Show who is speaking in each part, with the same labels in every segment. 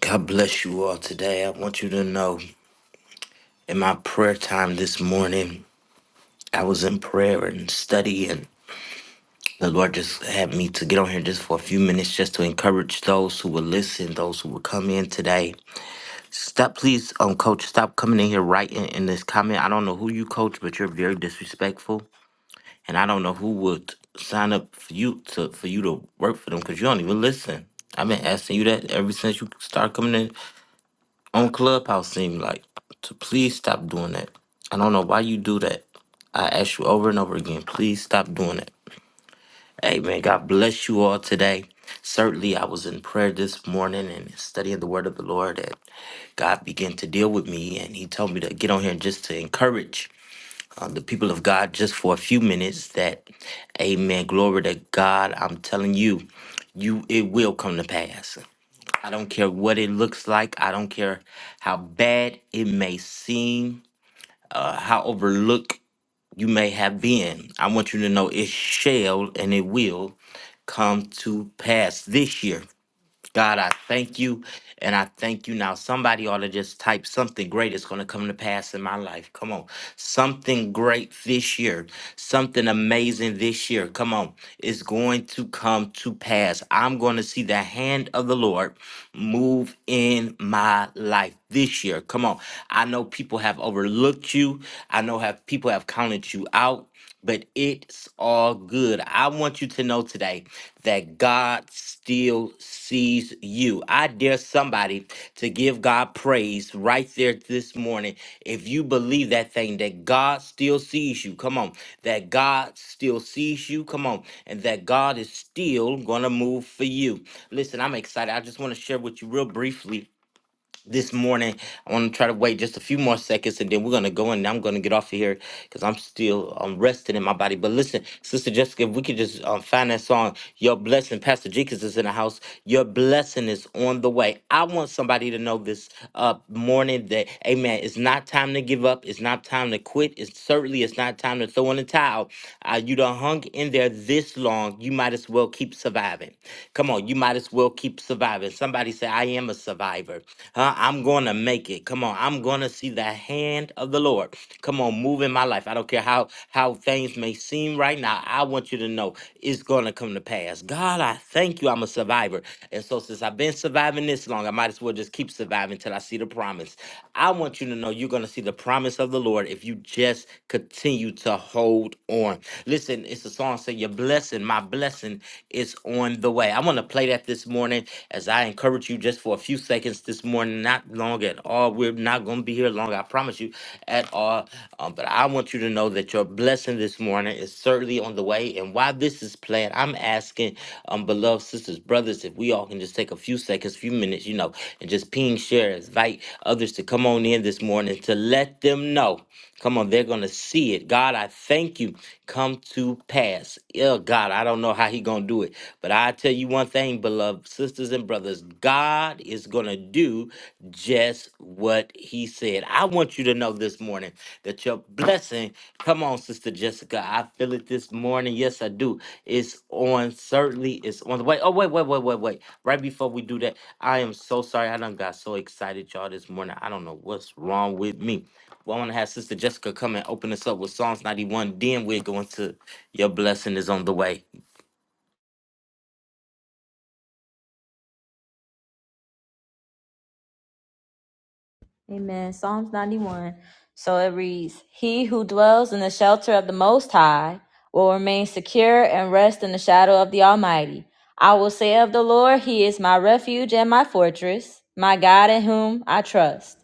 Speaker 1: God bless you all today. I want you to know in my prayer time this morning, I was in prayer and study, and the Lord just had me to get on here just for a few minutes just to encourage those who will listen, those who will come in today. Stop, please, um, Coach, stop coming in here writing in this comment. I don't know who you coach, but you're very disrespectful, and I don't know who would sign up for you to for you to work for them because you don't even listen. I've been asking you that ever since you started coming in on Clubhouse seem like to please stop doing that. I don't know why you do that. I ask you over and over again, please stop doing it. Hey man, God bless you all today. Certainly, I was in prayer this morning and studying the word of the Lord, That God began to deal with me. And He told me to get on here just to encourage uh, the people of God just for a few minutes. That, Amen, glory to God. I'm telling you, you it will come to pass. I don't care what it looks like. I don't care how bad it may seem, uh, how overlooked you may have been. I want you to know it shall and it will come to pass this year. God, I thank you. And I thank you now. Somebody ought to just type something great is going to come to pass in my life. Come on. Something great this year. Something amazing this year. Come on. It's going to come to pass. I'm going to see the hand of the Lord move in my life this year. Come on. I know people have overlooked you. I know have people have counted you out but it's all good. I want you to know today that God still sees you. I dare somebody to give God praise right there this morning. If you believe that thing, that God still sees you, come on, that God still sees you, come on, and that God is still going to move for you. Listen, I'm excited. I just want to share with you real briefly this morning. I want to try to wait just a few more seconds and then we're going to go in, and I'm going to get off of here because I'm still um, resting in my body. But listen, Sister Jessica, if we could just um, find that song, Your Blessing, Pastor Jenkins is in the house. Your blessing is on the way. I want somebody to know this uh, morning that, amen, it's not time to give up. It's not time to quit. It's certainly it's not time to throw in the towel. Uh, you done hung in there this long. You might as well keep surviving. Come on, you might as well keep surviving. Somebody say, I am a survivor. Huh? I'm going to make it. Come on. I'm going to see the hand of the Lord. Come on, move in my life. I don't care how how things may seem right now. I want you to know it's gonna come to pass. God, I thank you. I'm a survivor, and so since I've been surviving this long, I might as well just keep surviving till I see the promise. I want you to know you're gonna see the promise of the Lord if you just continue to hold on. Listen, it's a song saying your blessing, my blessing is on the way. I want to play that this morning as I encourage you just for a few seconds this morning, not long long at all. We're not going to be here long, I promise you, at all. Um, but I want you to know that your blessing this morning is certainly on the way. And while this is playing, I'm asking, um, beloved sisters, brothers, if we all can just take a few seconds, few minutes, you know, and just ping, share, invite others to come on in this morning to let them know. Come on, they're gonna see it. God, I thank you. Come to pass. Oh God, I don't know how he gonna do it, but I tell you one thing, beloved sisters and brothers, God is gonna do just what he said. I want you to know this morning that your blessing, come on, Sister Jessica, I feel it this morning. Yes, I do. It's on, certainly it's on the way. Oh, wait, wait, wait, wait, wait. Right before we do that, I am so sorry. I done got so excited, y'all, this morning. I don't know what's wrong with me. Well, I want to have Sister Jessica come and open us up with Psalms 91. Then we're going to Your Blessing is on the Way.
Speaker 2: Amen. Psalms 91. So it reads He who dwells in the shelter of the Most High will remain secure and rest in the shadow of the Almighty. I will say of the Lord, He is my refuge and my fortress, my God in whom I trust.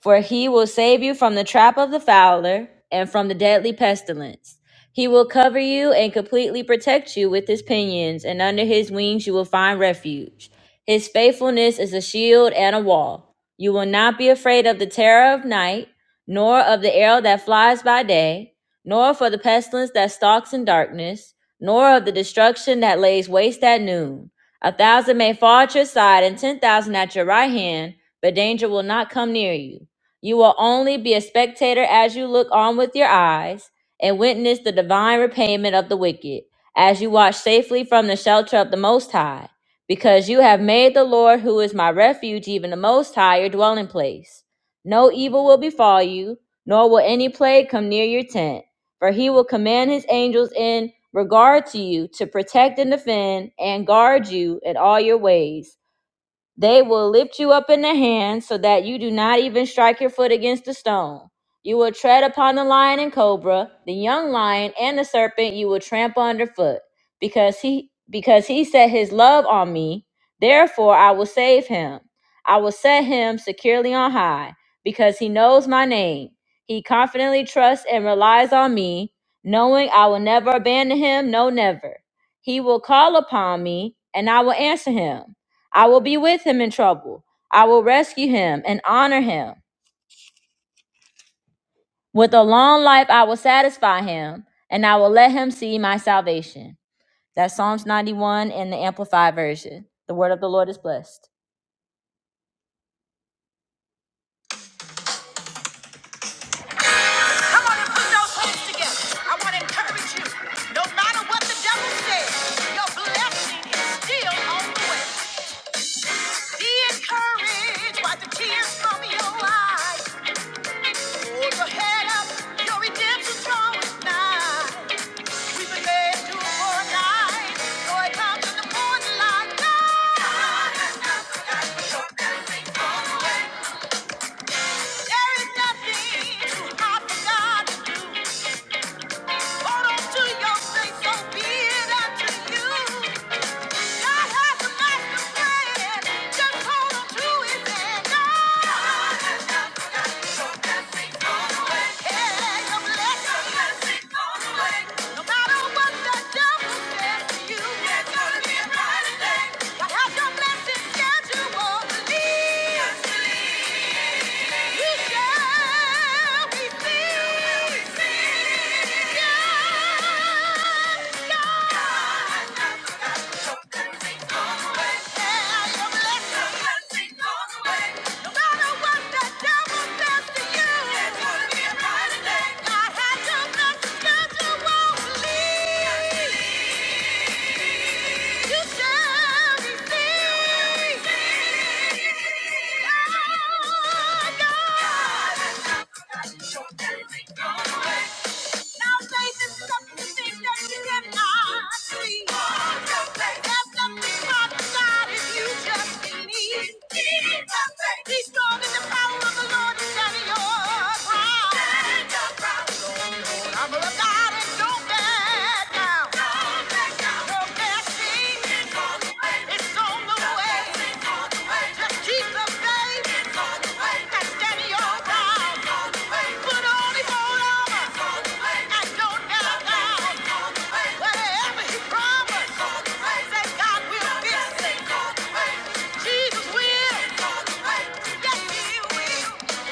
Speaker 2: For he will save you from the trap of the fowler and from the deadly pestilence. He will cover you and completely protect you with his pinions, and under his wings you will find refuge. His faithfulness is a shield and a wall. You will not be afraid of the terror of night, nor of the arrow that flies by day, nor for the pestilence that stalks in darkness, nor of the destruction that lays waste at noon. A thousand may fall at your side and ten thousand at your right hand, but danger will not come near you. You will only be a spectator as you look on with your eyes and witness the divine repayment of the wicked, as you watch safely from the shelter of the Most High, because you have made the Lord, who is my refuge, even the Most High, your dwelling place. No evil will befall you, nor will any plague come near your tent, for he will command his angels in regard to you to protect and defend and guard you in all your ways. They will lift you up in the hand so that you do not even strike your foot against a stone. You will tread upon the lion and cobra, the young lion and the serpent you will trample underfoot, because he because he set his love on me, therefore I will save him. I will set him securely on high, because he knows my name. He confidently trusts and relies on me, knowing I will never abandon him, no never. He will call upon me, and I will answer him. I will be with him in trouble. I will rescue him and honor him. With a long life, I will satisfy him and I will let him see my salvation. That's Psalms 91 in the Amplified Version. The word of the Lord is blessed. Come on and put those hands together. I want to encourage you. No matter what the devil says, your blessing is still on the way. Be encouraged by the tears from your eyes. Hold your head up. Your redemption's drawing nigh. We've been led to a light, though comes in the morning light. God has not forgotten your blessings on the There is nothing too hard for God. Hold on to your faith, so be it unto you. Your blessings, yes, you won't yeah. Be strong in the power of the Lord is at yours. Whatever he promised, say God will fix it. Jesus will. Yes, he will.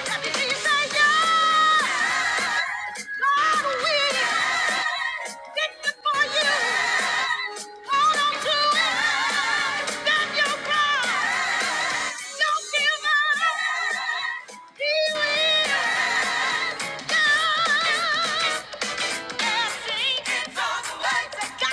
Speaker 2: Let me hear you say yes. God will. Did it for you. Hold on to it. Stand your ground. Don't give up. He will. God Trust in the Lord with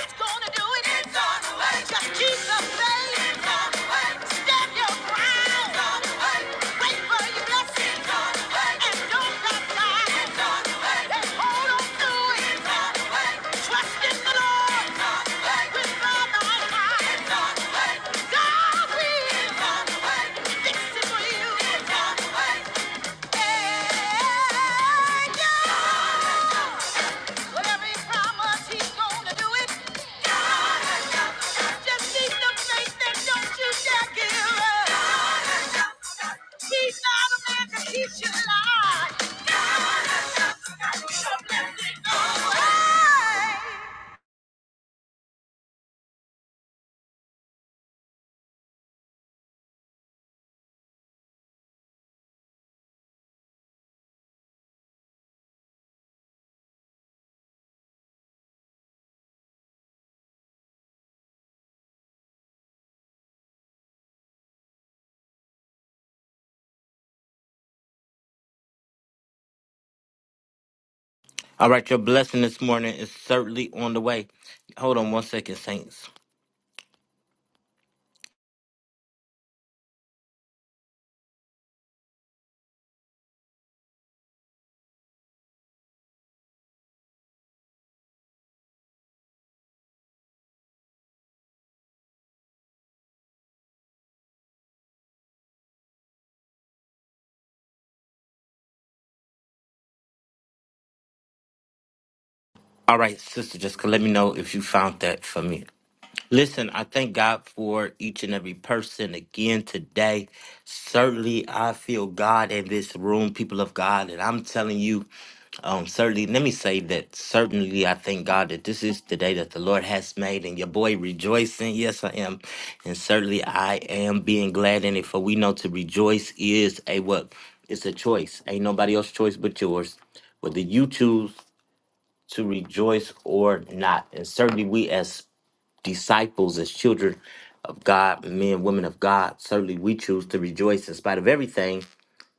Speaker 2: all thy might. God will fix it for you. Hey, God. So let
Speaker 1: All right, your blessing this morning is certainly on the way. Hold on one second, Saints. All right, Sister Jessica, let me know if you found that for me. Listen, I thank God for each and every person again today. Certainly, I feel God in this room, people of God, and I'm telling you. Um, certainly, let me say that certainly I thank God that this is the day that the Lord has made, and your boy rejoicing. Yes, I am, and certainly I am being glad in it. For we know to rejoice is a what? It's a choice. Ain't nobody else's choice but yours, whether you choose to rejoice or not. And certainly, we as disciples, as children of God, men, women of God, certainly we choose to rejoice in spite of everything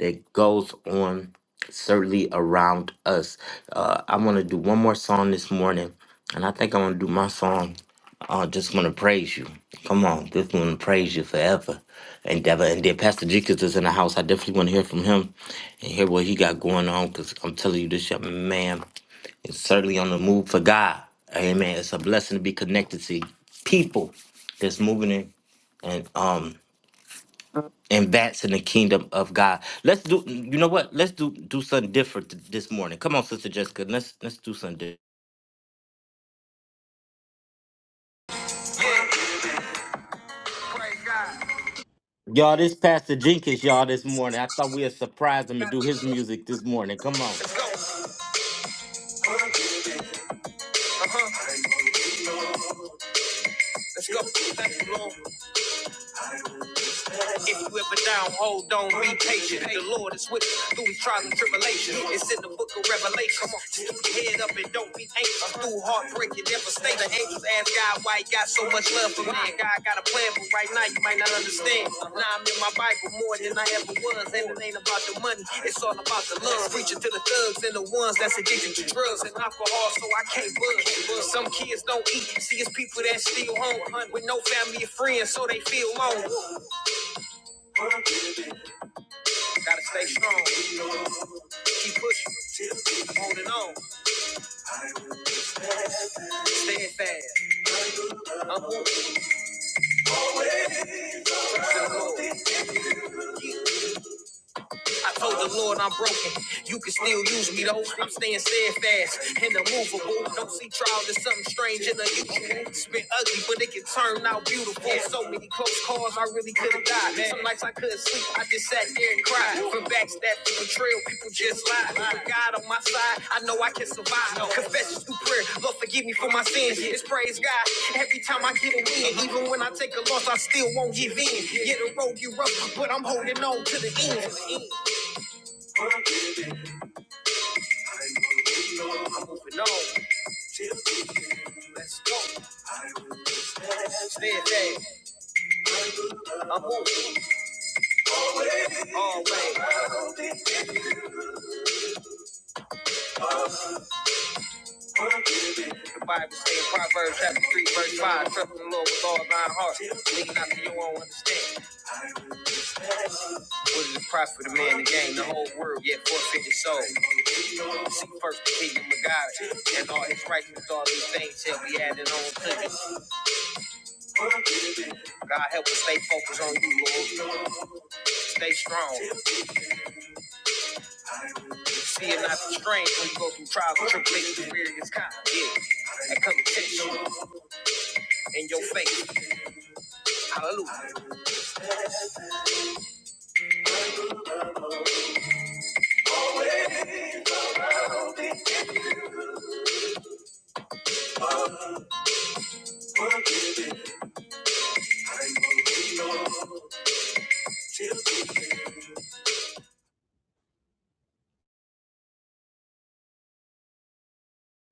Speaker 1: that goes on certainly around us. Uh, I want to do one more song this morning, and I think I'm going to do my song. I just want to praise you. Come on, just want to praise you forever. And ever. and then Pastor Jenkins is in the house. I definitely want to hear from him and hear what he got going on because I'm telling you, this young man is certainly on the move for God. Amen. It's a blessing to be connected to people that's moving in and um and that's in the kingdom of God. Let's do. You know what? Let's do do something different th- this morning. Come on, Sister Jessica. Let's let's do something. Different. Y'all, this Pastor Jenkins, y'all, this morning. I thought we'd surprise him and do his music this morning. Come on.
Speaker 2: us go. Uh-huh. Let's go. Thank you, Lord. If you ever down, hold on, be patient. The Lord is with you through these trials and tribulations. It's in the book of Revelation. Come on, just keep your head up and don't be anxious. Through heartbreak you never devastation, the angels ask God why He got so much love for man. God got a plan, but right now you might not understand. Now I'm in my Bible more than I ever was, and it ain't about the money. It's all about the love. Preaching to the thugs and the ones that's addicted to drugs and alcohol, so I can't buzz. Some kids don't eat. See, it's people that still home with no family or friends, so they feel alone. Gotta stay strong. Keep pushing. Holding on. Staying fast. I'm on. I told the Lord I'm broken. You can still use me though. I'm staying steadfast and immovable. Don't see trials as something strange and unusual. It's been ugly, but it can turn out beautiful. So many close calls, I really could have died. Some nights I couldn't sleep, I just sat there and cried. From backstab to betrayal, people just lied. With God on my side, I know I can survive. Confessions through prayer, Lord forgive me for my sins. It's praise God. Every time I get a win, even when I take a loss, I still won't give in. Yeah, the road get rough, but I'm holding on to the end. I'm moving on. Let's go. Stand fast. I'm moving all always. The Bible says Proverbs chapter 3, verse 5. Trust in the Lord with all thine heart. Lean not to your own understanding. What is the profit of man to gain the whole world, yet forfeit his soul? Seek first the kingdom of God, and all his righteousness, all these things shall be added on to us. God help us stay focused on you, Lord. Stay strong. See it not the strain when you go through trials and tribulations, fear is kind. Yeah. That come to test you in your faith. Hallelujah.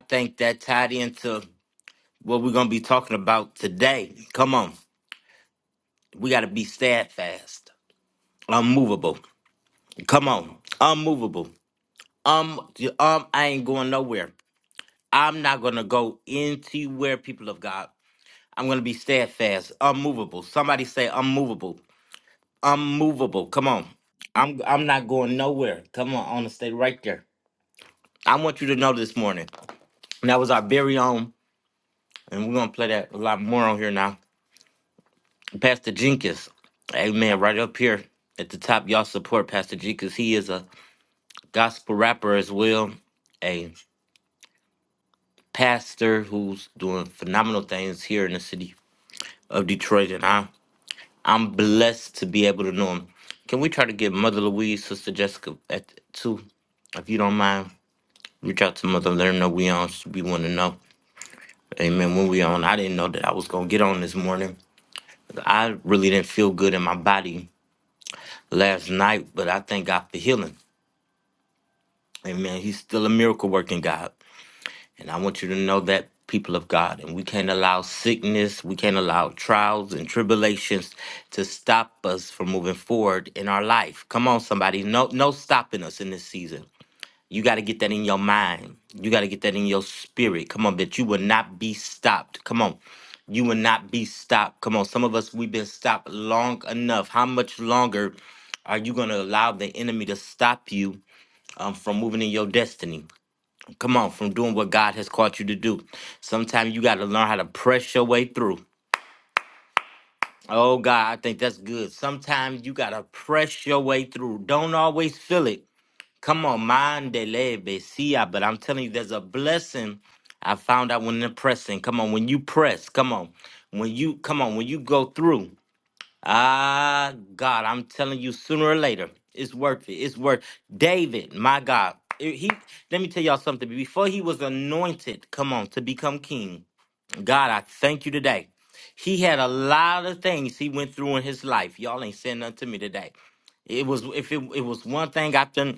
Speaker 1: I think that tied into what we're gonna be talking about today. Come on. We gotta be steadfast, unmovable. Come on, unmovable. Um, um, I ain't going nowhere. I'm not gonna go anywhere, people of God. I'm going to be steadfast, unmovable. Somebody say unmovable. Unmovable. Come on. I'm I'm not going nowhere. Come on, I want to stay right there. I want you to know this morning. And that was our very own, and we're gonna play that a lot more on here now. Pastor Jenkins, Amen. Right up here at the top, y'all support Pastor Jenkins. He is a gospel rapper as well, a pastor who's doing phenomenal things here in the city of Detroit, and I I'm blessed to be able to know him. Can we try to get Mother Louise, Sister Jessica at too? If you don't mind, reach out to Mother, let her know we on. We want to know. Amen. When we on, I didn't know that I was gonna get on this morning. I really didn't feel good in my body last night, but I thank God for healing. Amen. He's still a miracle working God. And I want you to know that, people of God. And we can't allow sickness, we can't allow trials and tribulations to stop us from moving forward in our life. Come on, somebody. No, no stopping us in this season. You got to get that in your mind. You got to get that in your spirit. Come on, that you will not be stopped. Come on. You will not be stopped. Come on. Some of us, we've been stopped long enough. How much longer are you going to allow the enemy to stop you um, from moving in your destiny? Come on, from doing what God has called you to do. Sometimes you got to learn how to press your way through. Oh, God, I think that's good. Sometimes you got to press your way through. Don't always feel it. Come on, mandele besia. But I'm telling you, there's a blessing I found out when the pressing. Come on, when you press, come on. When you come on, when you go through. Ah, God, I'm telling you, sooner or later, it's worth it. It's worth David, my God. eh, He let me tell y'all something. Before he was anointed, come on, to become king. God, I thank you today. He had a lot of things he went through in his life. Y'all ain't saying nothing to me today. It was if it, it was one thing after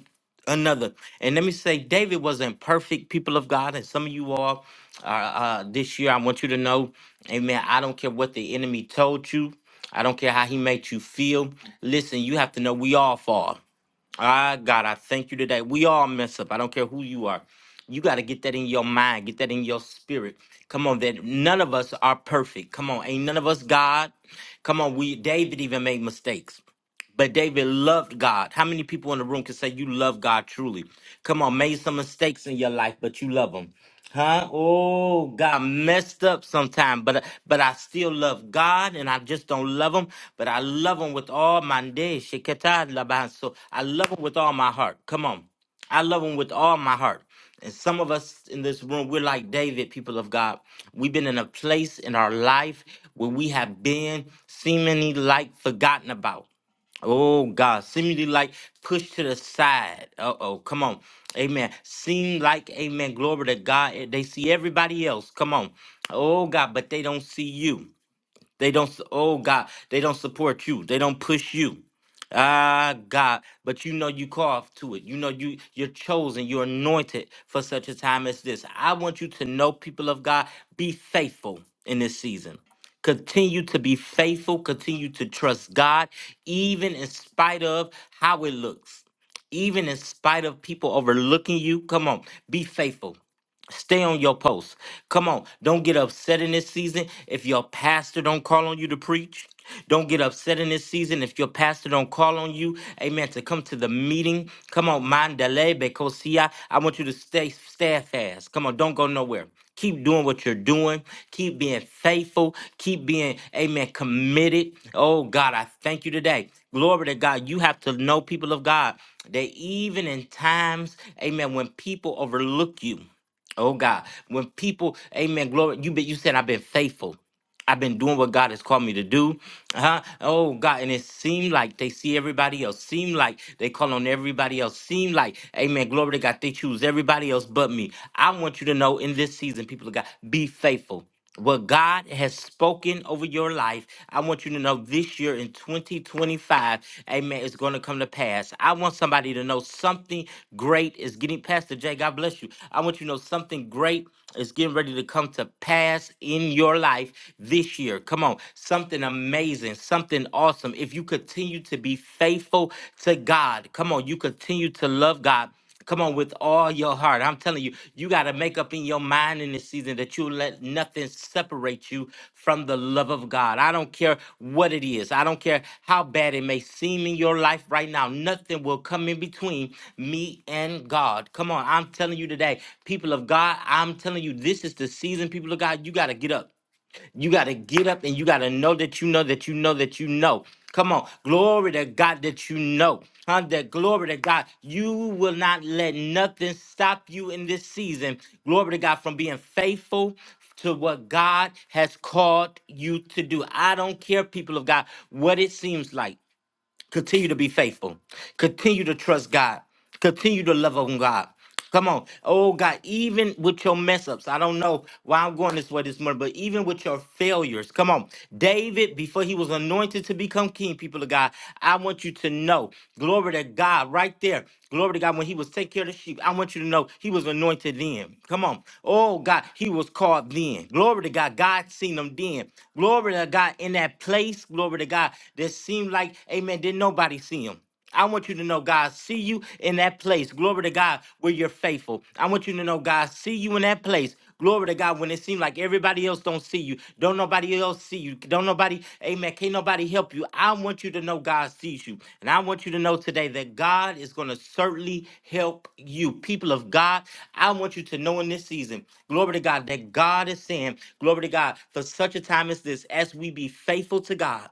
Speaker 1: another. And let me say, David wasn't perfect, people of God, and some of you all are uh, this year. I want you to know, Amen. I don't care what the enemy told you. I don't care how he made you feel. Listen, you have to know we all fall. Ah, God, I thank you today. We all mess up. I don't care who you are. You got to get that in your mind, get that in your spirit. Come on, that none of us are perfect. Come on, ain't none of us God. Come on, we David even made mistakes. But David loved God. How many people in the room can say you love God truly? Come on, made some mistakes in your life, but you love him. Huh? Oh, got messed up sometime, but but I still love God, and I just don't love Him, but I love Him with all my day. Sheketah laban. So I love Him with all my heart. Come on, I love Him with all my heart. And some of us in this room, we're like David, people of God. We've been in a place in our life where we have been seemingly like forgotten about. Oh God, seemingly like pushed to the side. Uh oh, come on. Amen. Seem like, amen, glory to God. eh, They see everybody else. Come on. Oh God, but they don't see you. They don't, s- oh God, they don't support you. They don't push you. Ah, God, but you know you called to it. You know you you're chosen, you're anointed for such a time as this. I want you to know, people of God, be faithful in this season. Continue to be faithful, continue to trust God, even in spite of how it looks, even in spite of people overlooking you. Come on, be faithful. Stay on your post. Come on. Don't get upset in this season if your pastor don't call on you to preach. Don't get upset in this season if your pastor don't call on you. Amen. To come to the meeting. Come on, Mandalay, bekosia. I want you to stay steadfast. Come on, don't go nowhere. Keep doing what you're doing. Keep being faithful. Keep being, amen, committed. Oh God, I thank you today. Glory to God. You have to know people of God that even in times, amen, when people overlook you. Oh God, when people, Amen, glory. You be, you said I've been faithful. I've been doing what God has called me to do. Huh? Oh God, and it seemed like they see everybody else. Seem like they call on everybody else. Seem like, Amen. Glory to God. They choose everybody else but me. I want you to know in this season, people of God, be faithful. What God has spoken over your life, I want you to know this year in 2025, amen, is going to come to pass. I want somebody to know something great is getting, Pastor Jay, God bless you. I want you to know something great is getting ready to come to pass in your life life this year. Come on, something amazing, something awesome. If you continue to be faithful to God, come on, you continue to love God. Come on, with all your heart. I'm telling you, you got to make up in your mind in this season that you let nothing separate you from the love of God. I don't care what it is, I don't care how bad it may seem in your life right now. Nothing will come in between me and God. Come on, I'm telling you today, people of God, I'm telling you, this is the season, people of God, you got to get up. You got to get up and you got to know that you know that you know that you know. Come on. Glory to God that you know. Huh? That glory to God. You will not let nothing stop you in this season. Glory to God from being faithful to what God has called you to do. I don't care, people of God, what it seems like. Continue to be faithful. Continue to trust God. Continue to love on God. Come on. Oh God, even with your mess ups, I don't know why I'm going this way this morning, but even with your failures, come on. David, before he was anointed to become king, people of God, I want you to know, glory to God, right there, glory to God, when he was taking care of the sheep, I want you to know he was anointed then. Come on. Oh God, he was called called then. Glory to God. God seen them then. Glory to God in that place. Glory to God that seemed like, amen, didn't nobody see him. I want you to know God see you in that place. Glory to God where you're faithful. I want you to know God see you in that place. Glory to God when it seems like everybody else don't see you. Don't nobody else see you. Don't nobody, amen. Can't nobody help you. I want you to know God sees you. And I want you to know today today that God is going to certainly help you. People of God, I want you to know in this season, glory to God, that God is saying, glory to God, for such a time as this, as we be faithful to God.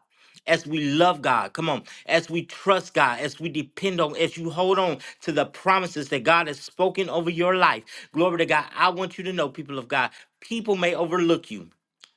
Speaker 1: As we love God, come on, as we trust God, as we depend on, as you hold on to the promises that God has spoken over your life, glory to God. I want you to know, people of God, people may overlook you.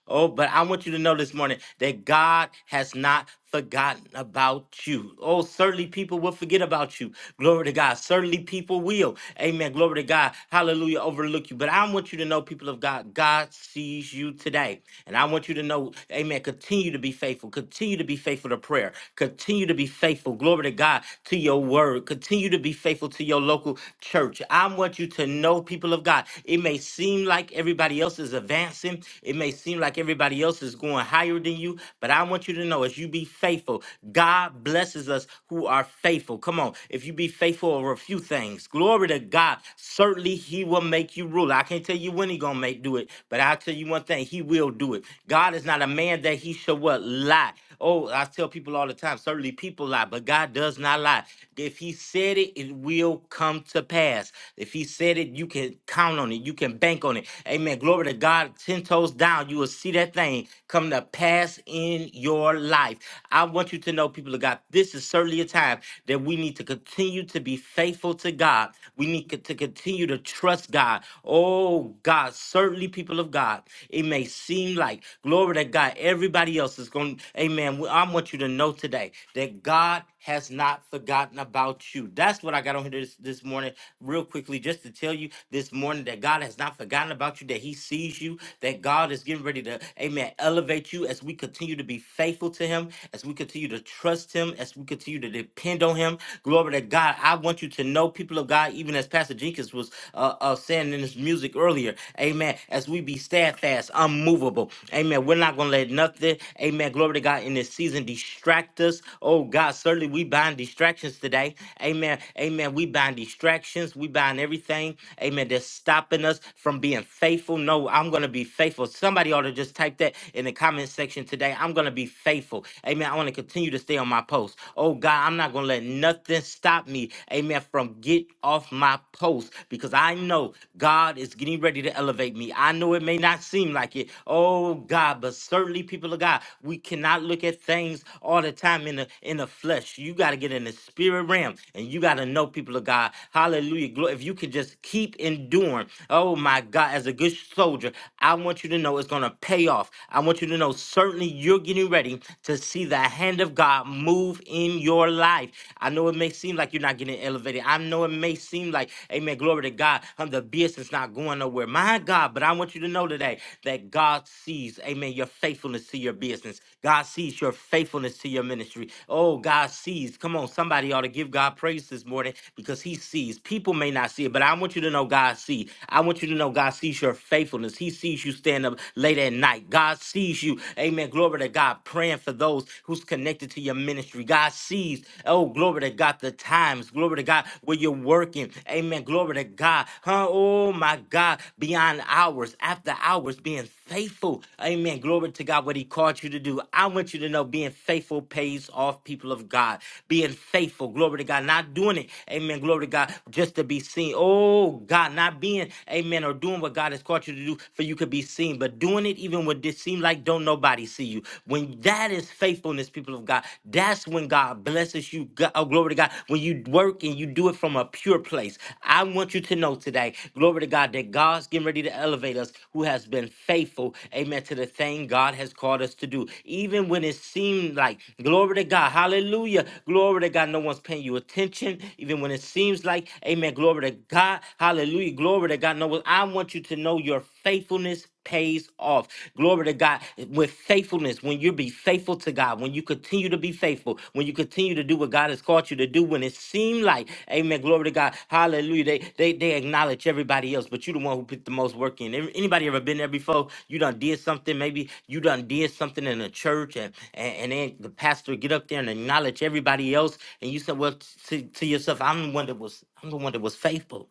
Speaker 1: Oh, but I want you to know this morning that God has not forgotten about you. Oh, certainly people will forget about you. Glory to God. Certainly people will. Amen. Glory to God. Hallelujah. Overlook you. But I want you to know, people of God, God sees you today. And I want you to know, amen. Continue to be faithful. Continue to be faithful to prayer. Continue to be faithful. Glory to God to your word. Continue to be faithful to your local church. I want you to know, people of God, it may seem like everybody else is advancing. It may it may seem like everybody else is going higher than you, but I want you to know as you be faithful, God blesses us who are faithful. Come on. If you be faithful over a few things, glory to God. Certainly he will make you ruler. I can't tell you when he gonna make do it, but I'll tell you one thing, he will do it. God is not a man that he should what lie. Oh, I tell people all the time, certainly people lie, but God does not lie. If he said it, it will come to pass. If he said it, you can count on it. You can bank on it. Amen. Glory to God ten toes down, you will see that thing come to pass in your life. I want you to know, people of God, this is certainly a time that we need to continue to be faithful to God. We need co- to continue to trust God. Oh, God, certainly, people of God, it may seem like, glory to God, everybody else is going, amen. we- I want you to know today that God has not forgotten about you. That's what I got on here this, this morning, real quickly, just to tell you this morning that God has not forgotten about you, that He sees you, that God is getting ready to, amen, elevate you as we continue to be faithful to Him, as we continue to trust Him, as we continue to depend on Him. Glory to God. I want you to know, people of God, even as Pastor Jenkins was uh, uh, saying in his music earlier, amen, as we be steadfast, unmovable, amen. We're not going to let nothing, Hallelujah. Amen. Glory to God in this season. Distract us. Oh God, certainly we bind distractions today. Amen. Amen. We bind distractions. We bind everything. Amen. That's stopping us from being faithful. No, I'm going to be faithful. Somebody ought to just type that in the comment section today. I'm going to be faithful. Amen. I want to continue to stay on my post. Oh God, I'm not going to let nothing stop me. Amen. From get off my post because I know God is getting ready to elevate me. I. I know it may not seem like it. Oh God, but certainly people of God, we cannot look at things all the time in the in the flesh. You got to get in the spirit realm and you got to know people of God. Hallelujah. Glory. If you can just keep enduring, oh my God, as a good soldier, I want you to know it's gonna pay off. I want you to know certainly you're getting ready to see the hand of God move in your life. I know it may seem like you're not getting elevated. I know it may seem like Amen. Glory to God. Um, the business not going nowhere. My God, but I want you to know today that God sees, amen, your faithfulness to your business. God sees your faithfulness to your ministry. Oh, God sees. Come on, somebody ought to give God praise this morning because he sees. People may not see it, but I want you to know God sees. I want you to know God sees your faithfulness. He sees you stand up late at night. God sees you, amen, glory to God, praying for those who's connected to your ministry. God sees, Oh, glory to God. The times, glory to God, where you're working. Amen. Glory to God. Huh? Oh, my God. Beyond hours, after hours, being faithful. Amen. Glory to God, what He called you to do. I want you to know being faithful pays off, people of God. Being faithful, glory to God. Not doing it, amen. Glory to God, just to be seen. Oh, God, not being, amen, or doing what God has called you to do for you could be seen, but doing it even when it seems like don't nobody see you. When that is faithfulness, people of God, that's when God blesses you. God, oh, glory to God. When you work and you do it from a pure place. I want you to know today, glory to God, that God's getting ready to elevate us who has been faithful, amen, to the thing God has called us to do. Even when it seemed like, glory to God, hallelujah, glory to God, no one's paying you attention. Even when it seems like, amen, glory to God, hallelujah, glory to God, no one. I want you to know your faithfulness pays off. Glory to God. With faithfulness, when you be faithful to God, when you continue to be faithful, when you continue to do what God has called you to do, when it seemed like, amen, glory to God, hallelujah, they, they, they acknowledge everybody else, but you the one who put the most work in. Any- Anybody ever been there before? You done did something, maybe you done did something in a church and, and, and then the pastor get up there and acknowledge everybody else and you said, well, to, to yourself, I'm the one that was, I'm the one that was faithful.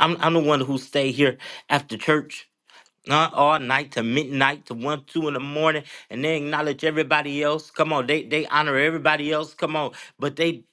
Speaker 1: I'm, I'm the one who stayed here after church. Uh, all night to midnight to one, two in the morning, and they acknowledge everybody else. Come on, they they honor everybody else. Come on, but they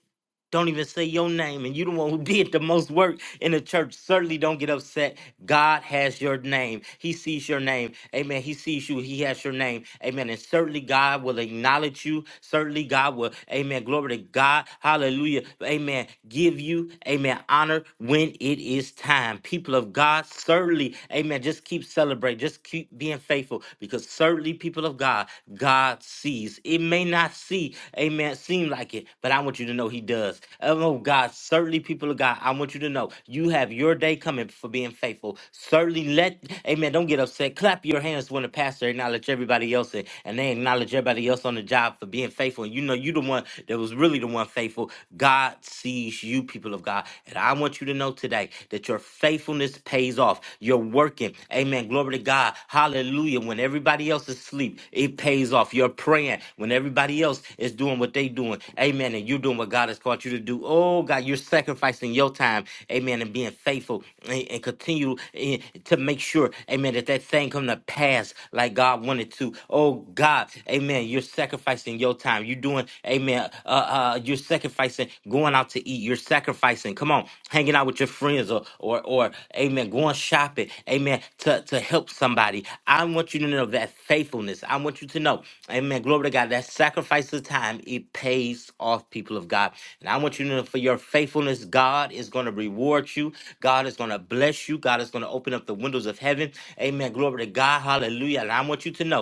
Speaker 1: don't even say your name, and you the one who did the most work in the church. Certainly don't get upset. God has your name. He sees your name. Amen. He sees you. He has your name. Amen. And certainly God will acknowledge you. Certainly God will, amen. Glory to God. Hallelujah. Amen. Give you, amen, honor when it is time. People of God, certainly, amen. Just keep celebrating. Just keep being faithful because certainly, people of God, why God sees. It may not see, amen, seem like it, but I want you to know He does. Oh, no, God, certainly, people of God, I want you to know you have your day coming for being faithful. Certainly, let, amen, don't get upset. Clap your hands when the pastor acknowledge everybody else and, and they acknowledge everybody else on the job for being faithful. And you know, you the one that was really the one faithful. God sees you, people of God. And I want you to know today that your faithfulness pays pays off. You're working. Amen. Glory to God. Hallelujah. When everybody else is asleep, it pays off. You're praying when everybody else is doing what they doing. Amen. And you're doing what God has called you to do. Oh God, you're sacrificing your time. Amen. And being faithful and, and continue eh, to make sure, amen, that that thing come to pass like God wanted to. Oh God, amen. You're sacrificing your time. You're doing, amen. Uh, uh, you're sacrificing sacrificing going out to eat. You're sacrificing, come on, hanging out with your friends or or or amen, going shopping, amen, to, to help somebody. I want you to know that faithfulness. I want you to know, amen, glory to God, that sacrifice of time, it pays off, people of God. And I want you to know for your faithfulness, God is going to reward you. God is going to bless you. God is going to open up the windows of heaven. Amen. Glory to God. Hallelujah. And I want you to know.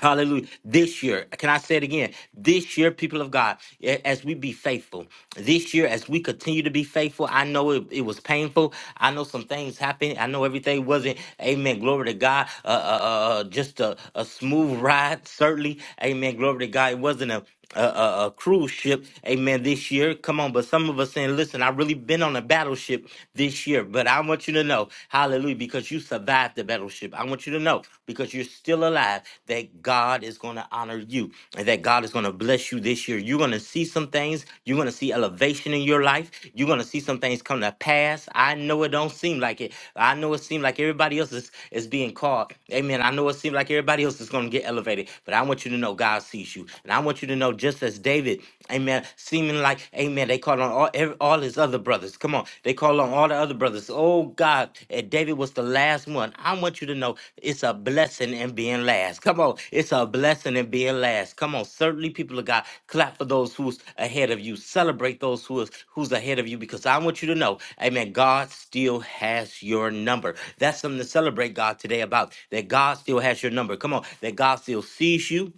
Speaker 1: Hallelujah. This year, can I say it again? This year, people of God, a- as we be faithful, this year, as we continue to be faithful, I know it, it was painful. I know some things happened. I know everything wasn't, amen, glory to God, uh, uh, uh, uh, just a, a smooth ride, certainly. Amen, glory to God. It wasn't a, a, a, a cruise ship, amen, this year. Come on, but some of us saying, listen, I really been on a battleship this year, but I want you to know, Hallelujah. Because you survived the battleship. I want you to know, because you're still alive, that God is going to honor you and that God is going to bless you this year. You're going to see some things. You're going to see elevation in your life. You're going to see some things come to pass. I know it don't seem like it. I know it seems like everybody else is, is being called. Amen. I know it seems like everybody else is going to get elevated, but I want you to know God sees you. And I want you to know, just as David, amen, seeming like, amen, they called on all every, all his other brothers. Come on, they called on all the other brothers. Oh God, and David was the last one. I want you to know it's a blessing in being last. Come on, it's a blessing in being last. Come on, certainly people of God, clap for those who's ahead of you. Celebrate those who's who's ahead of you because I want you to know, Amen. God still has your number. That's something to celebrate God today about that God still has your number. Come on, that God still sees you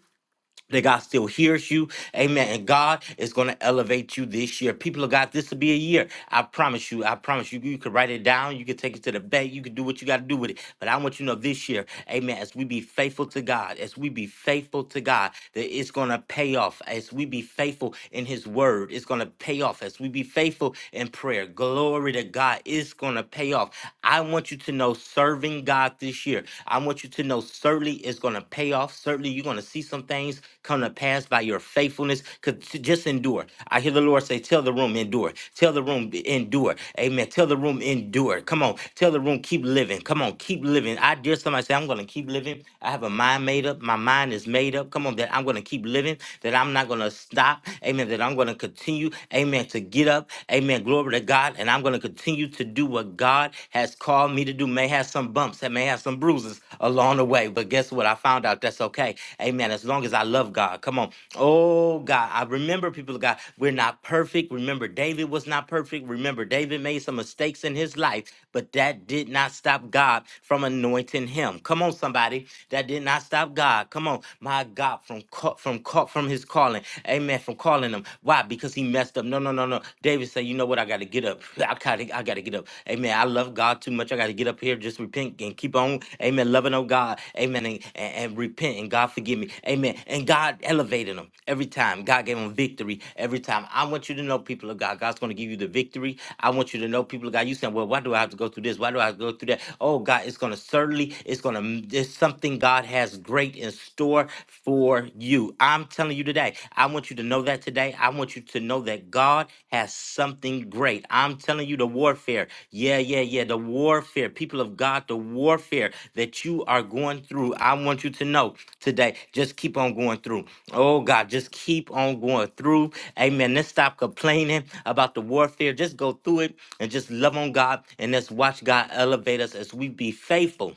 Speaker 1: that God still hears you. Amen. And God is going to elevate you this year. People of God, this will be a year. I promise you. I promise you. You can write it down. You can take it to the bank. You can do what you got to do with it. But I want you to know this year, amen, as we be faithful to God, as we be faithful to God, that it's going to pay off. As we be faithful in His word, it's going to pay off. As we be faithful in prayer, glory to God, it's going to pay off. I want you to know serving God this year. I want you to know certainly it's going to pay off. Certainly you're going to see some things come to pass by your faithfulness. Could just endure. I hear the Lord say, "Tell the room endure. Tell the room endure." Amen. Tell the room endure. Come on. Tell the room keep living. Come on, keep living. I dare somebody say, "I'm going to keep living." I have a mind made up. My mind is made up. Come on, that I'm going to keep living. That I'm not going to stop. Amen. That I'm going to continue. Amen. To get up. Amen. Glory to God. And I'm going to continue to do what God has called me to do. May have some bumps bumps and may have some bruises along the way. But guess what? I found out that's okay. Amen. As long as I love God. Come on. Oh, God. I remember people of God, we're not perfect. Remember, David was not perfect. Remember, David made some mistakes in his life, but that did not stop God from anointing him. Come on, somebody. That did not stop God. Come on, my God, from ca- from ca- from his calling. Amen. From calling him. Why? Because he messed up. No, no, no, no. David said, you know know what? I got to get up. I got to I got to get up. Amen. I love God too much. I got to get up here, just repent and keep on. Amen. Loving on God. Amen. And, and, and repent and God forgive me. Amen. And God elevated them every time. God gave them victory every time. I want you to know, people of God, God's going to give you the victory. I want you to know, people of God, you saying, well, why do I have to go through this? Why do I have to go through that? Oh, God, it's going to certainly, it's going to, there's something God has great in store for you. I'm telling you today, I want you to know that today. I want you to know that God has something great. I'm telling you the warfare. Yeah, yeah, yeah. The warfare, people of God, the warfare that you are going through. I want you to know today. Just keep on going through. Oh, God, just keep on going through. Amen. Let's stop complaining about the warfare. Just go through it and just love on God and let's watch God elevate us as we be faithful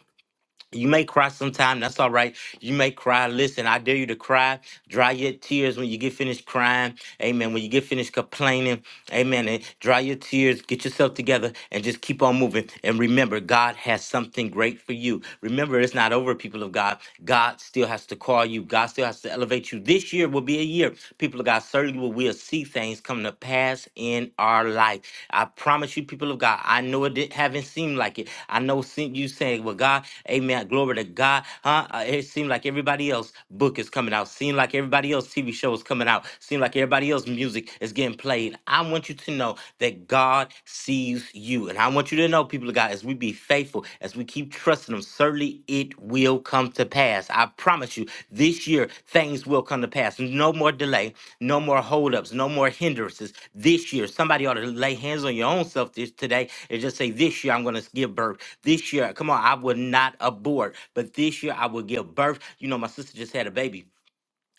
Speaker 1: you may cry sometime, that's all right. You may cry. Listen, I dare you to cry. Dry your tears when you get finished crying. Amen. When you get finished complaining. Amen. And dry your tears, get yourself together, and just keep on moving. And remember, God has something great for you. Remember, it's not over, people of God. God still has to call you, God still has to elevate you. This year will be a year, people of God, certainly will we'll see things come to pass in our life. I promise you, people of God, I know it didn't, haven't seemed like it. I know seen you saying, Well, God, amen, glory to God. Huh? Uh, It seemed like everybody else book is coming out, seemed like everybody else TV show is coming out, Seem like everybody else's music is getting played. I want you to know that God sees you. And I want you to know, people of God, as we be faithful, as we keep trusting Him, certainly it will come to pass. I promise you, this year, things will come to pass. No more delay, no more holdups, no more hindrances. This year, somebody ought to lay hands on your own self this, today and just say, This year, I'm going to give birth. This year, come on, I will not abort, but this year, I will give birth. You know, my sister just had a baby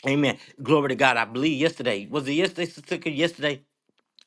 Speaker 1: Amen. Glory to God. I believe yesterday was it yesterday, Sister Cynthia? Yesterday,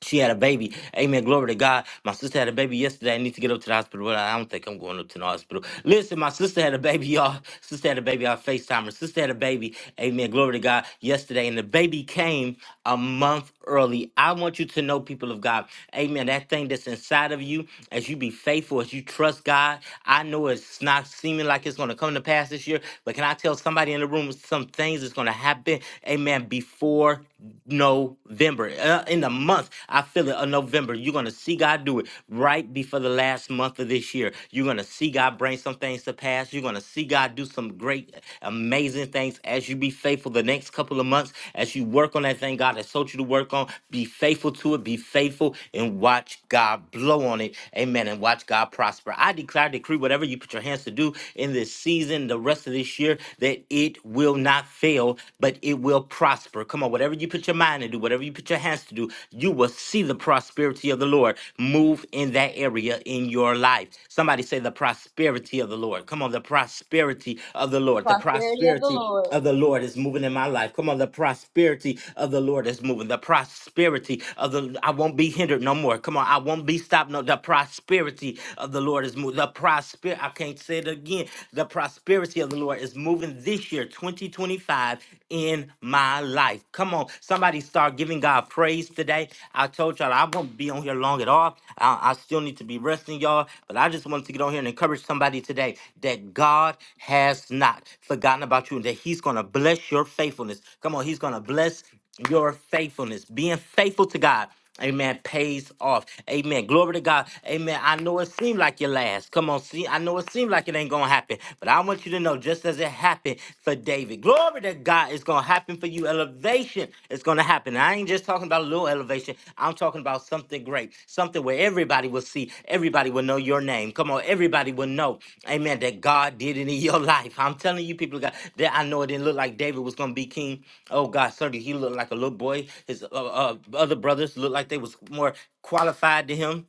Speaker 1: she had a baby. Amen. Glory to God. My sister had a baby yesterday. I need to get up to the hospital. Well, I don't think I'm going up to the hospital. Listen, my sister had a baby, y'all. Sister had a baby. I FaceTime her. Sister had a baby. Amen. Glory to God yesterday. And the baby came a month early. I want you to know, people of God, amen. That thing that's inside of you, as you be faithful, as you trust God, I know it's not seeming like it's going to come to pass this year, but can I tell somebody in the room some things that's going to happen? Amen. Before November. Uh, in the month, I feel it, of November. You're going to see God do it right before the last month of this year. You're going to see God bring some things to pass. You're going to see God do some great, amazing things as you be faithful the next couple of months, as you work on that thing God has told you to work on. Be faithful to it. Be faithful and watch God blow on it. Amen. And watch God prosper. I declare, decree, whatever you put your hands to do in this season, the rest of this year, that it will not not fail, but it will prosper. Come on, whatever you put your mind to do, whatever you put your hands to do, you will see the prosperity of the Lord move in that area in your life. Somebody say the prosperity of the Lord. Come on, the prosperity of the Lord. The
Speaker 2: Prosperity of the
Speaker 1: prosperity
Speaker 2: Lord.
Speaker 1: of the Lord is moving in my life. Come on, the prosperity of the Lord is moving. The prosperity of the I won't be hindered no more. Come on, I won't be stopped. No, the prosperity of the Lord is moving. The prosper I can't say it again. The prosperity prosperity of the Lord is moving this year, 2025, in my life. Come on, somebody start giving God praise today. I told y'all I won't be on here long at all. I, I still need to be resting, y'all, but I just wanted to get on here and encourage somebody today that God has not forgotten about you and that He's going to bless your faithfulness. Come on, He's going to bless your faithfulness. Being faithful to God Amen. Pays off. Amen. Glory to God. Amen. I know it seemed like your last. Come on, see. I know it seemed like it ain't gonna happen, but I want you to know, just as it happened for David, glory to God, it's gonna happen for you. Elevation is gonna happen. And I ain't just talking about a little elevation. I'm talking about something something great, something where everybody will see, everybody will know your name. Come on, everybody will know, amen, that God did it in your life. I'm telling you, people, of God, that I know it didn't look like David was going to be king. Oh, God, certainly he looked like a little boy. His uh, uh, other brothers looked like they was more qualified to him.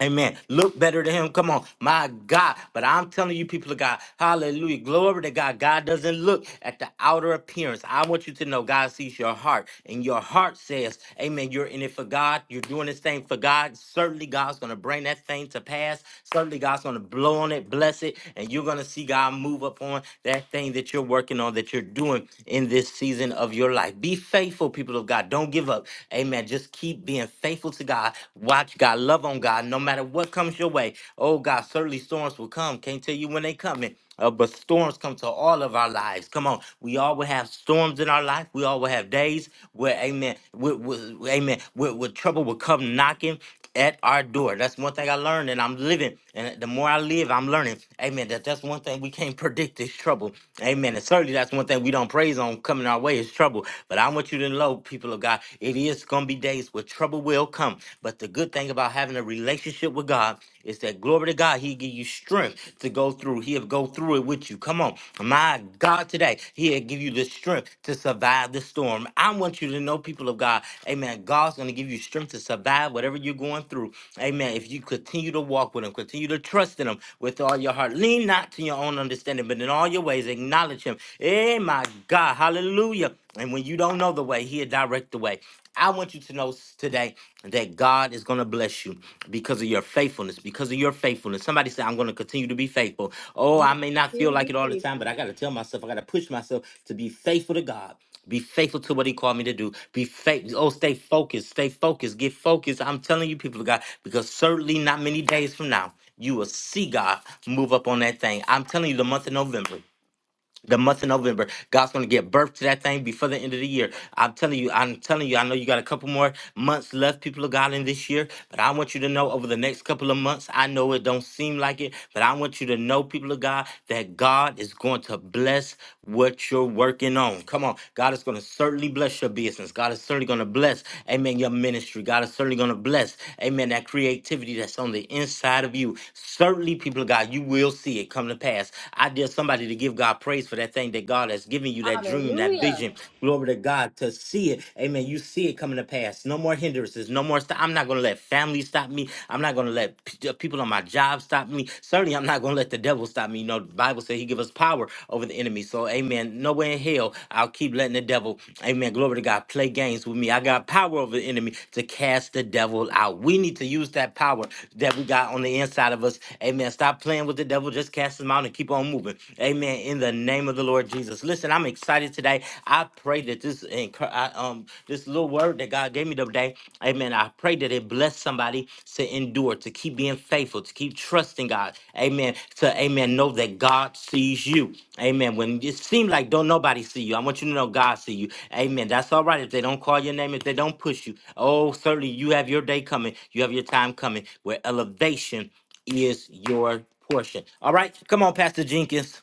Speaker 1: Amen. Look better to him. Come on. My God. But I'm telling you, people of God, hallelujah. Glory to God. God doesn't look at the outer appearance. I want you to know God sees your heart, and your heart says, Amen. You're in it for God. You're doing this thing for God. Certainly, God's going to bring that thing to pass. Certainly, God's going to blow on it, bless it, and you're going to see God move up on that thing that you're working on, that you're doing in this season of your life. Be faithful, people of God. Don't give up. Amen. Just keep being faithful faithful to God, watch God, love on God, no matter what comes your way. Oh God, certainly storms will come. Can't tell you when they coming. Uh, but storms come to all of our lives. Come on, we all will have storms in our life. We all will have days where, Amen, where, where- Amen, where, where trouble will come knocking at our door. That's one thing I learned, and I'm living. And the more I live, I'm learning, amen, that that's one thing we can't predict is trouble. Amen. And certainly that's one thing we don't praise on coming our way is trouble. But I want you to know, people of God, it is going to be days where trouble will come. But the good thing about having a relationship with God is that glory to God, He'll give you strength to go through. He'll go through it with you. Come on. My God, today, He'll give you the strength strength to survive the storm. I want you to know, people of God, amen. God's going to give you strength to survive whatever you're going through. Amen. If you continue to walk with Him, continue to trust in Him with all your heart. Lean not to your own understanding, but in all your ways acknowledge Him. Eh, my God. Hallelujah. And when you don't know the way, He'll direct the way. I want you to know today that God is going to bless you because of your faithfulness. Because of your faithfulness. Somebody said, I'm going to continue to be faithful. Oh, I may not feel like it all the time, but I got to tell myself, I got to push myself to be faithful to God. Be faithful to what he called me to do. Be faithful. Oh, stay focused. Stay focused. Get focused. I'm telling you, people of God, because certainly not many days from now, you will see God move up on that thing. I'm telling you, the month of November the month of November. God's gonna get birth to that thing before the end of the year. I'm telling you, I'm telling you, I know you got a couple more months left, people of God, in this year, but I want you to know over the next couple of months, I know it don't seem like it, but I want you to know, people of God, that God is going to bless what you're working on. Come on. God is going to certainly bless your business. God is certainly going to bless, amen, your ministry. God is certainly going to bless, amen, that creativity that's on the inside of you. Certainly, people of God, you will see it come to pass. I dare somebody to give God praise for that thing that God has given you, that dream, that vision. Glory to God to see it. Amen. You see it coming to pass. No more hindrances. No more. St- I'm not going to let family stop me. I'm not going to let p- uh, people on my job stop me. Certainly, I'm not going to let the devil stop me. You know, the Bible says he give us power over the enemy. So, amen. Nowhere in hell, I'll keep letting the devil, amen, glory to God, play games with me. I got power over the enemy to cast the devil out. We need to use that power that we got on the inside of us. Amen. Stop playing with the devil. Just cast him out and keep on moving. Amen. In the name of the Lord Jesus. Listen, I'm excited today I pray that this encour- I, um this little word that God gave me today, Amen. I pray that it bless somebody to endure, to keep being faithful, to keep trusting God, Amen. To Amen, know that God sees you, Amen. When it seems like don't nobody see you, I want you to know God see you, Amen. That's all right if they don't call your name, if they don't push you. Oh, certainly you have your day coming, you have your time coming, where elevation is your portion. All right, come on, Pastor Jenkins.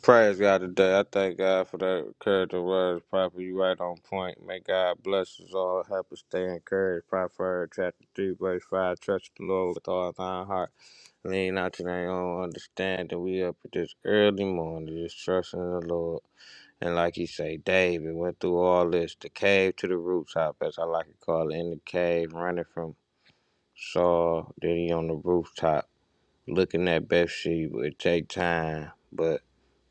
Speaker 3: Praise God today. I thank God for that encouraging words, Prophet. You right on point. May God bless us all. Help us stay encouraged. Proverbs chapter 3, verse 5. Trust the Lord with all thine heart. Lean not to thy own understanding. We up at this early morning, just trusting the Lord. And like he say, David went through all this, the cave to the rooftop, as I like to call it, in the cave, running from Saul, then he on the rooftop looking at Bathsheba. It take time, but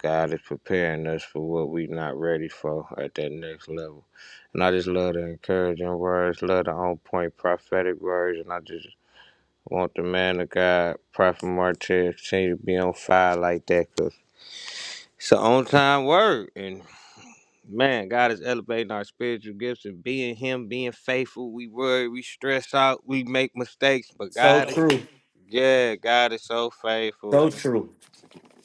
Speaker 3: God is preparing us for what we not ready for at that next level. And I just love the encouraging words, love the on point prophetic words, and I just want the man of God, Prophet Martez, continue to be on fire like that, cause it's an on time word. And man, God is elevating our spiritual gifts and being Him, being faithful. We worry, we stress out, we make mistakes, but
Speaker 1: So
Speaker 3: God is,
Speaker 1: true,
Speaker 3: yeah, God is so faithful,
Speaker 1: so
Speaker 3: and
Speaker 1: true.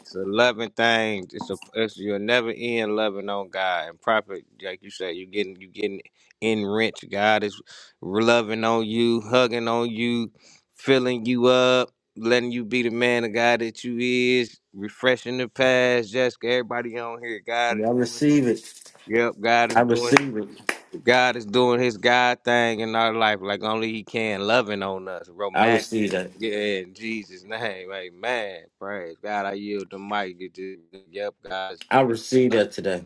Speaker 3: it's a loving thing. It's a it's, you'll never end loving on God and prophet, like you said, you getting you getting enriched. God is loving on you, hugging on you, filling you up, letting you be the man of God that you is, refreshing the past. Jessica, everybody on here,
Speaker 1: I
Speaker 3: God is doing.
Speaker 1: receive it.
Speaker 3: Yep, God is
Speaker 1: I
Speaker 3: doing.
Speaker 1: receive it.
Speaker 3: God is doing his God thing in our life like only he can, loving on us,
Speaker 1: I
Speaker 3: romantic.
Speaker 1: receive that.
Speaker 3: Yeah, in Jesus' name, amen. Praise God. I yield the mic. You just- Yep, God's
Speaker 1: I receive that today.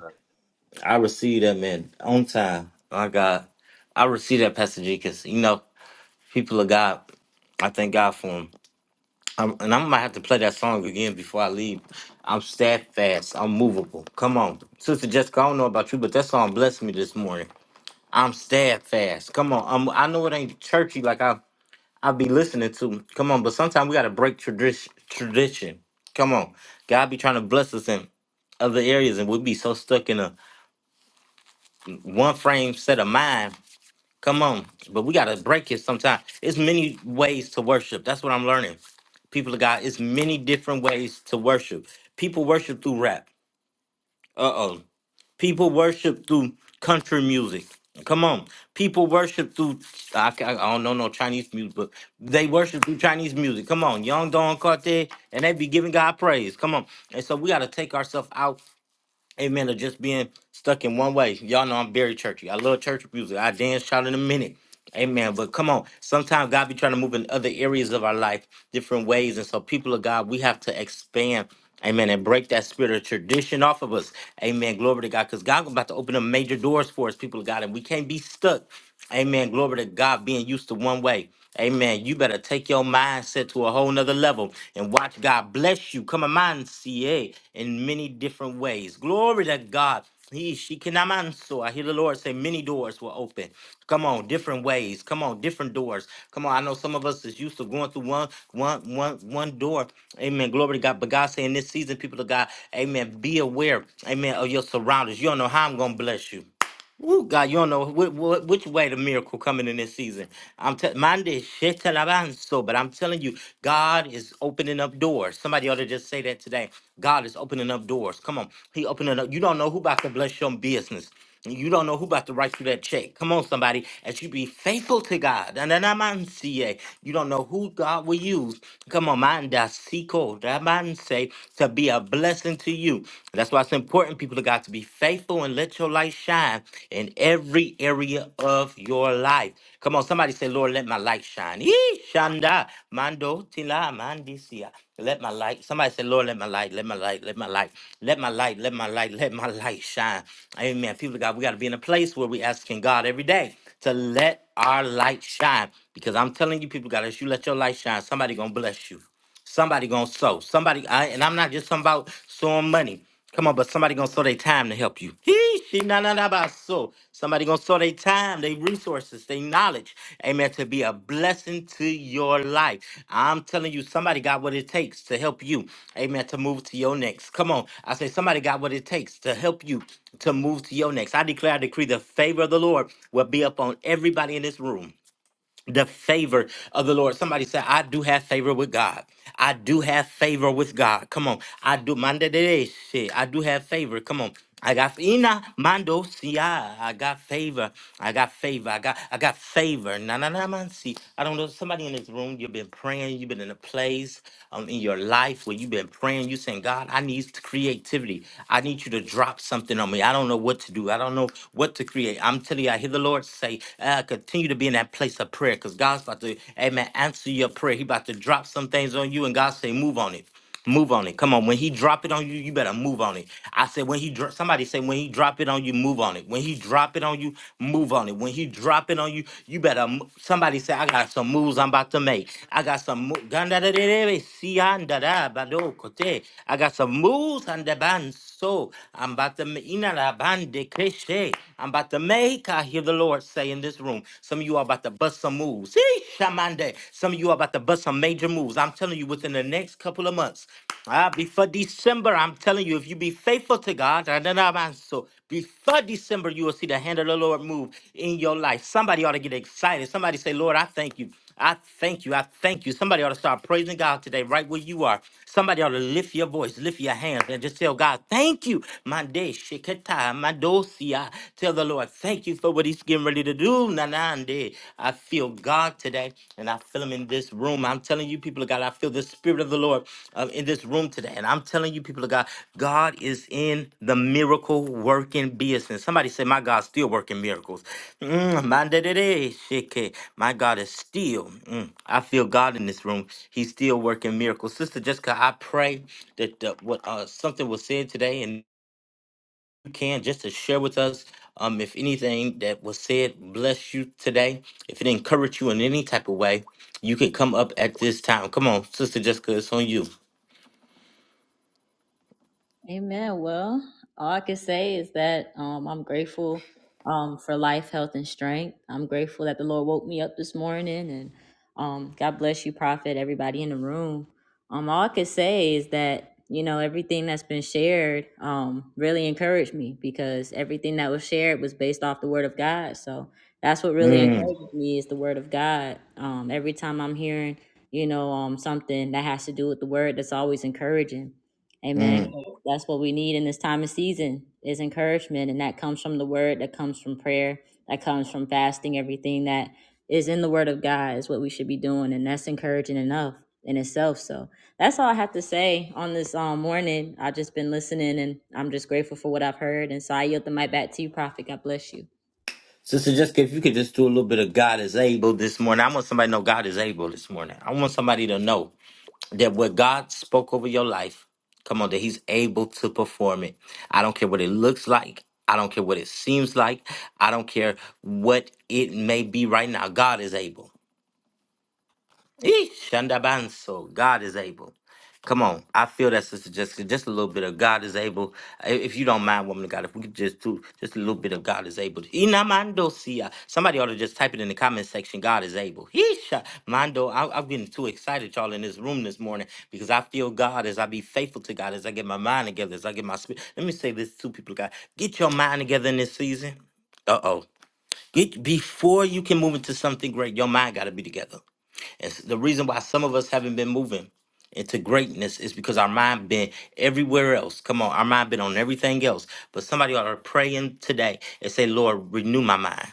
Speaker 1: I receive that, man. On time. My God. I receive that, Pastor G, because, you know, people of God, I thank God for them. I'm, and I might have to play that song again before I leave. I'm steadfast. I'm movable. Come on. Sister Jessica, I don't know about you, but that song blessed me this morning. I'm steadfast. Come on. I'm, I know it ain't churchy like I I be listening to. Come on, but sometimes we gotta break tradition. Tradition. Come on, God be trying to bless us in other areas, and we be so stuck in a one frame set of mind. Come on, but we gotta break it sometimes. It's many ways to worship. That's what I'm learning. People of God, it's many different ways to worship. People worship through rap. Uh oh. People worship through country music. Come on, people worship through. I, ca- I don't know no Chinese music, but they worship through Chinese music. Come on, Young Don Carter, and they be giving God praise. Come on, and so we got to take ourselves out Amen. Of just being stuck in one way. Y'all know I'm very churchy. I love church music. I dance shout in a minute. Amen. But come on, sometimes God be trying to move in other areas of our life, different ways. And so, people of God, we have to expand. Amen. And break that spirit of tradition off of us. Amen. Glory to God. Because God's about to open up major doors for us, people of God. And we can't be stuck. Amen. Glory to God being used to one way. Amen. You better take your mindset to a whole nother level and watch God bless you. Come on, man, CA in many different ways. Glory to God. He she can I'm on, so I hear the Lord say many doors will open. Come on, different ways. Come on, different doors. Come on. I know some of us is used to going through one one one one door. Amen. Glory to God. But God saying this season, people of God, Amen. Be aware, Amen, of your surroundings. You don't know how I'm gonna bless you. Woo, God, you don't know wh- wh- which way the miracle coming in this season. I'm telling mine is shit till I'm so, but I'm telling you, God is opening up doors. Somebody ought to just say that today. God is opening up doors. Come on, He opening up. You don't know who about to bless your business. You don't know who about to write you that check. Come on, somebody, as you be faithful to God. And then i man on CA. You don't know who God will use. Come on, man da seco, that man say to be a blessing to you. That's why it's important, people of God, to be faithful and let your light shine in every area of your life. Come on, somebody say, Lord, let my light shine. Yee, Shanda, Mando, Tila, Mandisia. Let my light. Somebody say, Lord, let my light, let my light, let my light, let my light, let my light, let my light shine. Amen. People of God, we got to be in a place where we asking God every day to let our light shine. Because I'm telling you, people of God, as you let your light shine, somebody gonna bless you. Somebody gonna sow. Somebody, I, and I'm not just talking about sowing money. Come on, but somebody gonna sow their time to help you. He, she, na na na about sow. Somebody gonna sow their time, their resources, their knowledge. Amen. To be a blessing to your life. I'm telling you, somebody got what it takes to help you. Amen. To move to your next. Come on. I say somebody got what it takes to help you to move to your next. I declare, I decree the favor of the Lord will be upon everybody in this room the favor of the Lord. Somebody said, I do have favor with God. I do have favor with God. Come on. I do manda de shit. I do have favor. Come on. I got ina mando siya. I got favor. I got favor. I got I got favor. Na na na man see. I don't know. Somebody in this room, you've been praying. You've been in a place um, in your life where you've been praying. You saying, God, I need creativity. I need you to drop something on me. I don't know what to do. I don't know what to create. I'm telling you, I hear the Lord say uh, continue to be in that place of prayer because God's about to, amen, answer your prayer. He about to drop some things on you and God say, move on it. Move on it. Come on. When he drop it on you, you better move on it. I said when he dro- somebody say when he drop it on you, move on it. When he drop it on you, move on it. When he drop it on you, you better mo- somebody say I got some moves I'm about to make. I got some mo- I got some moves so. I'm about to ina la bande keshe. I'm about to make. I hear the Lord say in this room. Some of you are about to bust some moves. Eesh, shamande. Some of you are about to bust some major moves. I'm telling you, within the next couple of months, ah, before December, I'm telling you, if you be faithful to God, da, da, da, man, so before December, you will see the hand of the Lord move in your life. Somebody ought to get excited. Somebody say, Lord, I thank you. I thank you. I thank you. Somebody ought to start praising God today, right where you are. Somebody ought to lift your voice, lift your hands, and just tell God, thank you. My day, shikata, my dosia. Tell the Lord, thank you for what he's getting ready to do. Nanande. I feel God today, and I feel him in this room. I'm telling you, people of God, I feel the spirit of the Lord um, in this room today. And I'm telling you, people of God, God is in the miracle working business. Somebody say, My God's still working miracles. Mm, my da- da- da, shike. My God is still, mm, I feel God in this room. He's still working miracles. Sister Jessica, I pray that uh, what uh, something was said today and you can just to share with us. Um, if anything that was said bless you today, if it encouraged you in any type of way, you can come up at this time. Come on, Sister Jessica, it's on you.
Speaker 2: Amen. Well, all I can say is that um, I'm grateful um, for life, health, and strength. I'm grateful that the Lord woke me up this morning, and um, God bless you, Prophet. Everybody in the room. Um, all I can say is that you know everything that's been shared um, really encouraged me because everything that was shared was based off the Word of God. So that's what really encourages me is the Word of God. Um, every time I'm hearing, you know, um, something that has to do with the Word, that's always encouraging. Amen.
Speaker 1: Mm.
Speaker 2: That's what we need in this time of season is encouragement. And that comes from the word, that comes from prayer, that comes from fasting, everything that is in the word of God is what we should be doing. And that's encouraging enough in itself. So that's all I have to say on this um, morning. I've just been listening and I'm just grateful for what I've heard. And so I yield the mic back to you, Prophet. God bless you.
Speaker 1: Sister Jessica, if you could just do a little bit of God is able this morning. I want somebody to know God is able this morning. I want somebody to know that what God spoke over your life, come on, that He's able to perform it. I don't care what it looks like. I don't care what it seems like. I don't care what it may be right now. God is able. Eesh, Shandabanso. God is able. Come on. I feel that, Sister Jessica. Just a little bit of God is able. I- If you don't mind, woman of God, if we could just do just a little bit of God is able. Inamandosia. Somebody ought to just type it in the comment section. God is able. Yeesha. Mando, I, I'm getting too excited, y'all, in this room this morning because I feel God as I be faithful to God, as I get my mind together, as I get my spirit. Let me say this to people, God. Get your mind together in this season. Uh oh. Get before you can move into something great, your mind gotta be together. And s- the reason why some of us haven't been moving into greatness is because our mind been everywhere else. Come on, our mind been on everything else. But somebody ought to pray in today and say, Lord, renew my mind.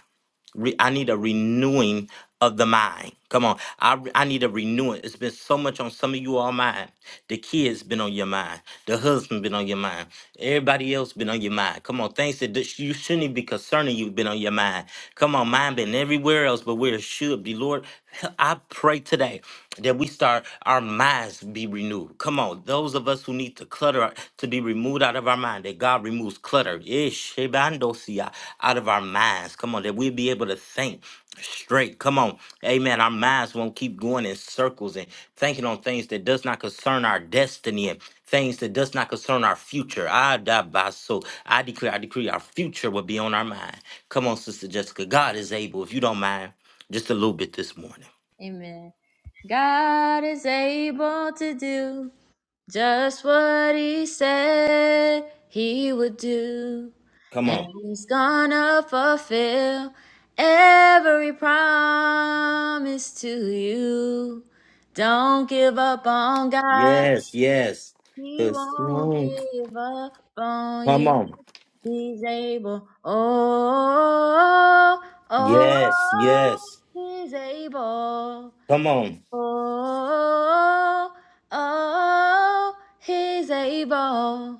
Speaker 1: Re- I need a renewing of the mind. Come on, I re- I need a renewing. It's been so much on some of you all mind. The kids been on your mind. The husband been on your mind. Everybody else been on your mind. Come on, things that dis- you shouldn't even be concerning you been on your mind. Come on, mine been everywhere else, but where it should be. Lord, I pray today that we start our minds be renewed. Come on, those of us who need to to clutter to be removed out of our mind that god removes clutter ish shebandosia, out of our minds come on that we'll be able to think straight come on amen our minds won't keep going in circles and thinking on things that does not concern our destiny and things that does not concern our future i die by so i declare i decree our future will be on our mind come on sister jessica god is able if you don't mind just a little bit this morning
Speaker 2: Amen. God is able to do just what he said he would do.
Speaker 1: come
Speaker 2: And
Speaker 1: on
Speaker 2: he's gonna fulfill every promise to you. Don't give up on God.
Speaker 1: yes yes
Speaker 2: He
Speaker 1: 'Cause-
Speaker 2: won't
Speaker 1: mm,
Speaker 2: give up on
Speaker 1: come
Speaker 2: you.
Speaker 1: on
Speaker 2: He's able. Oh, oh,
Speaker 1: Yes,
Speaker 2: oh,
Speaker 1: yes.
Speaker 2: he's able.
Speaker 1: Come on.
Speaker 2: Oh, oh, he's able.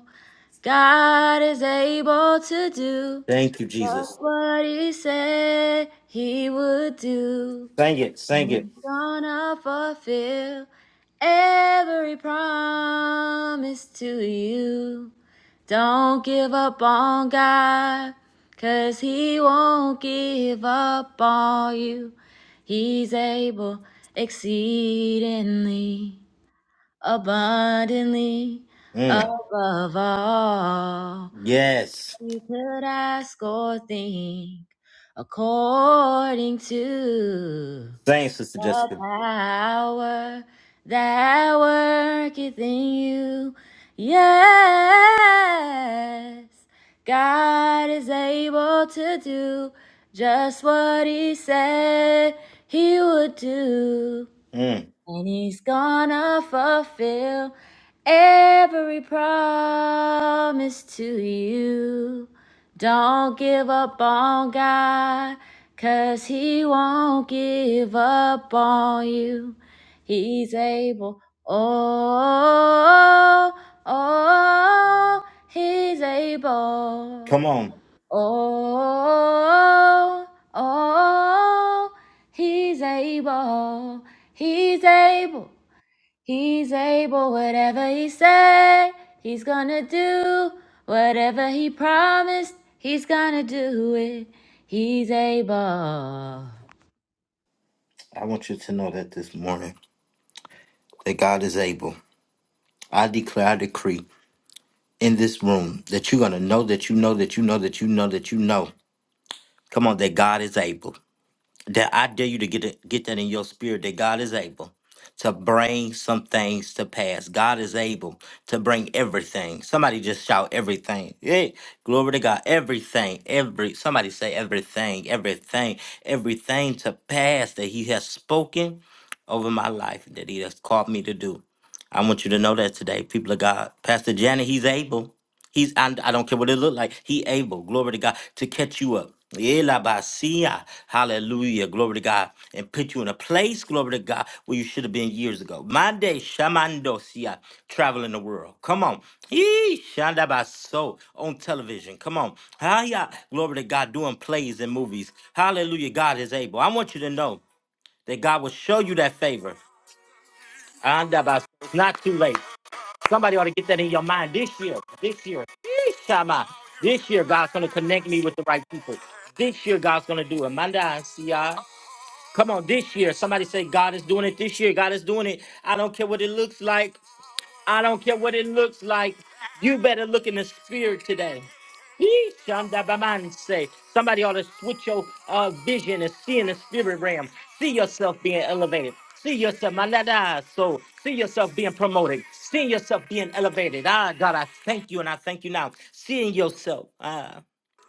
Speaker 2: God is able to do
Speaker 1: Thank you,
Speaker 2: just
Speaker 1: Jesus.
Speaker 2: what he said he would do.
Speaker 1: Sing it, sing
Speaker 2: And
Speaker 1: it.
Speaker 2: he's gonna fulfill every promise to you. Don't give up on God, 'cause He won't give up on you. He's able exceedingly, abundantly,
Speaker 1: Mm.
Speaker 2: above all
Speaker 1: Yes.
Speaker 2: you could ask or think, according to.
Speaker 1: Sing, Sister
Speaker 2: The
Speaker 1: Jessica.
Speaker 2: power that worketh in you. Yes, God is able to do just what He said He would do.
Speaker 1: Mm.
Speaker 2: And he's gonna fulfill every promise to you. Don't give up on God, cause he won't give up on you. He's able, oh, oh, oh, he's able.
Speaker 1: Come on.
Speaker 2: Oh, oh, he's able, he's able, he's able, whatever he said, he's gonna do, whatever he promised, he's gonna do it, he's able.
Speaker 1: I want you to know that this morning that God is able. I declare, I decree in this room that you're going to know that you know that you know that you know that you know. Come on, that God is able. that I dare you to get it, get that in your spirit that God is able to bring some things to pass. God is able to bring everything. Somebody just shout everything. Hey, glory to God. Everything, every somebody say everything, everything, everything to pass that He has spoken over my life that He has called me to do. I want you to know that today, people of God. Pastor Janet, He's able. He's and I don't care what it look like. He able, glory to God, to catch you up. Elabasia. Hallelujah. Glory to God. And put you in a place, glory to God, where you should have been years ago. Mande Shamandosia. Traveling the world. Come on. Yee, Shandabaso on television. Come on. Hiya. Glory to God. Doing plays and movies. Hallelujah. God is able. I want you to know that God will show you that favor. Andabas. It's not too late. Somebody ought to get that in your mind this year. This year. Yeesh, Shama. This year, God's going to connect me with the right people. This year, God's going to do it. Manda, see ya. Come on, this year. Somebody say, God is doing it this year. God is doing it. I don't care what it looks like. I don't care what it looks like. You better look in the spirit today. Yee, shandabamanse. Somebody ought to switch your uh, vision and see in the spirit realm. See yourself being elevated. See yourself, my lada, so see yourself being promoted. See yourself being elevated. Ah, God, I thank you and I thank you now. Seeing yourself. Ah.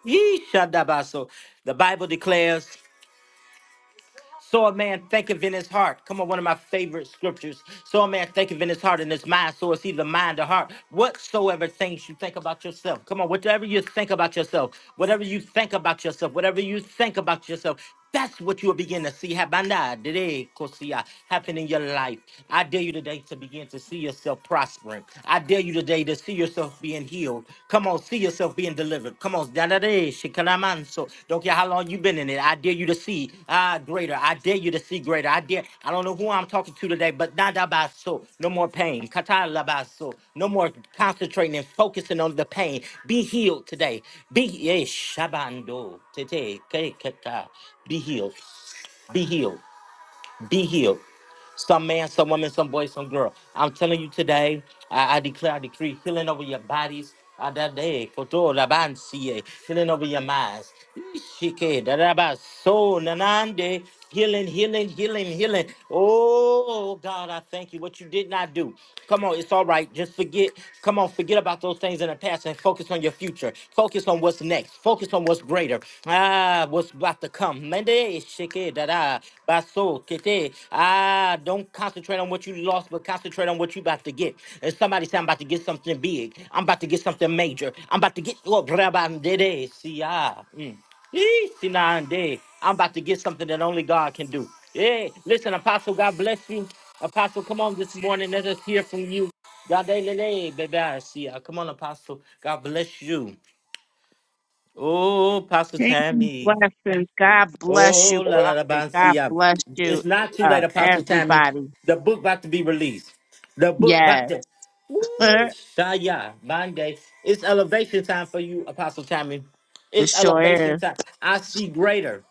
Speaker 1: Yee, shandabaso. The Bible declares. So a man thinketh in his heart. Come on, one of my favorite scriptures. So a man thinketh in his heart and his mind. So it's either mind or heart. Whatsoever things you think about yourself. Come on, whatever you think about yourself, whatever you think about yourself, whatever you think about yourself, that's what you'll begin to see Habana, today, Kosia, happen in your life. I dare you today to begin to see yourself prospering. I dare you today to see yourself yourself being healed. Come on, see yourself being delivered. Come on, da-da-da, shikalamanso. don't care how long you've been in it. I dare you to see ah greater. I dare you to see greater. I dare. I don't know who I'm talking to today, but nadabaso. No more pain. Katalabaso. No more concentrating and focusing on the pain. Be healed today. Be eh, shabando tete ke- ke- ka. Be healed. Be healed be healed. Some man, some woman, some boy, some girl. I'm telling you today, I, I declare, I decree healing over your bodies. Adade, koto, labansiye, Healing over your minds. Ishike, dadaba, so, nanande, Healing, healing, healing, healing. Oh, God, I thank you. What you did not do. Come on, it's all right. Just forget. Come on, forget forget about those things in the past and focus on your future. Focus on what's next. Focus on what's greater. Ah, what's about to come. Mende, shike, dada, baso, kete. Ah, don't concentrate on what you lost, but concentrate on what you about to get. And somebody say, I'm about to get something big. I'm about to get something major. I'm about to get, oh, brabandede, si, ah. Mm. Yee, see, nah, and day. I'm about to get something that only God can do. Yeah, listen, Apostle, God bless you. Apostle, come on this morning. Let us hear from you. Yadelele, baby, I see ya. Come on, Apostle. God bless you. Oh, Apostle
Speaker 4: Kingdom
Speaker 1: Tammy.
Speaker 4: blessings. God bless
Speaker 1: Oh,
Speaker 4: you,
Speaker 1: la la la,
Speaker 4: Prophet. God
Speaker 1: Bansia.
Speaker 4: bless you,
Speaker 1: It's not too
Speaker 4: uh,
Speaker 1: late, Apostle Tammy.
Speaker 4: everybody.
Speaker 1: The book about to be released. The book about
Speaker 4: Yes,
Speaker 1: to. Woo!
Speaker 4: it
Speaker 1: Shaya, Monday. It's elevation time for you, Apostle Tammy. It's
Speaker 4: sure
Speaker 1: elevation
Speaker 4: is.
Speaker 1: time. I see greater.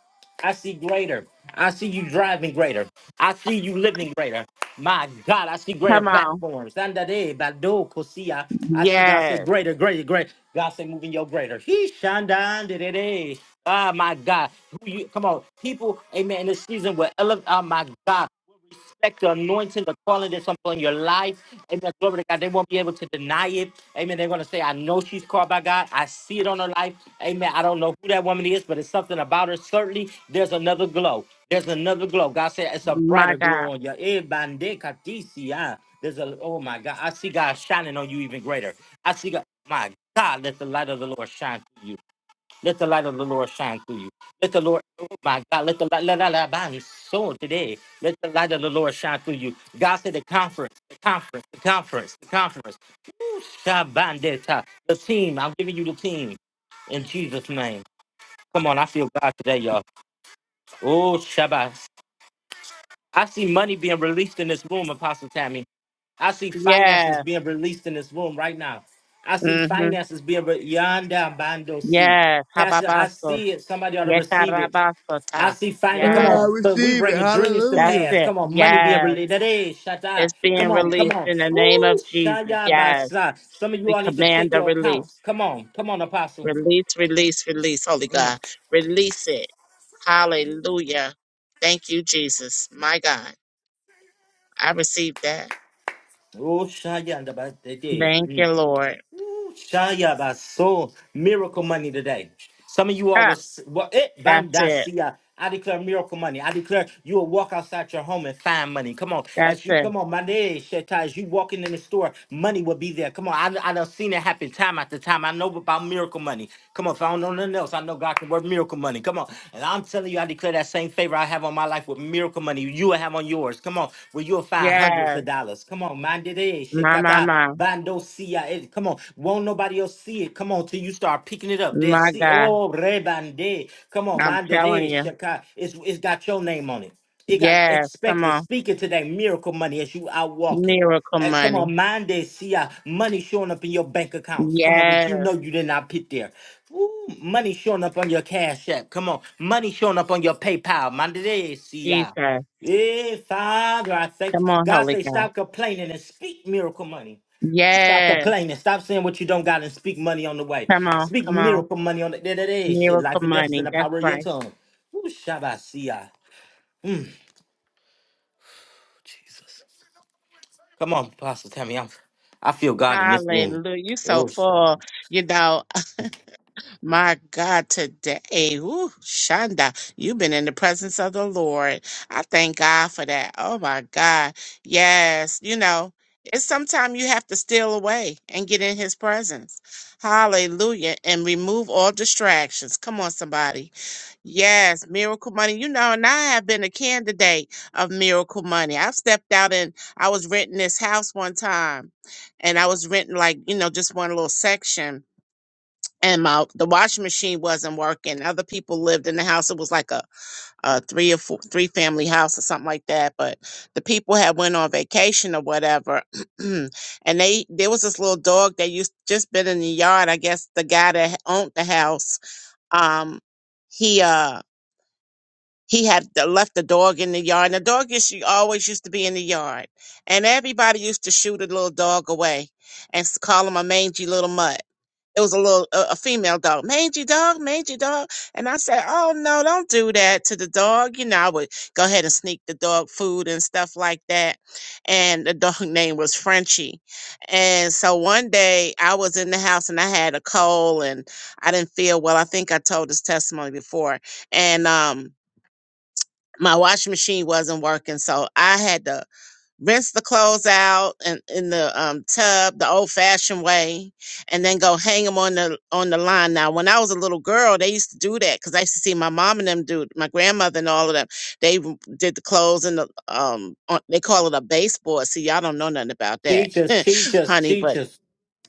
Speaker 1: I see greater. I see you driving greater. I see you living greater. My God, I see greater
Speaker 4: Come on.
Speaker 1: platforms. Sandade, Bado, Kosia. I see God say
Speaker 4: Yes,
Speaker 1: greater, greater, greater. God say moving your greater. He shandan did it. Ah, my God. Who you, come on. People, amen, in this season will elevate. Oh, my God respect the anointing, the calling that's upon your life. Amen. Glory to God. They won't be able to deny it. Amen. They're going to say, I know she's called by God. I see it on her life. Amen. I don't know who that woman is, but it's something about her. Certainly, there's another glow. There's another glow. God said it's a
Speaker 4: my
Speaker 1: brighter
Speaker 4: God.
Speaker 1: glow on you. Eh, bande katisi, ah. There's a, oh my God. I see God shining on you even greater. I see God, my God, let the light of the Lord shine through you. Let the light of the Lord shine through you. Let the Lord, oh my God, let the light, let the light shine so today. Let the light of the Lord shine through you. God said the conference, the conference, the conference, the conference. Shabandeta. The team, I'm giving you the team in Jesus' name. Come on, I feel God today, y'all. Oh, Shabbat. I see money being released in this room, Apostle Tammy. I see finances
Speaker 4: Yes.
Speaker 1: being released in this room right now. I see
Speaker 4: Mm-hmm.
Speaker 1: finances being re- yonder bando see.
Speaker 4: Yes.
Speaker 1: Pastor, I
Speaker 4: Hababaso.
Speaker 1: see it. Somebody ought to receive it. I
Speaker 4: Yekarabasota.
Speaker 1: see
Speaker 3: Uh,
Speaker 1: finance. Come
Speaker 3: I
Speaker 1: on,
Speaker 4: Yes.
Speaker 1: but we
Speaker 3: receive it.
Speaker 1: bringing dreams to
Speaker 4: That's
Speaker 3: Hallelujah.
Speaker 1: pass.
Speaker 4: it.
Speaker 1: Come on, money being
Speaker 4: Yes.
Speaker 1: released. That is shut
Speaker 4: It's
Speaker 1: up.
Speaker 4: being
Speaker 1: Come on, come
Speaker 4: released
Speaker 1: on.
Speaker 4: in the name
Speaker 1: Woo,
Speaker 4: of Jesus.
Speaker 1: shaya
Speaker 4: Yes.
Speaker 1: basa. Some of you
Speaker 4: We
Speaker 1: all need to
Speaker 4: command
Speaker 1: check
Speaker 4: the
Speaker 1: your
Speaker 4: release.
Speaker 1: accounts. Come on, come on, Apostle.
Speaker 4: Release, release, release, Holy
Speaker 1: Mm.
Speaker 4: God. Release it. Hallelujah. Thank you, Jesus. My God. I received that.
Speaker 1: Oh, shaya.
Speaker 4: Thank you, Lord.
Speaker 1: Shaya baso miracle money today. Some of you all
Speaker 4: Ah,
Speaker 1: was what it
Speaker 4: that's it.
Speaker 1: bandasia. I declare miracle money. I declare you will walk outside your home and find money. Come on,
Speaker 4: That's
Speaker 1: as you
Speaker 4: it.
Speaker 1: come on, money sheta. As you walking in the store, money will be there. Come on, I I done seen it happen time after time. I know about miracle money. Come on, if I don't know nothing else, I know God can work miracle money. Come on, and I'm telling you, I declare that same favor I have on my life with miracle money. You will have on yours. Come on, where you'll find hundreds
Speaker 4: Yes.
Speaker 1: of dollars. Come on, mandate
Speaker 4: My, my,
Speaker 1: shekata.
Speaker 4: my.
Speaker 1: Bando see it. Come on. Won't nobody else see it. Come on, till you start picking it up. They'll
Speaker 4: My
Speaker 1: see.
Speaker 4: God.
Speaker 1: Oh, rebande. Come on,
Speaker 4: I'm telling
Speaker 1: mandere.
Speaker 4: you.
Speaker 1: Shaka. It's it's got your name on it. It got
Speaker 4: Yes. Come
Speaker 1: expected.
Speaker 4: on.
Speaker 1: Speaking to that miracle money as you out walking.
Speaker 4: Miracle
Speaker 1: Eh, come
Speaker 4: money.
Speaker 1: on, mind that see uh, money showing up in your bank accounts. Come on, that
Speaker 4: Yes.
Speaker 1: you know you did not put there. Ooh, money showing up on your cash app. Come on, money showing up on your PayPal. Mind that see uh.
Speaker 4: Jesus.
Speaker 1: Yeah, Father, I thank
Speaker 4: Come
Speaker 1: you.
Speaker 4: on,
Speaker 1: God
Speaker 4: Holy
Speaker 1: say,
Speaker 4: God.
Speaker 1: stop complaining and speak miracle money. Stop
Speaker 4: Yes.
Speaker 1: complaining. Stop saying what you don't got and speak money on the way.
Speaker 4: Come on.
Speaker 1: Speak
Speaker 4: Come on.
Speaker 1: miracle money on the day to Shit,
Speaker 4: Miracle
Speaker 1: life and death is in
Speaker 4: money.
Speaker 1: the
Speaker 4: That's
Speaker 1: power of your
Speaker 4: right.
Speaker 1: tongue. Ooh, Shabbasia. Jesus. Come on, Pastor Tammy. I'm, I feel God in this room.
Speaker 4: Hallelujah. You so
Speaker 1: Oh,
Speaker 4: full.
Speaker 1: Shabbat.
Speaker 4: You know, My God, today, ooh, Shonda, you've been in the presence of the Lord. I thank God for that. Oh my God. Yes, you know, it's sometimes you have to steal away and get in his presence. Hallelujah. And remove all distractions. Come on, somebody. Yes, miracle money. You know, and I have been a candidate of miracle money. I've stepped out and I was renting this house one time and I was renting like, you know, just one little section and my the washing machine wasn't working. Other people lived in the house. It was like a, a three or four three family house or something like that. But the people had went on vacation or whatever, and they there was this little dog that used just been in the yard. I guess the guy that owned the house, um, he uh he had the- left the dog in the yard, and the dog used to- always used to be in the yard, and everybody used to shoot a little dog away and s- call him a mangy little mutt. It was a little a, a female dog, mangy dog, mangy dog. And I said, "Oh no, don't do that to the dog." You know, I would go ahead and sneak the dog food and stuff like that. And the dog name was Frenchie. And so one day I was in the house and I had a cold and I didn't feel well. I think I told this testimony before. And um my washing machine wasn't working, so I had to rinse the clothes out in, in the um, tub the old fashioned way and then go hang them on the on the line now when i was a little girl they used to do that because i used to see my mom and them do my grandmother and all of them they w- did the clothes and the um on, they call it a baseboard see y'all don't know nothing about that
Speaker 1: Teach us, teach us,
Speaker 4: honey but
Speaker 1: teach us.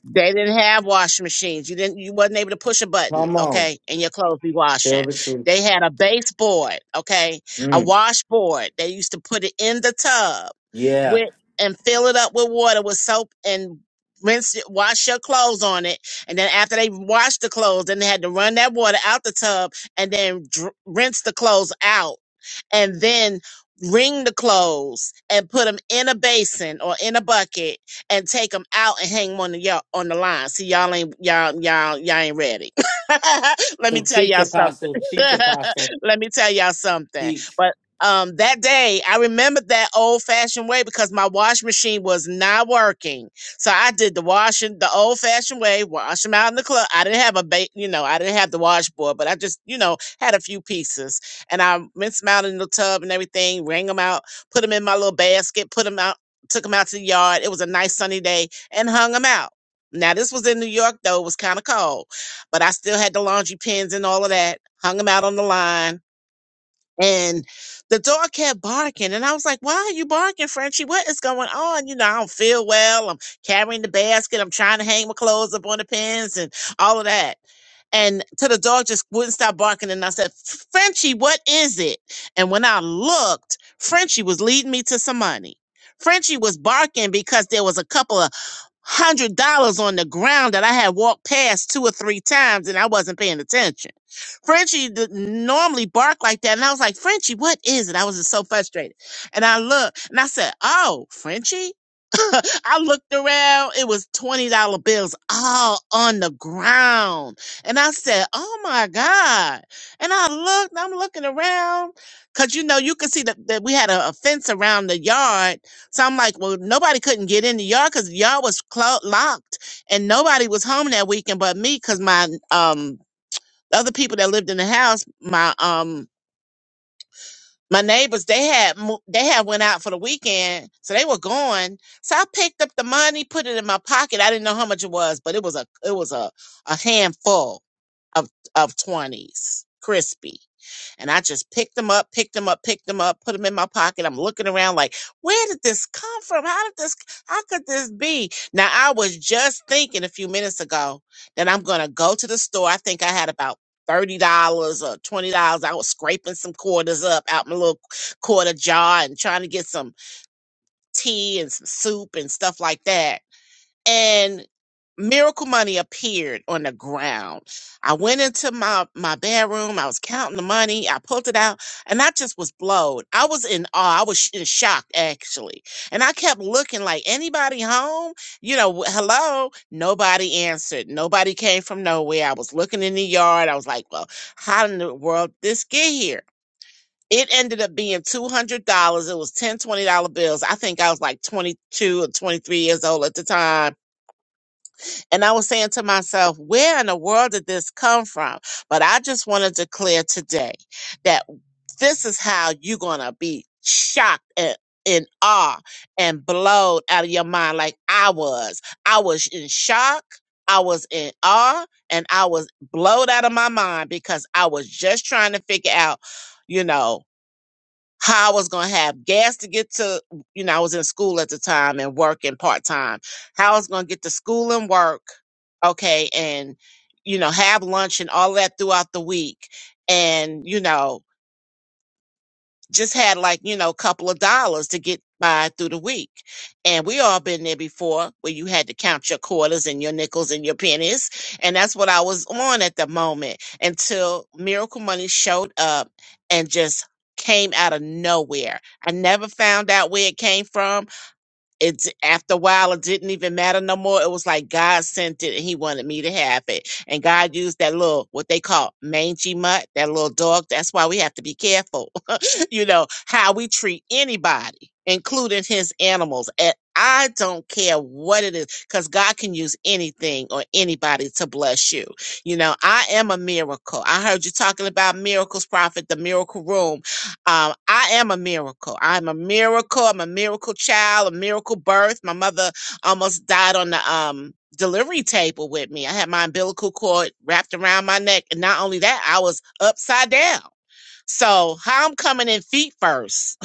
Speaker 4: they didn't have washing machines. You didn't. You wasn't able to push a button,
Speaker 1: Come on.
Speaker 4: okay, and your clothes be
Speaker 1: Tell
Speaker 4: washing.
Speaker 1: the truth.
Speaker 4: They had a baseboard, okay, a
Speaker 1: Mm,
Speaker 4: washboard. They used to put it in the tub
Speaker 1: yeah.
Speaker 4: with and fill it up with water with soap and rinse it, wash your clothes on it. And then after they washed the clothes, then they had to run that water out the tub and then dr- rinse the clothes out and then wring the clothes and put them in a basin or in a bucket and take them out and hang them on the y'all on the line. See, y'all ain't y'all y'all y'all ain't ready. Let me
Speaker 1: So
Speaker 4: tell
Speaker 1: teach,
Speaker 4: y'all something.
Speaker 1: Apostle. Teach, Apostle.
Speaker 4: Let me tell y'all something.
Speaker 1: Teach.
Speaker 4: But um, that day, I remembered that old fashioned way because my wash machine was not working. So I did the washing the old fashioned way, wash them out in the club. I didn't have a, ba- you know, I didn't have the washboard, but I just, you know, had a few pieces and I rinsed them out in the tub and everything, wring them out, put them in my little basket, put them out, took them out to the yard. It was a nice sunny day and hung them out. Now this was in New York though, it was kind of cold, but I still had the laundry pins and all of that, hung them out on the line. And the dog kept barking, and I was like, "Why are you barking, Frenchie? What is going on? You know, I don't feel well. I'm carrying the basket. I'm trying to hang my clothes up on the pins and all of that." and till the dog just wouldn't stop barking. And I said, Frenchie, what is it? And when I looked, Frenchie was leading me to some money. Frenchie was barking because there was a couple of hundred dollars on the ground that I had walked past two or three times and I wasn't paying attention. Frenchie didn't normally bark like that. And I was like, Frenchie, what is it? I was just so frustrated. And I looked and I said, Oh, Frenchie? I looked around, it was $20 bills all on the ground. And I said, Oh my God. And I looked, I'm looking around. Cause you know, you could see that, that we had a, a fence around the yard. So I'm like, well, nobody couldn't get in the yard because the yard was clo- locked and nobody was home that weekend but me because my um other people that lived in the house, my um my neighbors they had mo- they had went out for the weekend so they were gone so i picked up the money put it in my pocket i didn't know how much it was but it was a it was a, a handful of of 20s crispy and i just picked them up picked them up picked them up put them in my pocket i'm looking around like where did this come from how did this how could this be now i was just thinking a few minutes ago that i'm gonna go to the store i think i had about thirty dollars or twenty dollars. I was scraping some quarters up out my little quarter jar and trying to get some tea and some soup and stuff like that and miracle money appeared on the ground. I went into my my bedroom. I was counting the money. I pulled it out, and I just was blown. I was in awe. I was sh- in shock actually, and I kept looking like anybody home. You know, w- hello. Nobody answered. Nobody came from nowhere. I was looking in the yard. I was like, well, how in the world did this get here? It ended up being two hundred dollars. It was ten twenty dollar bills. I think I was like twenty two or twenty three years old at the time and I was saying to myself, where in the world did this come from? But I just want to declare today that this is how you're going to be shocked and in awe and blowed out of your mind like I was. I was in shock. I was in awe and I was blowed out of my mind because I was just trying to figure out, you know, how I was going to have gas to get to, you know, I was in school at the time and working part time, how I was going to get to school and work, okay, and, you know, have lunch and all that throughout the week. And, you know, just had like you know a couple of dollars to get by through the week and we all been there before where you had to count your quarters and your nickels and your pennies and that's what i was on at the moment until miracle money showed up and just came out of nowhere i never found out where it came from it's after a while it didn't even matter no more it was like god sent it and he wanted me to have it and god used that little what they call mangy mutt that little dog that's why we have to be careful you know, how we treat anybody, including his animals. And I don't care what it is, because God can use anything or anybody to bless you. You know, I am a miracle. I heard you talking about miracles, prophet, the miracle room. Um, I am a miracle. I'm a miracle. I'm a miracle child, a miracle birth. My mother almost died on the um delivery table with me. I had my umbilical cord wrapped around my neck. And not only that, I was upside down. So how I'm coming in feet first.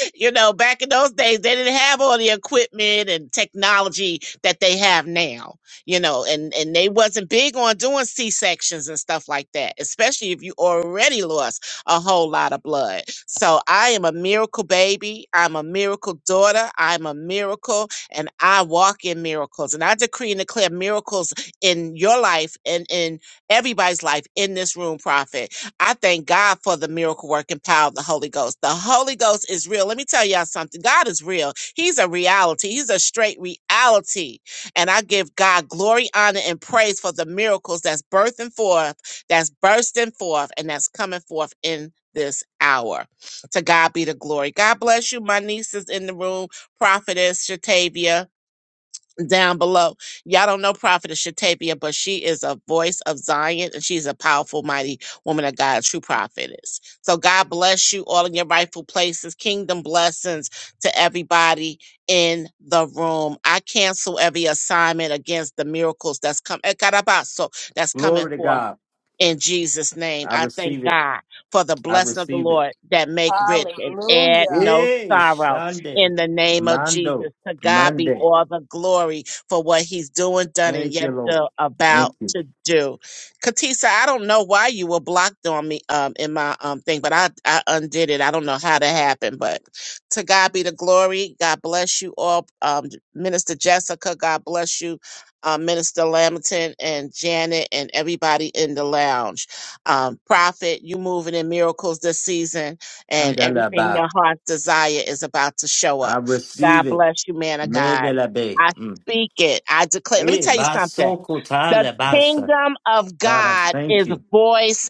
Speaker 4: you know, back in those days, they didn't have all the equipment and technology that they have now, you know, and, and they wasn't big on doing C-sections and stuff like that, especially if you already lost a whole lot of blood. So I am a miracle baby. I'm a miracle daughter. I'm a miracle and I walk in miracles and I decree and declare miracles in your life and in everybody's life in this room, prophet I thank God for the miracle working power of the Holy Ghost. The Holy Ghost is real. Let me tell y'all something. God is real. He's a reality. He's a straight reality. And I give God glory, honor, and praise for the miracles that's birthing forth, that's bursting forth, and that's coming forth in this hour. To God be the glory. God bless you. My niece is in the room, Prophetess Shatavia down below. Y'all don't know Prophetess Shatavia, but she is a voice of Zion and she's a powerful, mighty woman of God, a true prophetess. So God bless you all in your rightful places. Kingdom blessings to everybody in the room. I cancel every assignment against the miracles that's come. eh, carabaso, That's coming
Speaker 1: Glory to
Speaker 4: forth
Speaker 1: God.
Speaker 4: in Jesus' name.
Speaker 1: I
Speaker 4: I thank
Speaker 1: receive it.
Speaker 4: God for the
Speaker 1: I
Speaker 4: blessing of the
Speaker 1: receive it.
Speaker 4: Lord that make rich and add
Speaker 5: Hallelujah.
Speaker 4: no
Speaker 1: Hey,
Speaker 4: sorrow
Speaker 1: Sunday.
Speaker 4: in the name of
Speaker 1: Mondo.
Speaker 4: Jesus. To God be
Speaker 1: Monday.
Speaker 4: all the glory for what he's doing, done, and
Speaker 1: Thank you,
Speaker 4: yet
Speaker 1: Lord.
Speaker 4: still about
Speaker 1: Thank you.
Speaker 4: to do. Katisa, I don't know why you were blocked on me um in my um thing, but I, I undid it. I don't know how that happened, but to God be the glory. God bless you all. Um Minister Jessica, God bless you um, Minister Lamington and Janet and everybody in the lounge. Um, Prophet, you moving in miracles this season, and everything
Speaker 1: Andalaba.
Speaker 4: your heart's desire is about to show
Speaker 1: I
Speaker 4: up.
Speaker 1: receive
Speaker 4: God
Speaker 1: it.
Speaker 4: bless you, man of God.
Speaker 1: Medelabe.
Speaker 4: I
Speaker 1: Mm.
Speaker 4: speak it. I declare. Let me
Speaker 1: Eh,
Speaker 4: tell you something. The
Speaker 1: basokotalabasa.
Speaker 4: kingdom of
Speaker 1: God, I
Speaker 4: God
Speaker 1: thank
Speaker 4: is
Speaker 1: you.
Speaker 4: voice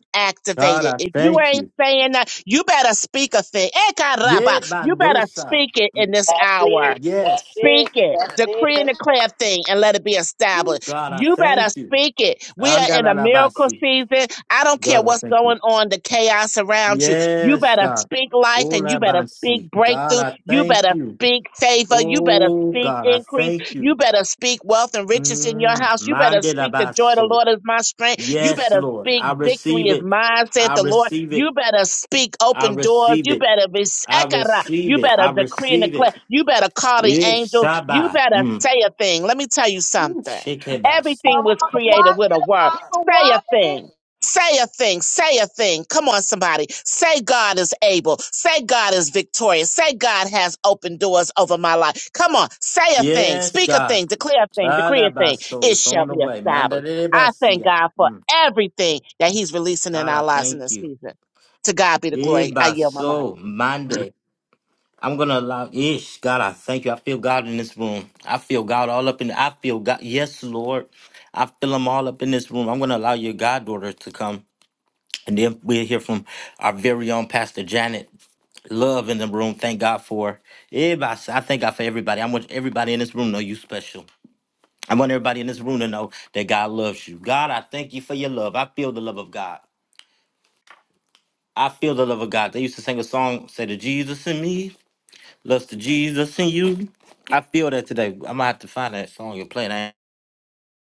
Speaker 1: God,
Speaker 4: activated.
Speaker 1: I
Speaker 4: If you
Speaker 1: thank
Speaker 4: ain't
Speaker 1: you.
Speaker 4: saying that, you better speak a thing. Eh,
Speaker 1: Yeah,
Speaker 4: caramba. You better
Speaker 1: bandosa.
Speaker 4: speak it in this
Speaker 5: That's
Speaker 4: hour.
Speaker 5: it. That's
Speaker 1: Yes.
Speaker 4: Speak
Speaker 5: it.
Speaker 4: it.
Speaker 5: That's
Speaker 4: Decree
Speaker 5: it.
Speaker 4: and declare a thing and let it be
Speaker 1: Woo,
Speaker 4: established.
Speaker 1: God, I
Speaker 4: You better
Speaker 1: thank you.
Speaker 4: speak it. We are in a miracle
Speaker 1: Andalalabasi.
Speaker 4: season. I don't care
Speaker 1: God, I
Speaker 4: what's
Speaker 1: thank you.
Speaker 4: going on, the chaos around you. You
Speaker 1: Yes,
Speaker 4: better
Speaker 1: God.
Speaker 4: speak life and you better
Speaker 1: Olabansi.
Speaker 4: speak
Speaker 1: God,
Speaker 4: breakthrough.
Speaker 1: I
Speaker 4: You
Speaker 1: thank
Speaker 4: better
Speaker 1: you.
Speaker 4: speak favor. You better
Speaker 1: Oh,
Speaker 4: speak
Speaker 1: God, I
Speaker 4: increase.
Speaker 1: thank you.
Speaker 4: You better speak wealth and riches in your
Speaker 1: Mm.
Speaker 4: house. You better speak the joy of the
Speaker 1: Mandelabaso.
Speaker 4: Lord is my strength. You
Speaker 1: Yes,
Speaker 4: better
Speaker 1: Lord.
Speaker 4: speak
Speaker 1: I
Speaker 4: victory
Speaker 1: receive
Speaker 4: is
Speaker 1: it.
Speaker 4: mine, said
Speaker 1: I
Speaker 4: the Lord.
Speaker 1: receive it.
Speaker 4: You better speak
Speaker 1: I
Speaker 4: open doors.
Speaker 1: receive
Speaker 4: You
Speaker 1: it.
Speaker 4: better be
Speaker 1: I
Speaker 4: sekara.
Speaker 1: receive
Speaker 4: You
Speaker 1: it.
Speaker 4: better
Speaker 1: I
Speaker 4: decree and
Speaker 1: receive it.
Speaker 4: declare. You better call the
Speaker 1: Yes,
Speaker 4: angels. You
Speaker 1: Saba.
Speaker 4: better
Speaker 1: Mm.
Speaker 4: say a thing. Let me tell you
Speaker 1: Ooh,
Speaker 4: something.
Speaker 1: shekebasi.
Speaker 4: Everything
Speaker 5: Come
Speaker 4: was
Speaker 5: on,
Speaker 4: created
Speaker 5: watch
Speaker 4: with
Speaker 5: it,
Speaker 4: a word.
Speaker 5: Apostle.
Speaker 4: Say a
Speaker 5: Watch it.
Speaker 4: thing. Say a thing. Say a thing. Come on, somebody. Say God is able. Say God is victorious. Say God has open doors over my life. Come on. Say a thing.
Speaker 1: Yes,
Speaker 4: Speak a
Speaker 1: God.
Speaker 4: thing. Declare a thing. Decree a thing.
Speaker 1: Adabaso.
Speaker 4: It
Speaker 1: It's on
Speaker 4: shall
Speaker 1: the
Speaker 4: be
Speaker 1: way.
Speaker 4: established. I thank
Speaker 1: Mandarebasia.
Speaker 4: God for
Speaker 1: Mm.
Speaker 4: everything that He's releasing in
Speaker 1: God, I
Speaker 4: our lives in
Speaker 1: thank
Speaker 4: this
Speaker 1: you.
Speaker 4: season. To God be the glory. I yield my mind.
Speaker 1: Ebaso. Monday. I'm gonna allow ish. God, I thank you. I feel God in this room. I feel God all up in I feel God. Yes, Lord. I feel him all up in this room. I'm gonna allow your goddaughter to come. And then we'll hear from our very own Pastor Janet Love in the room. Thank God for everybody. I thank God for everybody. I want everybody in this room to know you special. I want everybody in this room to know that God loves you. God, I thank you for your love. I feel the love of God. I feel the love of God. They used to sing a song, say the Jesus in me, loves the Jesus in you. I feel that today. I'm gonna have to find that song you're playing. I-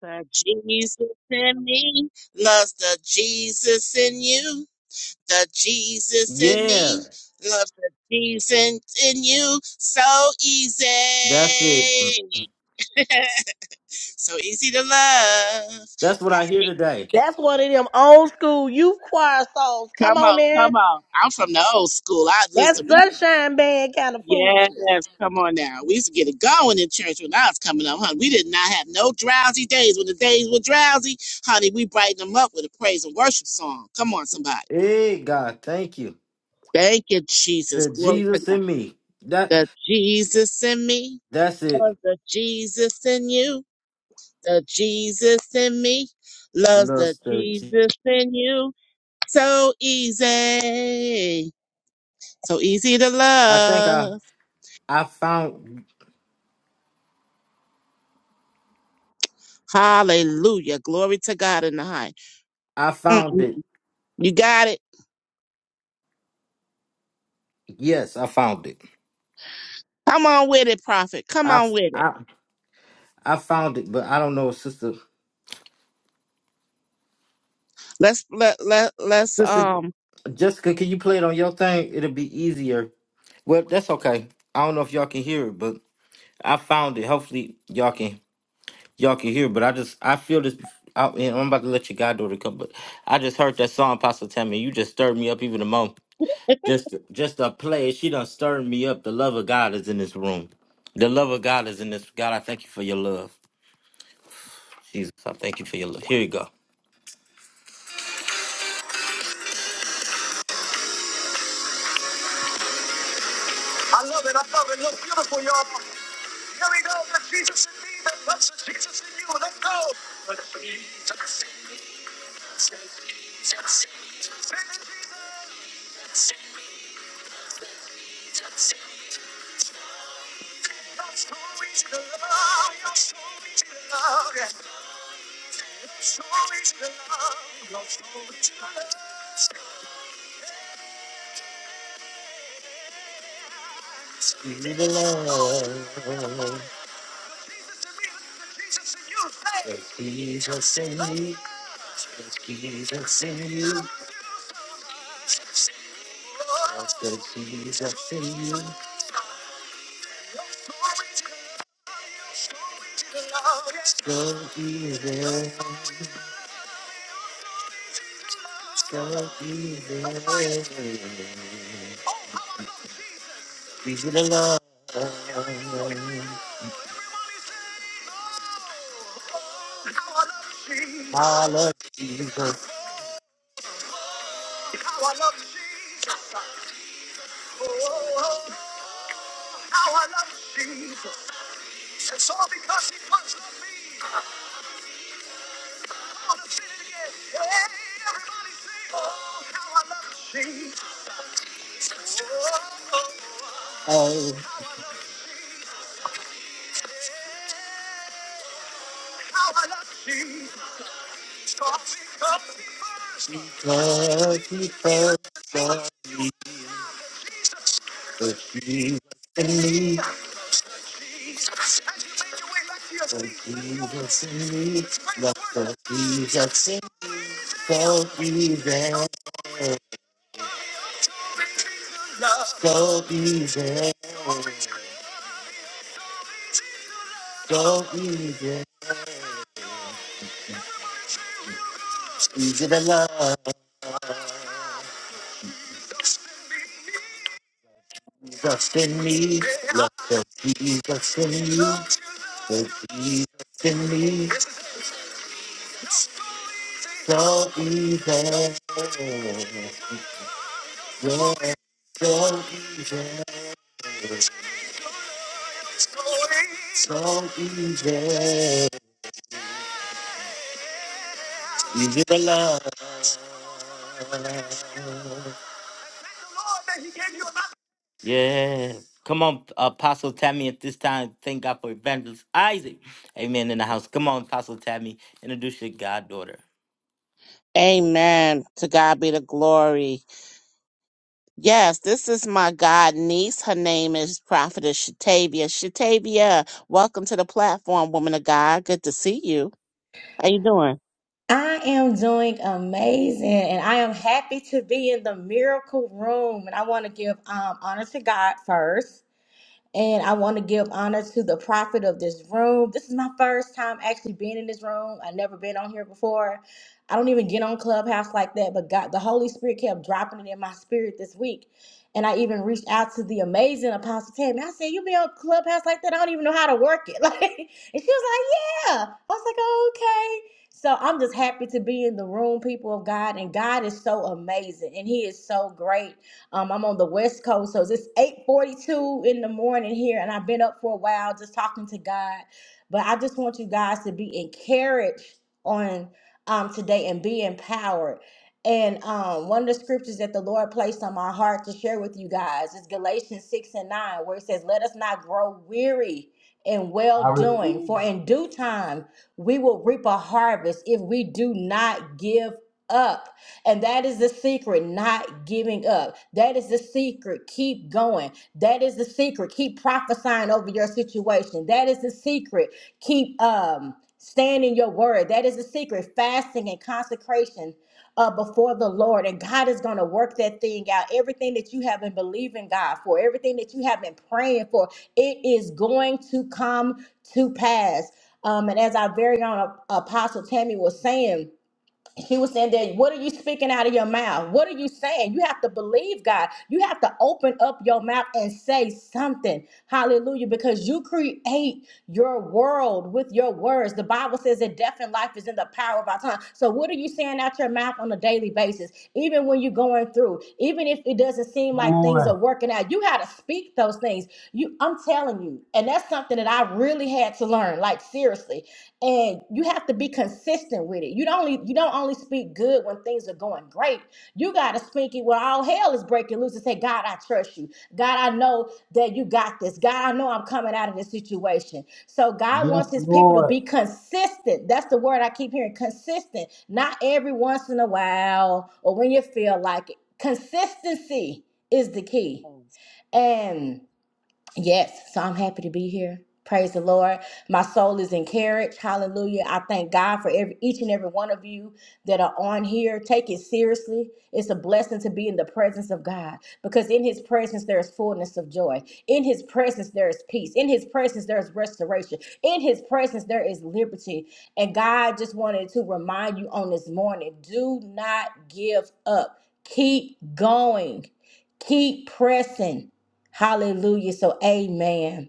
Speaker 4: The Jesus in me loves the Jesus in you. the Jesus in
Speaker 1: Yeah,
Speaker 4: me. Love the Jesus in you. So easy.
Speaker 1: that's it. Mm.
Speaker 4: so easy to love.
Speaker 1: That's what I hear
Speaker 4: Hey,
Speaker 1: today.
Speaker 5: That's one of them old school youth choir songs. Come
Speaker 4: Come
Speaker 5: on
Speaker 4: on,
Speaker 5: there.
Speaker 4: come on. I'm from the old school. I
Speaker 5: That's
Speaker 4: listen. We
Speaker 5: sunshine band kind of foolishness.
Speaker 4: yes, come on now. We used to get it going in church when I was coming up, honey. We did not have no drowsy days. When the days were drowsy, honey, we brighten them up with a praise and worship song. Come on, somebody.
Speaker 1: Hey God, thank you.
Speaker 4: Thank you, Jesus.
Speaker 1: The
Speaker 4: Glory to
Speaker 1: Jesus
Speaker 4: God.
Speaker 1: in me. That.
Speaker 4: The Jesus in me.
Speaker 1: That's it,
Speaker 4: Love the Jesus in you, the Jesus in me. Love the
Speaker 1: Luster G.
Speaker 4: Jesus in you. So easy. So easy to
Speaker 1: I think I
Speaker 4: love.
Speaker 1: I found
Speaker 4: Hallelujah. Glory to God in the high.
Speaker 1: I found
Speaker 4: Mm-mm.
Speaker 1: it.
Speaker 4: You got it.
Speaker 1: Yes, I found it.
Speaker 4: Come on with it, prophet. Come
Speaker 1: I
Speaker 4: on with it.
Speaker 1: I I found it, but I don't know, sister.
Speaker 4: Let's let, let let's
Speaker 1: Sister
Speaker 4: um
Speaker 1: Jessica, can you play it on your thing? It'll be easier. Well, that's okay. I don't know if y'all can hear it, but I found it. Hopefully y'all can y'all can hear. it, But I just I feel this. I, and I'm about to let your goddaughter come, but I just heard that song, Pastor Tammy. You just stirred me up even the more. Just just a play. She done stirred me up. The love of God is in this room. The love of God is in this. God, I thank you for your love. Jesus, I thank you for your love. Here you go. She's so easy, so easy. Easy to love. I love Jesus. I love Jesus. So easy. Jesus in me, me. Jesus in so easy. So easy, so easy, easy to love just in me. Love the Jesus in me, the Jesus in me. So easy, yeah, so easy, so easy, easy to love. Yeah. Come on, Apostle Tammy, at this time, thank God for Evangelist Isaac. Amen in the house. Come on, Apostle Tammy, introduce your goddaughter.
Speaker 4: Amen. To God be the glory. Yes, this is my god niece. Her name is Prophetess Shatavia. Shatavia, welcome to the platform, woman of God. Good to see you. How you doing?
Speaker 6: I am doing amazing and I am happy to be in the miracle room. And I want to give um, honor to God first. And I want to give honor to the prophet of this room. This is my first time actually being in this room. I've never been on here before. I don't even get on Clubhouse like that, but God, the Holy Spirit kept dropping it in my spirit this week. And I even reached out to the amazing Apostle Tammy. I said, You be on Clubhouse like that? I don't even know how to work it. Like, and she was like, Yeah. I was like, "Oh, Okay. So I'm just happy to be in the room, people of God. And God is so amazing and He is so great. Um, I'm on the West Coast, so it's 8:42 in the morning here, and I've been up for a while just talking to God. But I just want you guys to be encouraged on um, today and be empowered. And um, one of the scriptures that the Lord placed on my heart to share with you guys is Galatians 6 and 9, where it says, Let us not grow weary in well
Speaker 1: I
Speaker 6: doing,
Speaker 1: receive
Speaker 6: for
Speaker 1: it.
Speaker 6: in due time we will reap a harvest if we do not give up. And that is the secret, not giving up. That is the secret. Keep going. That is the secret. Keep prophesying over your situation. That is the secret. Keep um standing your word. That is the secret. Fasting and consecration uh, before the Lord. And God is going to work that thing out. Everything that you have been believing God for, everything that you have been praying for, it is going to come to pass. Um, and as our very own Apostle Tammy was saying, he was saying that what are you speaking out of your mouth what are you saying you have to believe god you have to open up your mouth and say something hallelujah because you create your world with your words the bible says that death and life is in the power of our tongue so what are you saying out your mouth on a daily basis even when you're going through even if it doesn't seem
Speaker 1: Come
Speaker 6: like things
Speaker 1: on.
Speaker 6: are working out you got to speak those things you i'm telling you and that's something that i really had to learn like seriously and you have to be consistent with it. You don't only you don't only speak good when things are going great. You gotta speak it when all hell is breaking loose and say, God, I trust you. God, I know that you got this. God, I know I'm coming out of this situation. So God
Speaker 1: Yes,
Speaker 6: wants his people to
Speaker 1: Lord.
Speaker 6: be consistent. That's the word I keep hearing. Consistent. Not every once in a while or when you feel like it. Consistency is the key.
Speaker 4: Yes,
Speaker 6: And Yes, so I'm happy to be here. Praise the Lord. My soul is encouraged. Hallelujah. I thank God for every each and every one of you that are on here. Take it seriously. It's a blessing to be in the presence of God because in his presence there is fullness of joy. In his presence there is peace. In his presence there is restoration. In his presence there is liberty. And God just wanted to remind you on this morning, do not give up. Keep going. Keep pressing Hallelujah. So, amen.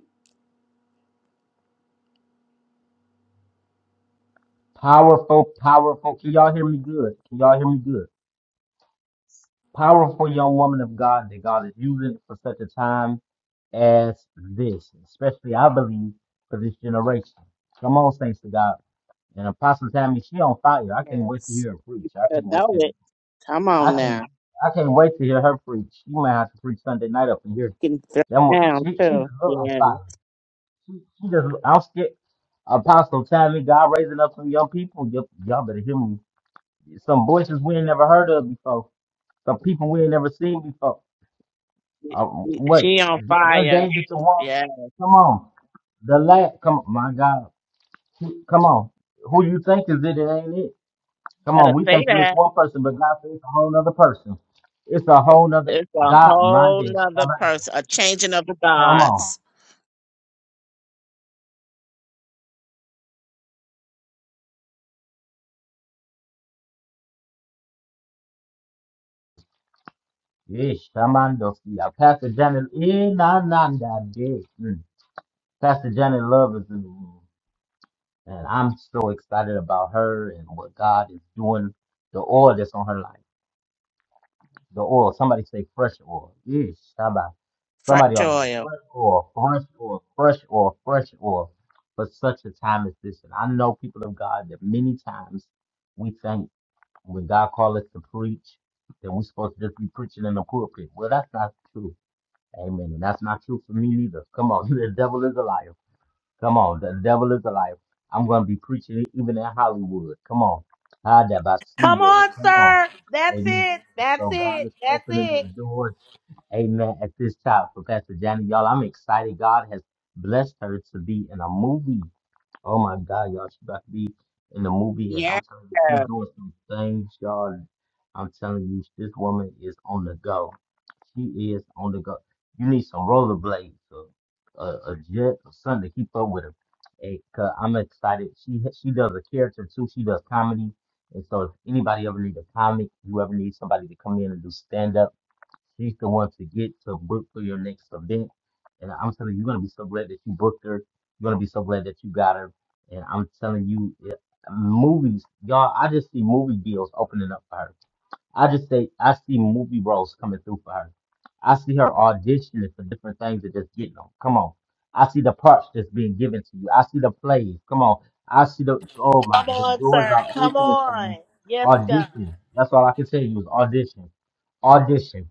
Speaker 1: Powerful, powerful. Can y'all hear me good? Can y'all hear me good? Powerful young woman of God that God is using for such a time as this, especially I believe for this generation. Come on, thanks to God. And Apostle Tammy, she on fire. I can't wait to
Speaker 4: yes.
Speaker 1: hear her preach.
Speaker 4: You
Speaker 1: I
Speaker 4: better
Speaker 1: can't wait
Speaker 4: know
Speaker 1: to.
Speaker 4: it. Come
Speaker 1: I
Speaker 4: on
Speaker 1: can.
Speaker 4: now.
Speaker 1: I can't wait to hear her preach. She might have to preach Sunday night up in here.
Speaker 4: Getting thrown
Speaker 1: That one,
Speaker 4: down
Speaker 1: she she
Speaker 4: too.
Speaker 1: just look on
Speaker 4: Yeah.
Speaker 1: fire. She she just. Look- I'm scared. Apostle Tammy, God raising up some young people. Y'all, y'all better hear me. some voices we ain't never heard of before, some people we ain't never seen before. Uh,
Speaker 4: She
Speaker 1: wait,
Speaker 4: she on
Speaker 1: one
Speaker 4: fire.
Speaker 1: day get to one,
Speaker 4: Yeah. You
Speaker 1: come on, the last, come on, my God, Who- come on, who you think is it? It ain't it. Come on,
Speaker 4: better
Speaker 1: we
Speaker 4: say
Speaker 1: thinking it's
Speaker 4: that.
Speaker 1: one person, but God says it's a whole nother person. It's a whole nother
Speaker 4: It's a
Speaker 1: God
Speaker 4: whole
Speaker 1: minded.
Speaker 4: nother person. A changing of the
Speaker 1: Come on,
Speaker 4: gods.
Speaker 1: yes, Shamando. Yeah, Pastor Janet, eh, nah, nah, nah, yeah. Mm. Pastor Janet Love is in the room. And I'm so excited about her and what God is doing, the oil that's on her life. The oil, somebody say fresh oil. Yes, Shabbat.
Speaker 4: Fresh
Speaker 1: Somebody ought to say
Speaker 4: oil.
Speaker 1: fresh oil, fresh oil, fresh oil, fresh oil for such a time as this. And I know people of God that many times we think when God calls us to preach, that we're supposed to just be preaching in the pulpit. Well, that's not true. Amen. And that's not true for me neither. Come on, the devil is a liar. Come on, the devil is alive. I'm gonna be preaching it even in Hollywood. Come on, how that I see
Speaker 5: Come
Speaker 1: it.
Speaker 5: on,
Speaker 1: Come on,
Speaker 5: sir. That's
Speaker 1: Amen.
Speaker 5: it.
Speaker 1: And
Speaker 5: That's
Speaker 1: So God
Speaker 5: it.
Speaker 1: is
Speaker 5: That's
Speaker 1: opening
Speaker 5: it.
Speaker 1: up doors, Amen. At this time for Pastor Janet, y'all, I'm excited. God has blessed her to be in a movie. Oh my God, y'all, she about to be in the movie, and I'm
Speaker 4: Yeah.
Speaker 1: telling you, she's doing some things, y'all. I'm telling you, this woman is on the go. She is on the go. You need some rollerblades, a, a, a jet, or something to keep up with her. And uh, I'm excited. She she does a character too. She does comedy, and so if anybody ever needs a comic, you ever need somebody to come in and do stand up. She's the one to get to book for your next event. And I'm telling you, you're gonna be so glad that you booked her. You're gonna be so glad that you got her. And I'm telling you, it- movies, y'all. I just see movie deals opening up for her. I just say I see movie roles coming through for her. I see her auditioning for different things and just getting them. Come on. I see the parts that's being given to you. I see the plays. Come on. I see the oh my
Speaker 5: Come
Speaker 1: the
Speaker 5: on,
Speaker 1: doors
Speaker 5: sir.
Speaker 1: are
Speaker 5: Come
Speaker 1: opening for you.
Speaker 5: on. Yes, God.
Speaker 1: Audition. That's all I can tell you is audition. Audition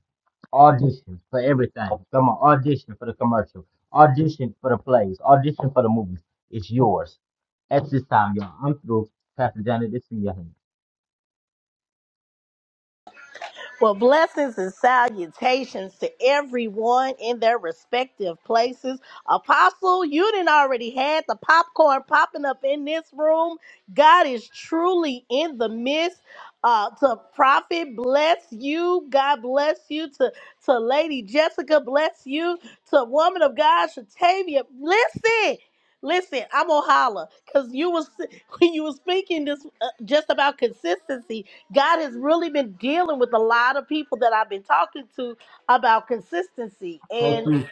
Speaker 1: audition for everything. Come on, audition for the commercial, audition for the plays, audition for the movies. It's yours. At this time, y'all. I'm through. Pastor Johnny, this in your hand.
Speaker 5: Well, blessings and salutations to everyone in their respective places. Apostle, you didn't already had the popcorn popping up in this room. God is truly in the midst. Uh, to Prophet, bless you. God bless you. To to Lady Jessica, bless you. To Woman of God, Shatavia, listen. Listen, I'm gonna holler because you was when you was speaking this uh, just about consistency. God has really been dealing with a lot of people that I've been talking to about consistency.
Speaker 1: So
Speaker 5: And
Speaker 1: true.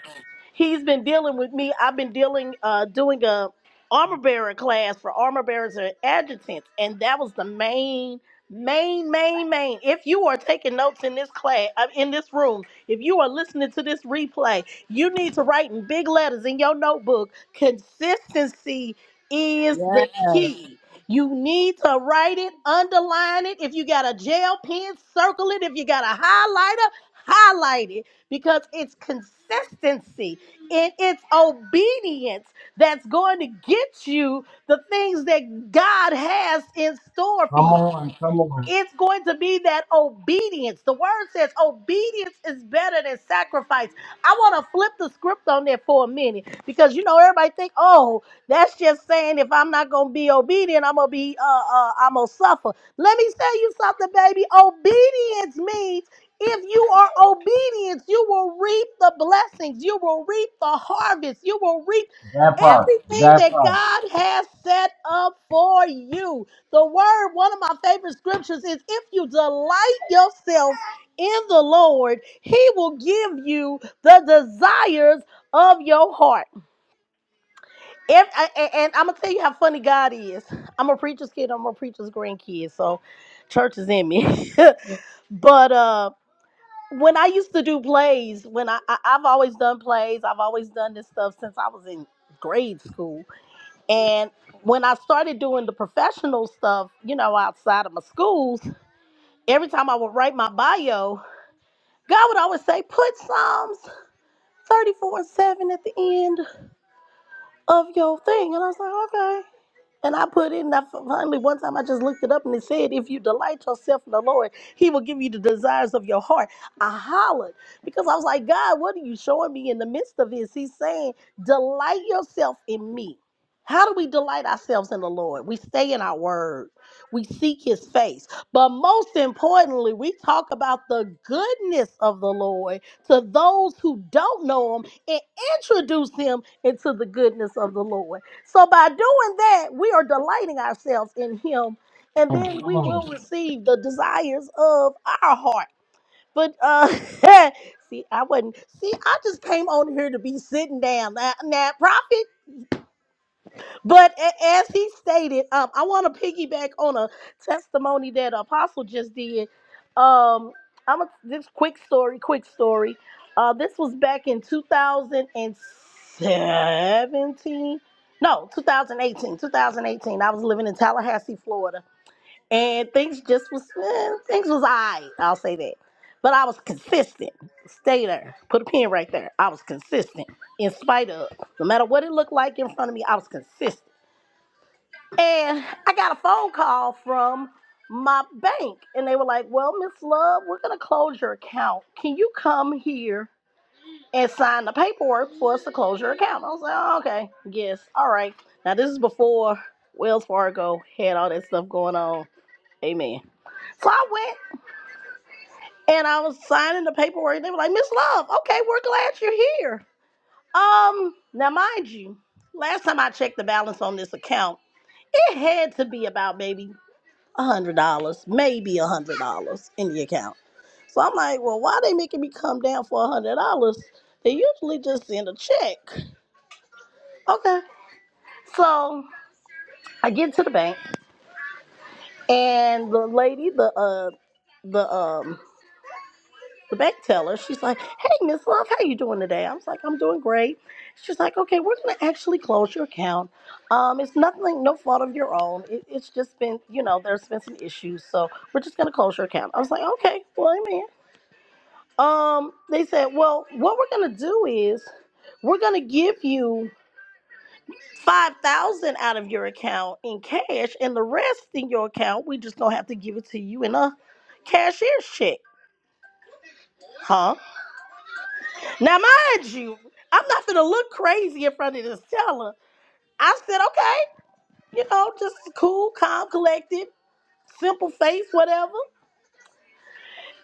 Speaker 5: He's been dealing with me. I've been dealing, uh, doing a armor bearer class for armor bearers and adjutants, and that was the main, main, main, main. If you are taking notes in this class, uh, in this room, if you are listening to this replay, you need to write in big letters in your notebook. Consistency is
Speaker 4: yes,
Speaker 5: the key. You need to write it, underline it. If you got a gel pen, circle it. If you got a highlighter, highlight it because it's consistency. And it's obedience that's going to get you the things that God has in store for
Speaker 1: Come
Speaker 5: you.
Speaker 1: on, come on.
Speaker 5: It's going to be that obedience. The word says obedience is better than sacrifice. I want to flip the script on that for a minute because you know everybody think, oh, that's just saying if I'm not gonna be obedient, I'm gonna be, uh, uh, I'm gonna suffer. Let me tell you something, baby. Obedience means if you are obedient, you will reap the blessings. You will reap the harvest. You will reap
Speaker 1: That part,
Speaker 5: everything
Speaker 1: that
Speaker 5: that
Speaker 1: part.
Speaker 5: God has set up for you. The word, one of my favorite scriptures is if you delight yourself in the Lord, he will give you the desires of your heart. If, and, and I'm going to tell you how funny God is. I'm a preacher's kid, I'm a preacher's grandkid, so church is in me. but uh, when I used to do plays, when I, I, I've always done plays, I've always done this stuff since I was in grade school. And when I started doing the professional stuff, you know, outside of my schools. every time I would write my bio, God would always say, put Psalms 34 and 7 at the end of your thing. And I was like, "Okay." And I put in that finally one time I just looked it up and it said, if you delight yourself in the Lord, He will give you the desires of your heart. I hollered because I was like, God, what are you showing me in the midst of this? He's saying, delight yourself in me. How do we delight ourselves in the Lord? We stay in our word. We seek his face. But most importantly, we talk about the goodness of the Lord to those who don't know him and introduce him into the goodness of the Lord. So by doing that, we are delighting ourselves in Him, and then
Speaker 1: Come
Speaker 5: we will
Speaker 1: on.
Speaker 5: receive the desires of our heart. But uh, see, I wasn't. See, I just came on here to be sitting down. Now, now prophet. But a- as he stated, um, I want to piggyback on a testimony that Apostle just did. Um, I'm a, this quick story, quick story. Uh, this was back in 2017. No, 2018. 2018. I was living in Tallahassee, Florida, and things just was eh, things was alright. I'll say that. But I was consistent. Stay there. Put a pin right there. I was consistent in spite of, no matter what it looked like in front of me. I was consistent. And I got a phone call from my bank, and they were like, Well, Miss Love, we're going to close your account. Can you come here and sign the paperwork for us to close your account? I was like, oh, Okay, yes, all right. Now, this is before Wells Fargo had all that stuff going on. Amen. So I went and I was signing the paperwork, and they were like, Miss Love, okay, we're glad you're here. Um, now, mind you, last time I checked the balance on this account, it had to be about maybe a hundred dollars, maybe a hundred dollars in the account. So I'm like, well, why they making me come down for a hundred dollars? They usually just send a check. Okay. So I get to the bank and the lady, the uh the um the bank teller, she's like, Hey Miss Love, how you doing today? I was like, I'm doing great. She's like, Okay, we're gonna actually close your account. Um, it's nothing, no fault of your own. It, it's just been, you know, there's been some issues. So we're just gonna close your account. I was like, Okay, well amen. um they said well what we're gonna do is we're gonna give you 5000 out of your account in cash and the rest in your account we just gonna have to give it to you in a cashier's check huh now mind you i'm not gonna look crazy in front of this teller i said okay you know just cool calm collected simple face whatever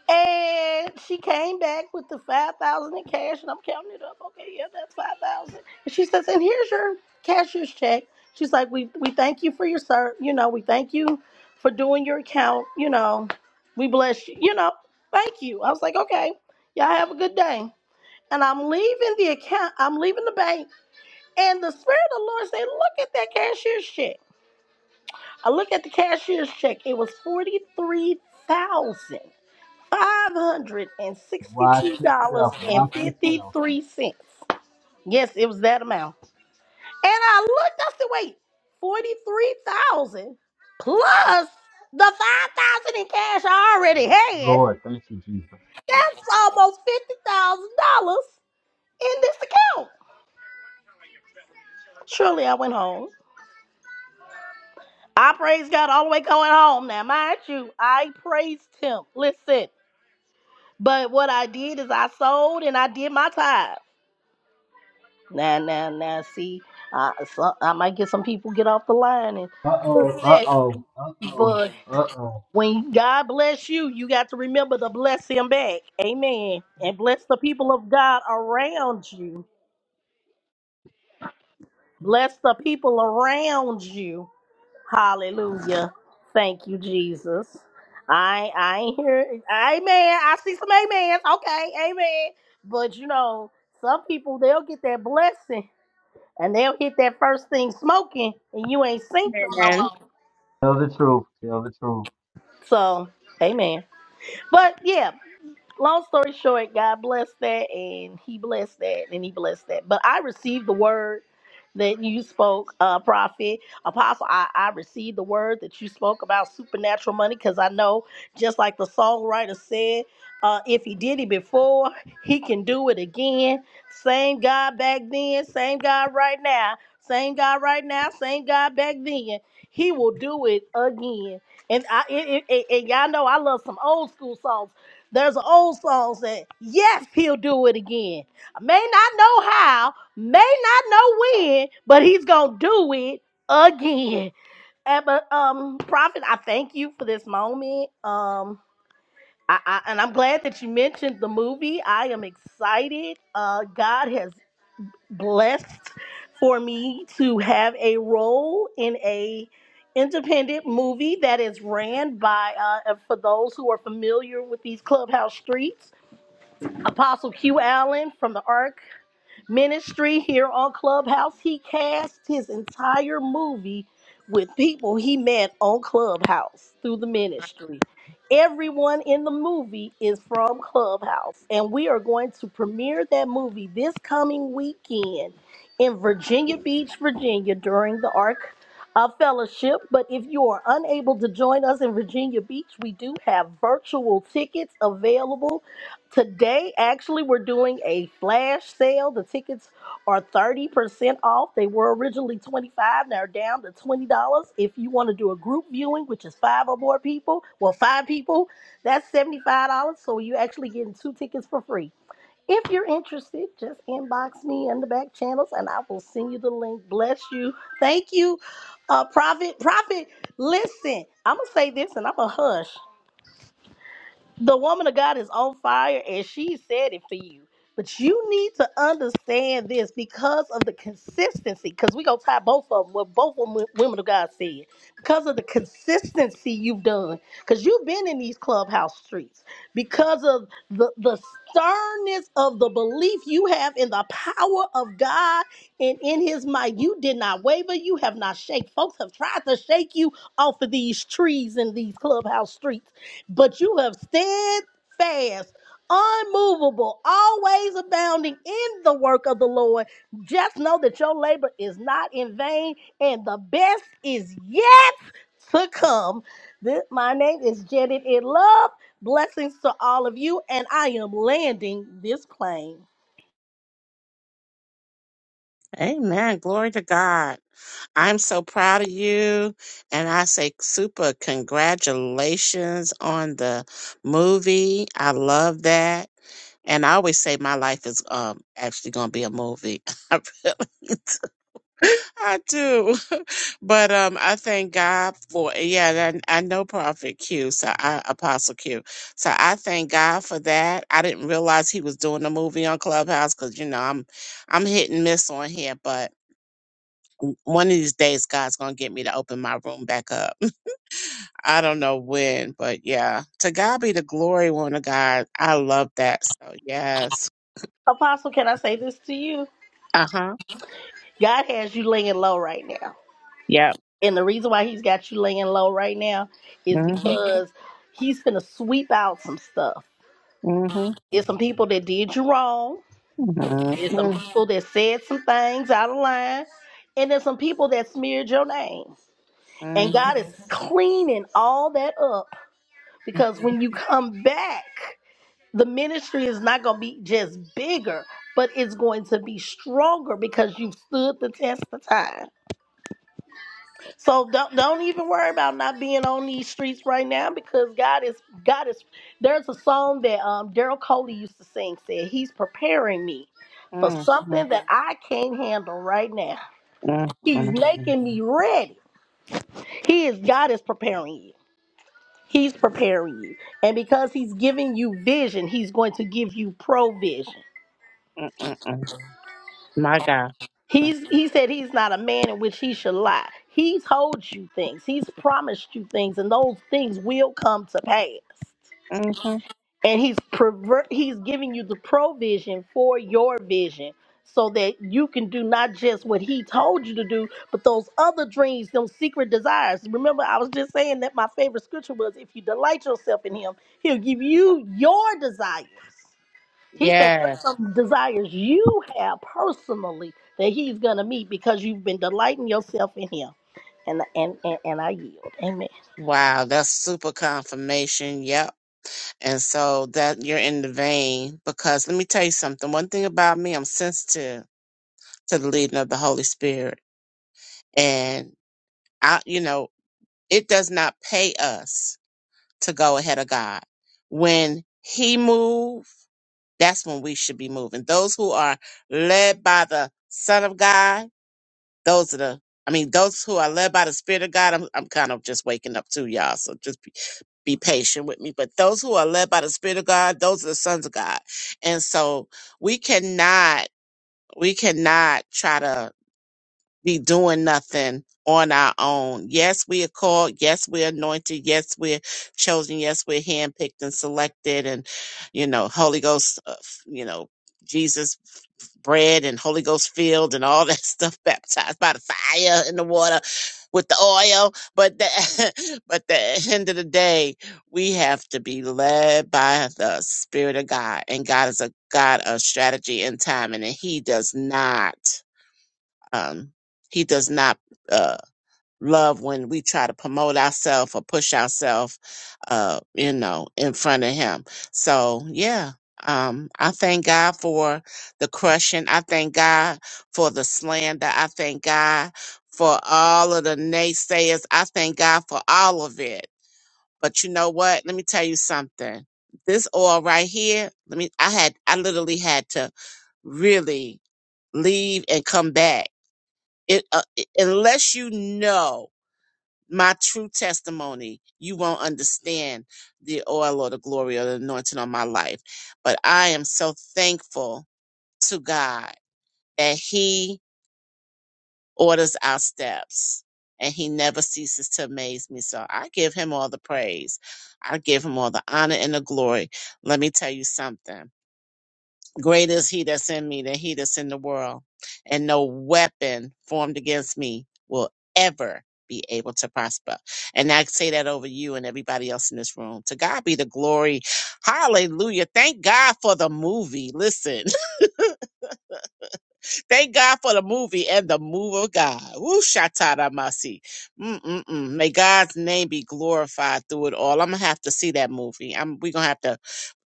Speaker 5: And she came back with the five thousand in cash, and I'm counting it up. Okay, yeah, that's five thousand. And she says, "And here's your cashier's check." She's like, "We we thank you for your sir. You know, we thank you for doing your account. You know, we bless you. You know, thank you." I was like, "Okay, y'all have a good day." And I'm leaving the account. I'm leaving the bank, and the spirit of the Lord said, "Look at that cashier's check." I look at the cashier's check. It was forty three thousand.
Speaker 1: Watch yourself. Watch yourself.
Speaker 5: $562.53. Yes, it was that amount. And I looked, I said, wait, 43000 plus the 5000 in cash I already had.
Speaker 1: Lord, thank you, Jesus.
Speaker 5: That's almost $50,000 in this account. Surely I went home. I praised God all the way going home. Now, mind you, I praised Him. Listen, but what I did is I sold and I did my tithe. Now, now, now, see, I, so, I might get some people get off the line and
Speaker 1: Uh
Speaker 5: get
Speaker 1: oh, uh
Speaker 5: upset,
Speaker 1: oh, uh oh,
Speaker 5: but
Speaker 1: uh oh.
Speaker 5: when God bless you, you got to remember to bless Him back. Amen. And bless the people of God around you. Bless the people around you. Hallelujah. Thank you, Jesus. I I ain't hear amen. I see some amens. Okay, amen. But you know, some people they'll get that blessing and they'll hit that first thing smoking, and you ain't seen them no
Speaker 4: Man.
Speaker 5: more.
Speaker 1: Tell the truth. Tell the truth.
Speaker 5: So, amen. But yeah, long story short, God blessed that and he blessed that and he blessed that. But I received the word that you spoke, uh, prophet, apostle. I, I received the word that you spoke about supernatural money because I know, just like the songwriter said, uh, if he did it before, he can do it again. Same God back then, same God right now, same God right now, same God back then. He will do it again. And I, it, it, it- and y'all know I love some old school songs. There's an old song saying, Yes, he'll do it again. I may not know how, may not know when, but he's gonna do it again. And but um Prophet, I thank you for this moment. Um I, I and I'm glad that you mentioned the movie. I am excited. Uh God has blessed for me to have a role in a independent movie that is ran by uh and for those who are familiar with these clubhouse streets Apostle Q Allen from the Ark Ministry here on Clubhouse. He cast his entire movie with people he met on Clubhouse through the ministry. Everyone in the movie is from Clubhouse, and we are going to premiere that movie this coming weekend in Virginia Beach, Virginia, during the Ark uh, Fellowship. But if you are unable to join us in Virginia Beach, we do have virtual tickets available Today, actually, we're doing a flash sale. The tickets are 30% off. They were originally $25, now down to $20. If you want to do a group viewing, which is five or more people, well, five people, that's $75. So you're actually getting two tickets for free. If you're interested, just inbox me in the back channels and I will send you the link. Bless you. Thank you, uh, Prophet. Prophet, listen, I'm going to say this and I'm going to hush the woman of God is on fire and she said it for you. But you need to understand this because of the consistency. Because we gonna tie both of them, what both wom- women of God said. Because of the consistency you've done, because you've been in these clubhouse streets, because of the the sternness of the belief you have in the power of God and in His might, you did not waver. You have not shake. Folks have tried to shake you off of these trees and these clubhouse streets but you have steadfast, unmovable, always abounding in the work of the Lord. Just know that your labor is not in vain, and the best is yet to come. This, my name is Janet in Love. Blessings to all of you, and I am landing this plane.
Speaker 4: Amen. Glory to God. I'm so proud of you. And I say super congratulations on the movie. I love that. And I always say my life is um actually gonna be a movie. I really do. I do. But um I thank God for yeah, and I, I know Prophet Q, so I Apostle Q. So I thank God for that. I didn't realize he was doing a movie on Clubhouse because you know I'm I'm hit and miss on here, but w- one of these days God's gonna get me to open my room back up. I don't know when, but yeah. To God be the glory, one of God. I love that. So yes.
Speaker 5: Apostle, can I say this to you?
Speaker 4: Uh huh.
Speaker 5: God has you laying low right now.
Speaker 4: Yep.
Speaker 5: And the reason why he's got you laying low right now is
Speaker 4: Mhm.
Speaker 5: because he's going to sweep out some stuff
Speaker 4: Mhm.
Speaker 5: It's some people that did you wrong.
Speaker 4: Mhm.
Speaker 5: It's some
Speaker 4: Mhm.
Speaker 5: people that said some things out of line. And there's some people that smeared your name. And
Speaker 4: Mhm.
Speaker 5: God is cleaning all that up because when you come back, the ministry is not going to be just bigger, but it's going to be stronger because you've stood the test of time. So don't don't even worry about not being on these streets right now because God is God is. There's a song that um, Daryl Coley used to sing. Said He's preparing me for
Speaker 4: Mhm. Mhm.
Speaker 5: something that I can't handle right now.
Speaker 4: Mhm.
Speaker 5: He's
Speaker 4: Mhm.
Speaker 5: making me ready. He is God is preparing you. He's preparing you, and because He's giving you vision, He's going to give you provision.
Speaker 4: Mhm. Mhm. My God.
Speaker 5: He's he said he's not a man in which he should lie. He told you things. He's promised you things, and those things will come to pass.
Speaker 4: Mhm.
Speaker 5: and he's pervert he's giving you the provision for your vision so that you can do not just what he told you to do but those other dreams them secret desires remember i was just saying that my favorite scripture was if you delight yourself in him he'll give you your desires he said
Speaker 4: Yeah.
Speaker 5: there's some desires you have personally that he's gonna meet because you've been delighting yourself in him and and and, and i yield amen
Speaker 4: Wow, that's super confirmation. Yep. And so that you're in the vein because let me tell you something. One thing about me, I'm sensitive to the leading of the Holy Spirit And I, you know, it does not pay us to go ahead of God. When He move, that's when we should be moving. Those who are led by the Son of God, those are the, I mean, those who are led by the Spirit of God. I'm, I'm kind of just waking up too, y'all. So just be, be patient with me. But those who are led by the Spirit of God, those are the sons of God. And so we cannot, we cannot try to be doing nothing on our own. Yes, we are called. Yes, we're anointed. Yes, we're chosen. Yes, we're handpicked and selected. And, you know, Holy Ghost, uh, f- you know, Jesus bread and Holy Ghost filled and all that stuff baptized by the fire and the water with the oil. But the, but the end of the day, we have to be led by the Spirit of God. And God is a God of strategy and timing, and He does not. Um, he does not uh, love when we try to promote ourselves or push ourselves, uh, you know, in front of him. So yeah, um, I thank God for the crushing. I thank God for the slander. I thank God for all of the naysayers. I thank God for all of it. But you know what? Let me tell you something. This oil right here, let me I had I literally had to really leave and come back it, uh, it- unless you know my true testimony, you won't understand the oil or the glory or the anointing on my life. But I am so thankful to God that He orders our steps and He never ceases to amaze me. So I give Him all the praise. I give Him all the honor and the glory. Let me tell you something. Greater is he that's in me than he that's in the world, and no weapon formed against me will ever be able to prosper. And I say that over you and everybody else in this room. To God be the glory. Hallelujah. Thank God for the movie. Listen, thank God for the movie and the move of God. Woo, shatada masi. Mm-mm-mm. May God's name be glorified through it all. I'm going to have to see that movie. I'm, we're going to have to,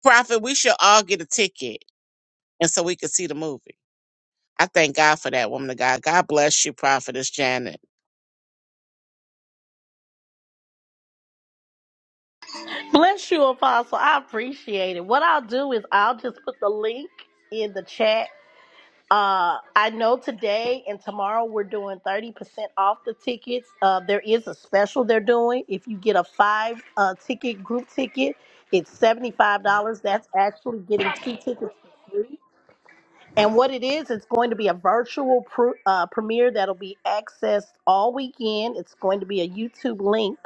Speaker 4: Prophet, we should all get a ticket and so we could see the movie. I thank God for that woman of God. God bless you, Prophetess Janet.
Speaker 5: Bless you, Apostle. I appreciate it. What I'll do is I'll just put the link in the chat. Uh, I know today and tomorrow we're doing 30% off the tickets. Uh, there is a special they're doing. If you get a five uh, ticket group ticket, it's $75. That's actually getting two tickets for free. And what it is, it's going to be a virtual pr- uh, premiere that'll be accessed all weekend. It's going to be a YouTube link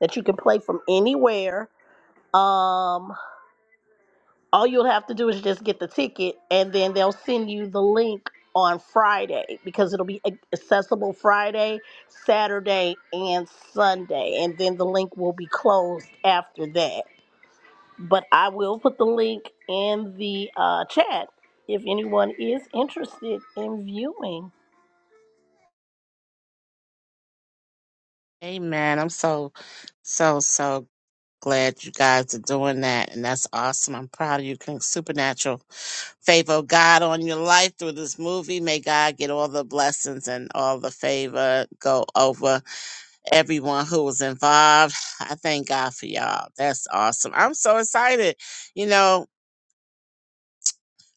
Speaker 5: that you can play from anywhere. Um, all you'll have to do is just get the ticket, and then they'll send you the link on Friday because it'll be accessible Friday, Saturday, and Sunday. And then the link will be closed after that. But I will put the link in the uh, chat if anyone is interested in viewing.
Speaker 4: Amen. I'm so, so, so glad you guys are doing that. And that's awesome. I'm proud of you. King Supernatural favor of God on your life through this movie. May God get all the blessings and all the favor go over everyone who was involved. I thank God for y'all. That's awesome. I'm so excited. You know,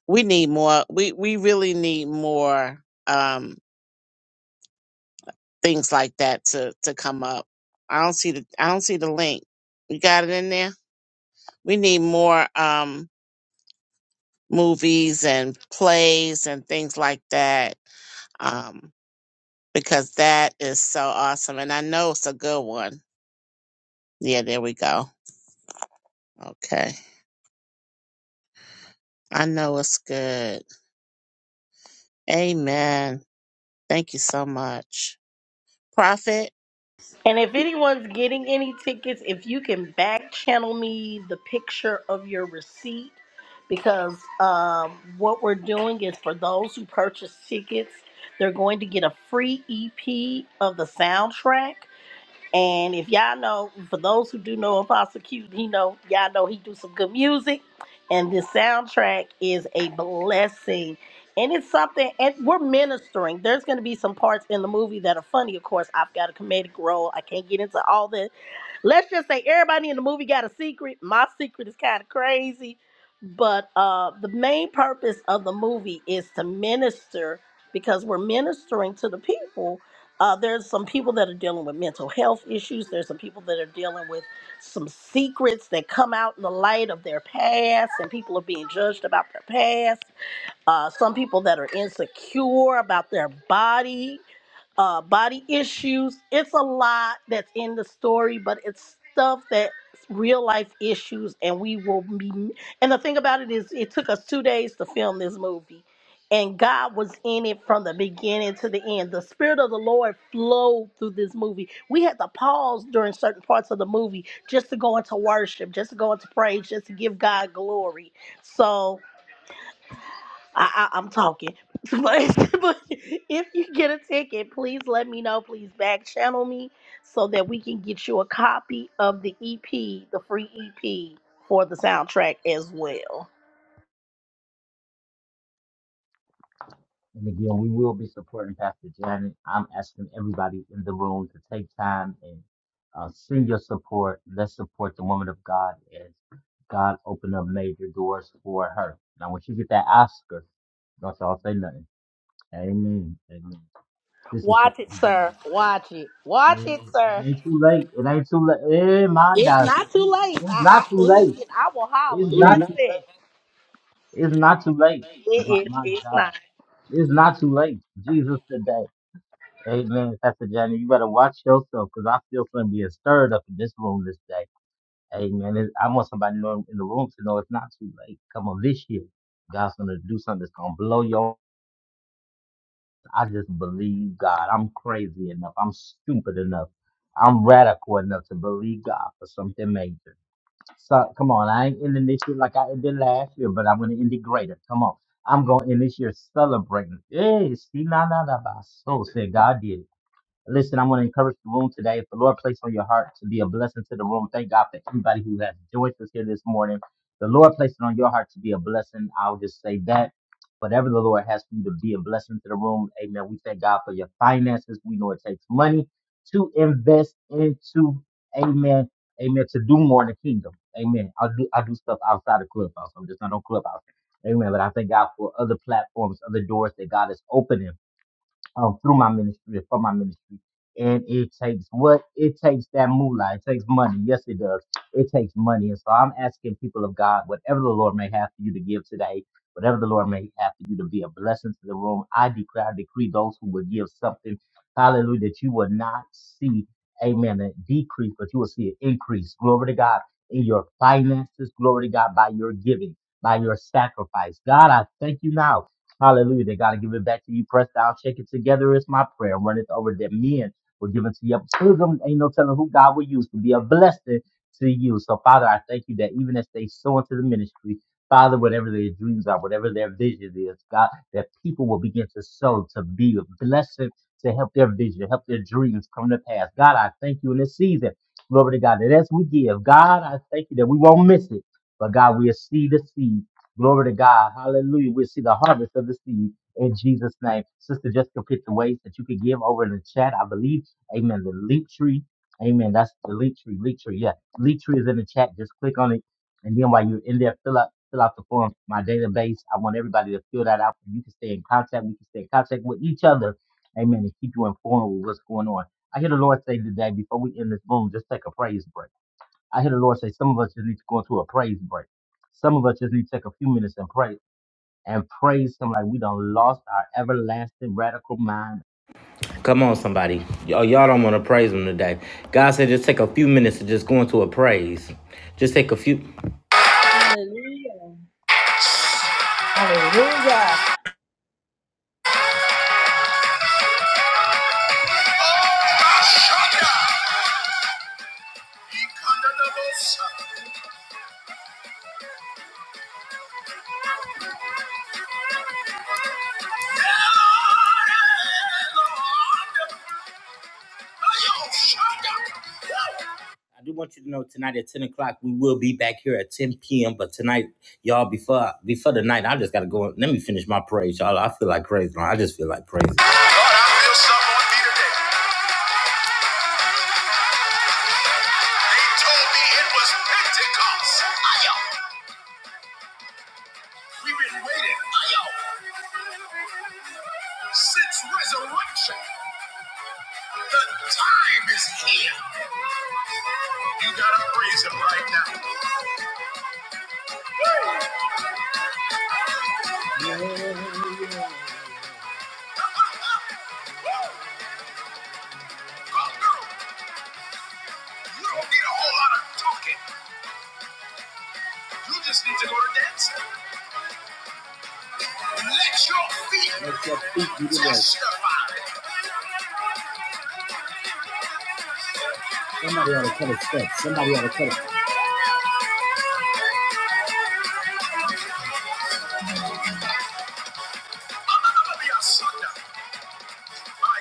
Speaker 4: we need more. We we really need more. Um, things like that to to come up. I don't see the I don't see the link. You got it in there. We need more um movies and plays and things like that um because that is so awesome and I know it's a good one. Yeah, there we go. Okay. I know it's good. Amen. Thank you so much. Prophet,
Speaker 5: And if anyone's getting any tickets, if you can back channel me the picture of your receipt, because um, what we're doing is for those who purchase tickets, they're going to get a free EP of the soundtrack. And if y'all know, for those who do know Apostle Q, he know y'all know he do some good music, and this soundtrack is a blessing. And it's something, and we're ministering. There's going to be some parts in the movie that are funny. Of course, I've got a comedic role. I can't get into all this let's just say everybody in the movie got a secret. My secret is kind of crazy, but uh, the main purpose of the movie is to minister because we're ministering to the people. Uh, there's some people that are dealing with mental health issues. There's some people that are dealing with some secrets that come out in the light of their past, and people are being judged about their past. Uh, some people that are insecure about their body uh, body issues. It's a lot that's in the story, but it's stuff that's real life issues, and we will be. And the thing about it is, it took us two days to film this movie, and God was in it from the beginning to the end. The Spirit of the Lord flowed through this movie. We had to pause during certain parts of the movie just to go into worship, just to go into praise, just to give God glory. So. I, I, I'm talking. But, but if you get a ticket, please let me know. Please back channel me so that we can get you a copy of the EP, the free EP for the soundtrack as well.
Speaker 1: And again, we will be supporting Pastor Janet. I'm asking everybody in the room to take time and uh, send your support. Let's support the woman of God as God opened up major doors for her. Now, once you get that Oscar, don't y'all say nothing. Amen. Amen. This is just
Speaker 5: Watch it,
Speaker 1: the
Speaker 5: sir.
Speaker 1: beginning.
Speaker 5: Watch it. Watch it,
Speaker 1: It,
Speaker 5: sir.
Speaker 1: it ain't too late. It ain't too late. Eh, my
Speaker 5: It's
Speaker 1: God.
Speaker 5: not too late. I,
Speaker 1: It's
Speaker 5: I
Speaker 1: not too late.
Speaker 5: listen. I will holler.
Speaker 1: It's not too late.
Speaker 5: Listen.
Speaker 1: It's not too late. My,
Speaker 5: It is.
Speaker 1: my
Speaker 5: It's not.
Speaker 1: God. It's not too late. Jesus today. Amen. Pastor Johnny, you better watch yourself because I feel something being stirred up in this room this day. Amen. It- I want somebody to know in the room to know it's not too late. Come on, this year, God's going to do something that's going to blow your. I just believe God. I'm crazy enough. I'm stupid enough. I'm radical enough to believe God for something major. So, come on, I ain't ending this year like I ended last year, but I'm going to end it greater. Come on. I'm going to end this year celebrating. Hey, see, na na na, ba. so said God did. it. Listen, I'm going to encourage the room today. If the Lord placed on your heart to be a blessing to the room, thank God for everybody who has joined us here this morning. The Lord placed it on your heart to be a blessing. I'll just say that. Whatever the Lord has for you to be a blessing to the room, amen. We thank God for your finances. We know it takes money to invest into, amen, amen, to do more in the kingdom. Amen. I do I do stuff outside of Clubhouse. I'm just not on Clubhouse. Amen. But I thank God for other platforms, other doors that God is opening um, through my ministry or for my ministry. And it takes what it takes that moolah. It takes money. Yes, it does. It takes money. And so I'm asking people of God, whatever the Lord may have for you to give today, whatever the Lord may have for you to be a blessing to the room, I declare, I decree those who will give something, hallelujah, that you will not see, amen, a decrease, but you will see an increase. Glory to God in your finances. Glory to God by your giving, by your sacrifice. God, I thank you now. Hallelujah. They got to give it back to you. Press down, shake it together. It's my prayer. Run it over that men will give it to you. Through them ain't no telling who God will use to be a blessing to you. So, Father, I thank you that even as they sow into the ministry, Father, whatever their dreams are, whatever their vision is, God, that people will begin to sow to be a blessing to help their vision, help their dreams come to pass. God, I thank you in this season. Glory to God. That as we give, God, I thank you that we won't miss it. But God, we'll see the seed Glory to God. Hallelujah. We see the harvest of the seed in Jesus' name. Sister Jessica picked the ways that you could give over in the chat, I believe. Amen. The leak tree. Amen. That's the leak tree. Leak tree. Yeah. Leak tree is in the chat. Just click on it. And then while you're in there, fill out fill out the form, my database. I want everybody to fill that out. You can stay in contact. We can stay in contact with each other. Amen. And keep you informed with what's going on. I hear the Lord say today, before we end this room, just take a praise break. I hear the Lord say some of us just need to go into a praise break. Some of us just need to take a few minutes and pray and praise Him like we done lost our everlasting radical mind. Come on, somebody. Y'all, y'all don't want to praise Him today. God said just take a few minutes to just go into a praise. Just take a few.
Speaker 6: Hallelujah.
Speaker 1: I do want you to know tonight at 10 o'clock, we will be back here at 10 p.m. But tonight, y'all, before before the night, I just gotta go. Let me finish my praise, y'all. I feel like praise, man. I just feel like praise. You gotta praise him right now. Woo! Yeah. Somebody ought to cut a step. Somebody ought to cut it. My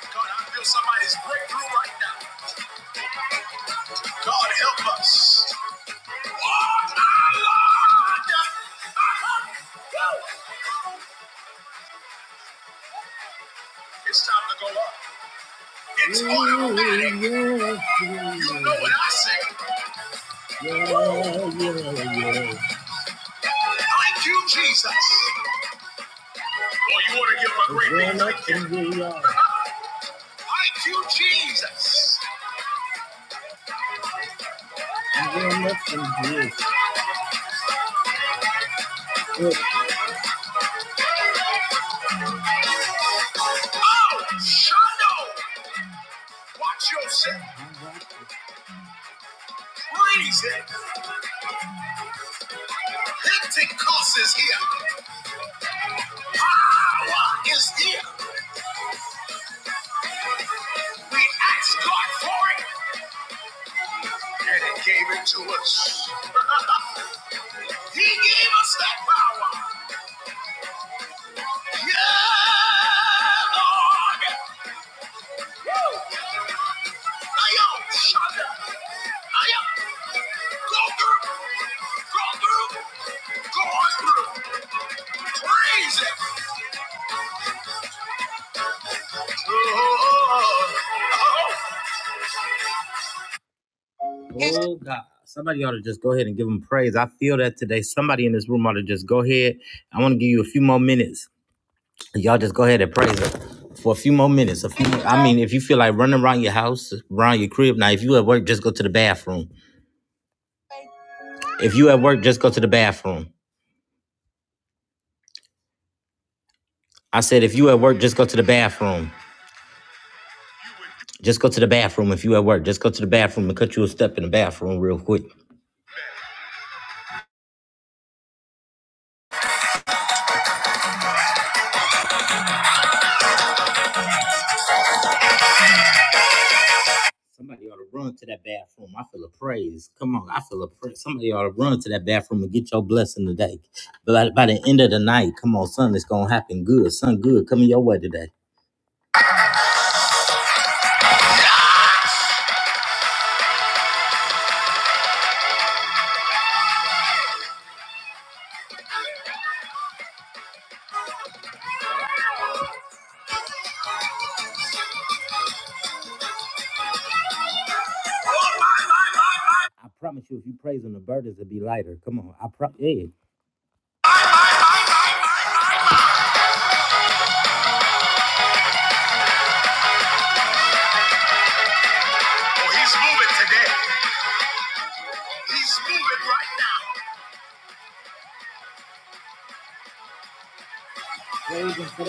Speaker 1: God, I feel somebody's breakthrough right now. God help us. Oh, my Lord. It's time to go up. It's automatic. You know what I say. Thank you, Jesus. Oh, you want to give him a great high? Thank you, Very much indeed. Good. Oh, Shondo! Watch yourself. Praise it. Pentecost is here. Power is here. We asked God for it, and He gave it to us. he gave us that power. Yeah, Lord. Oh God. Somebody ought to just go ahead and give him praise. I feel that today. Somebody in this room ought to just go ahead. I want to give you a few more minutes. Y'all just go ahead and praise her for a few more minutes. A few. More, I mean, if you feel like running around your house, around your crib. Now, if you at work, just go to the bathroom. If you at work, just go to the bathroom. I said, if you at work, just go to the bathroom. Just go to the bathroom. If you at work, just go to the bathroom and cut you a step in the bathroom real quick. Somebody ought to run to that bathroom. I feel a praise. Come on, I feel a praise. Somebody ought to run to that bathroom and get your blessing today. But by by the end of the night, come on, son, it's gonna happen good. Son, good coming your way today. I promise you, if you praise him, the burdens will be lighter. Come on, I promise. Yeah. Oh, he's moving today. He's moving right now.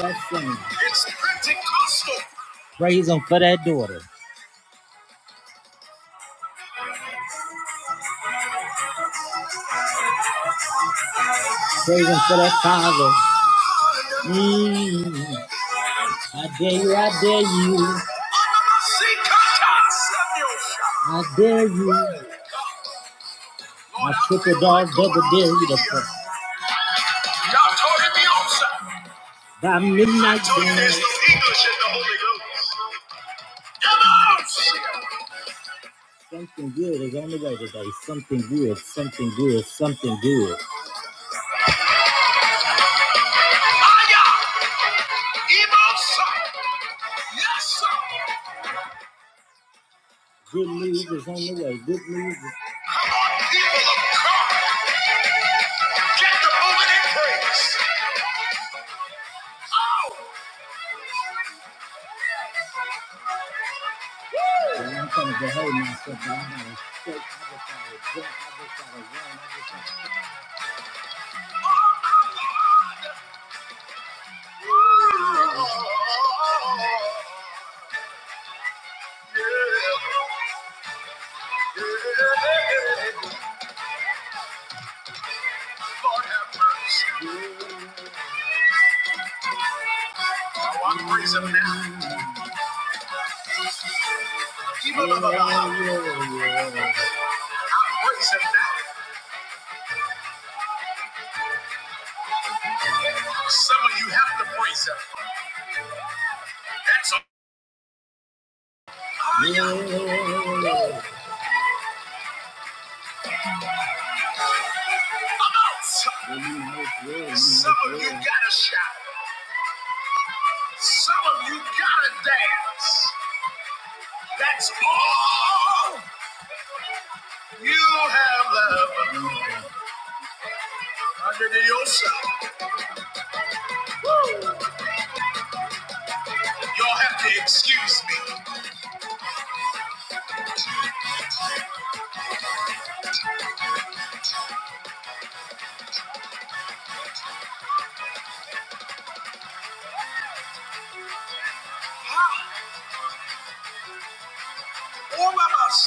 Speaker 1: That's- It's Pentecostal. Praise him for that daughter. Praise him for that father. Mm. I dare you, I dare you, I dare you. I triple dog, double dare you to fuck. Y'all tore me off, Midnight there's dance, English in the Holy Ghost. Come something good is on the way today. Something good, something good, something good. Fire! Emo Yes, People get the moment in praise. Lord have mercy. Oh, I praise him now. Even though the hour. I praise him now. Some of you have to praise him. That's a amount. Some of you gotta shout. Some of you gotta dance. That's all you have left under the ocean. You'll have to excuse me. All of us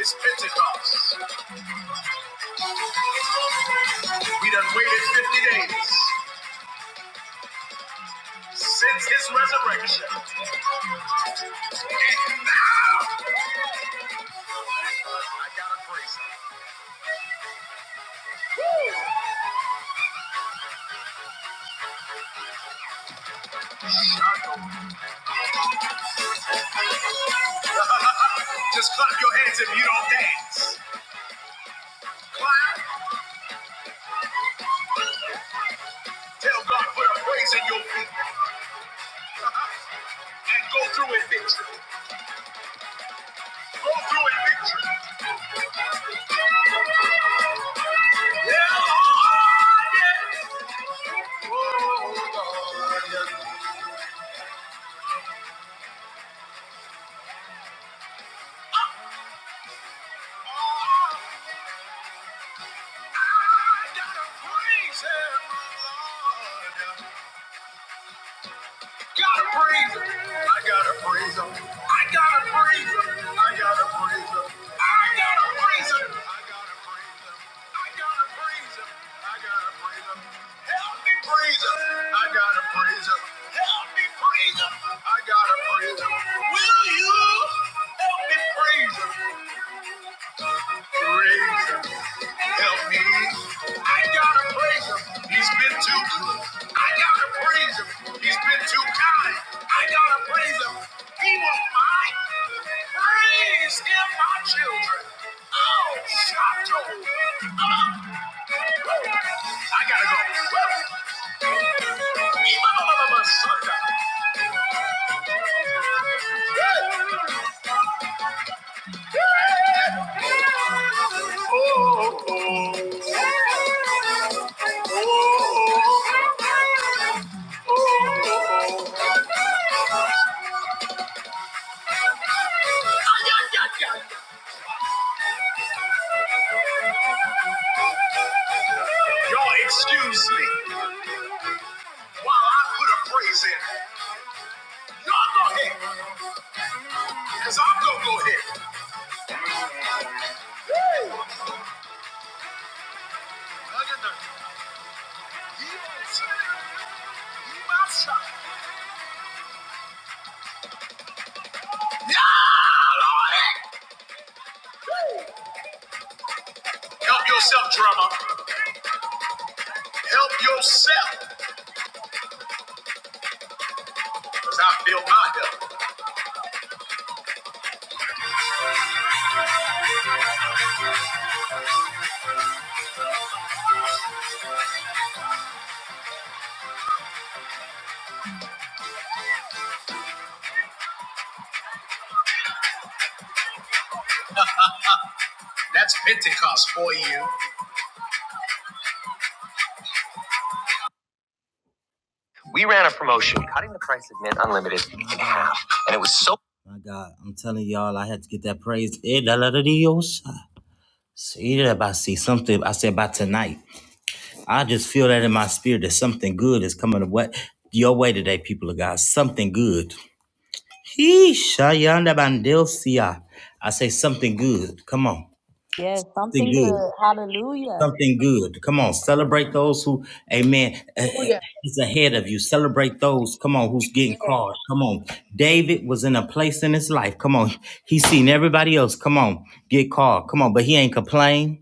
Speaker 1: is Pentecost. We done waited 50 days since his resurrection. And now I gotta praise him. Just clap your hands if you don't dance. Clap. Tell God put a praise in your feet and go through in victory. Go through in victory. Yeah, Lord, yeah. Oh, Lord, yeah. Oh, I gotta praise Him, Lord. gotta praise him. I gotta praise him. I gotta praise him. I gotta praise him. I gotta praise him. I gotta praise him. I gotta praise him. I gotta praise him. Help me praise him. I gotta praise him. Help me praise him. I gotta praise him. Will you help me praise him? Praise him. Help me. I gotta praise him. He's been too good. I gotta praise him. He's been too kind. I gotta praise him. He was mine. Praise him, my children. Oh, Shato. Um, I gotta go. Woo. Sunday. Woo. Y'all excuse me while I put a praise in. Y'all go ahead, because I'm going to go ahead. Yeah, Lord. Help yourself, drummer. Help yourself. Because I feel my help. That's Pentecost for you. We ran a promotion, cutting the price of Mint Unlimited in half. And it was so. My God, I'm telling y'all, I had to get that praise. Eh, da la da dee, oh, si. See that I see something I said about tonight. I just feel that in my spirit that something good is coming what your way today, people of God. Something good. Heesh, ayanda bandelsia. I say something good. Come on.
Speaker 2: Yes,
Speaker 1: Something
Speaker 2: something
Speaker 1: good.
Speaker 2: good. Hallelujah.
Speaker 1: something good. Come on, celebrate those who, amen, eh, is ahead of you. Celebrate those, come on, who's getting called. Come on. David was in a place in his life. Come on. He's seen everybody else, come on, get called. Come on, but he ain't complain.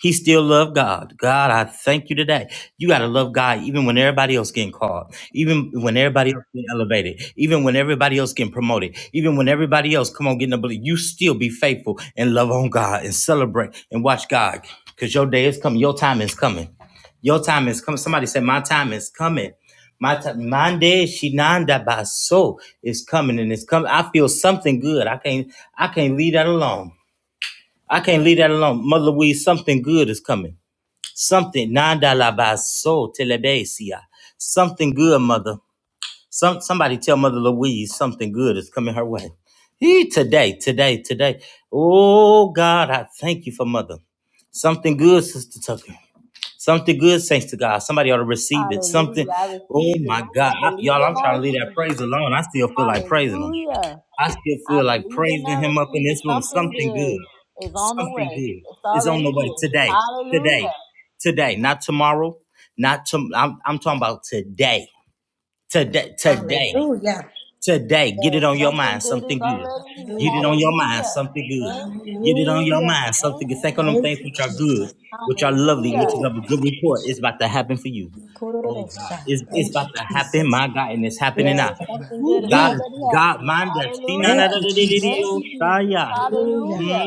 Speaker 1: He still loved God. God, I thank you today. You got to love God even when everybody else getting called, even when everybody else getting elevated, even when everybody else getting promoted, even when everybody else come on getting a belief. You still be faithful and love on God and celebrate and watch God because your day is coming. Your time is coming. Your time is coming. Somebody said, my time is coming. My time, Monday, Shinanda Baso is coming and it's coming. I feel something good. I can't, I can't leave that alone. I can't leave that alone. Mother Louise, something good is coming. Something nanda la baso telebesia. Something good, mother. Some somebody tell Mother Louise something good is coming her way. He today, today, today. Oh God, I thank you for mother. Something good, Sister Tucker. Something good, thanks to God. Somebody ought to receive it.
Speaker 2: Hallelujah.
Speaker 1: Something.
Speaker 2: I
Speaker 1: Oh
Speaker 2: receive
Speaker 1: my
Speaker 2: it.
Speaker 1: God,
Speaker 2: I
Speaker 1: I,
Speaker 2: believe
Speaker 1: y'all!
Speaker 2: and
Speaker 1: I'm
Speaker 2: I
Speaker 1: trying to leave that
Speaker 2: receive
Speaker 1: praise
Speaker 2: it.
Speaker 1: alone. I still feel like praising him.
Speaker 2: Hallelujah.
Speaker 1: I still
Speaker 2: I
Speaker 1: feel like
Speaker 2: believe and I
Speaker 1: praising him up in
Speaker 2: receive it.
Speaker 1: this room.
Speaker 2: Something
Speaker 1: Something
Speaker 2: good
Speaker 1: good.
Speaker 2: is on the
Speaker 1: Something
Speaker 2: way.
Speaker 1: good
Speaker 2: It's
Speaker 1: is on
Speaker 2: already
Speaker 1: the way
Speaker 2: here.
Speaker 1: today. Today
Speaker 2: Hallelujah.
Speaker 1: today, not tomorrow, not to, I'm, I'm talking about today, today,
Speaker 6: Hallelujah.
Speaker 1: today,
Speaker 6: Hallelujah.
Speaker 1: today. Get it
Speaker 2: Yes,
Speaker 1: on your mind,
Speaker 2: something good is
Speaker 1: something good.
Speaker 2: already here.
Speaker 1: Get it on
Speaker 6: Hallelujah.
Speaker 1: your mind,
Speaker 2: Hallelujah.
Speaker 1: something good.
Speaker 2: Thank,
Speaker 1: Get it on your
Speaker 6: Hallelujah.
Speaker 1: mind, something
Speaker 2: thank
Speaker 1: good.
Speaker 2: you,
Speaker 1: Think on them
Speaker 6: Thank
Speaker 2: Jesus.
Speaker 1: things
Speaker 6: you,
Speaker 1: which are good,
Speaker 6: Jesus.
Speaker 1: which are lovely,
Speaker 2: Hallelujah.
Speaker 1: which is of
Speaker 6: Ooh.
Speaker 1: a good report. It's about to happen for you. Oh God,
Speaker 6: Kororosha.
Speaker 1: it's, it's
Speaker 6: Thank you,
Speaker 1: about to happen,
Speaker 6: Jesus.
Speaker 1: my God, and it's happening
Speaker 6: Yes,
Speaker 1: now.
Speaker 2: Yes,
Speaker 6: God.
Speaker 2: something good
Speaker 1: Ooh,
Speaker 2: is
Speaker 1: God is
Speaker 6: Mm.
Speaker 2: already
Speaker 1: God,
Speaker 2: happening.
Speaker 1: mind that.
Speaker 6: Thank
Speaker 2: Hallelujah.
Speaker 6: you,
Speaker 2: Thank
Speaker 6: Jesus.
Speaker 2: you, Jesus.
Speaker 6: Hallelujah.
Speaker 2: Hallelujah.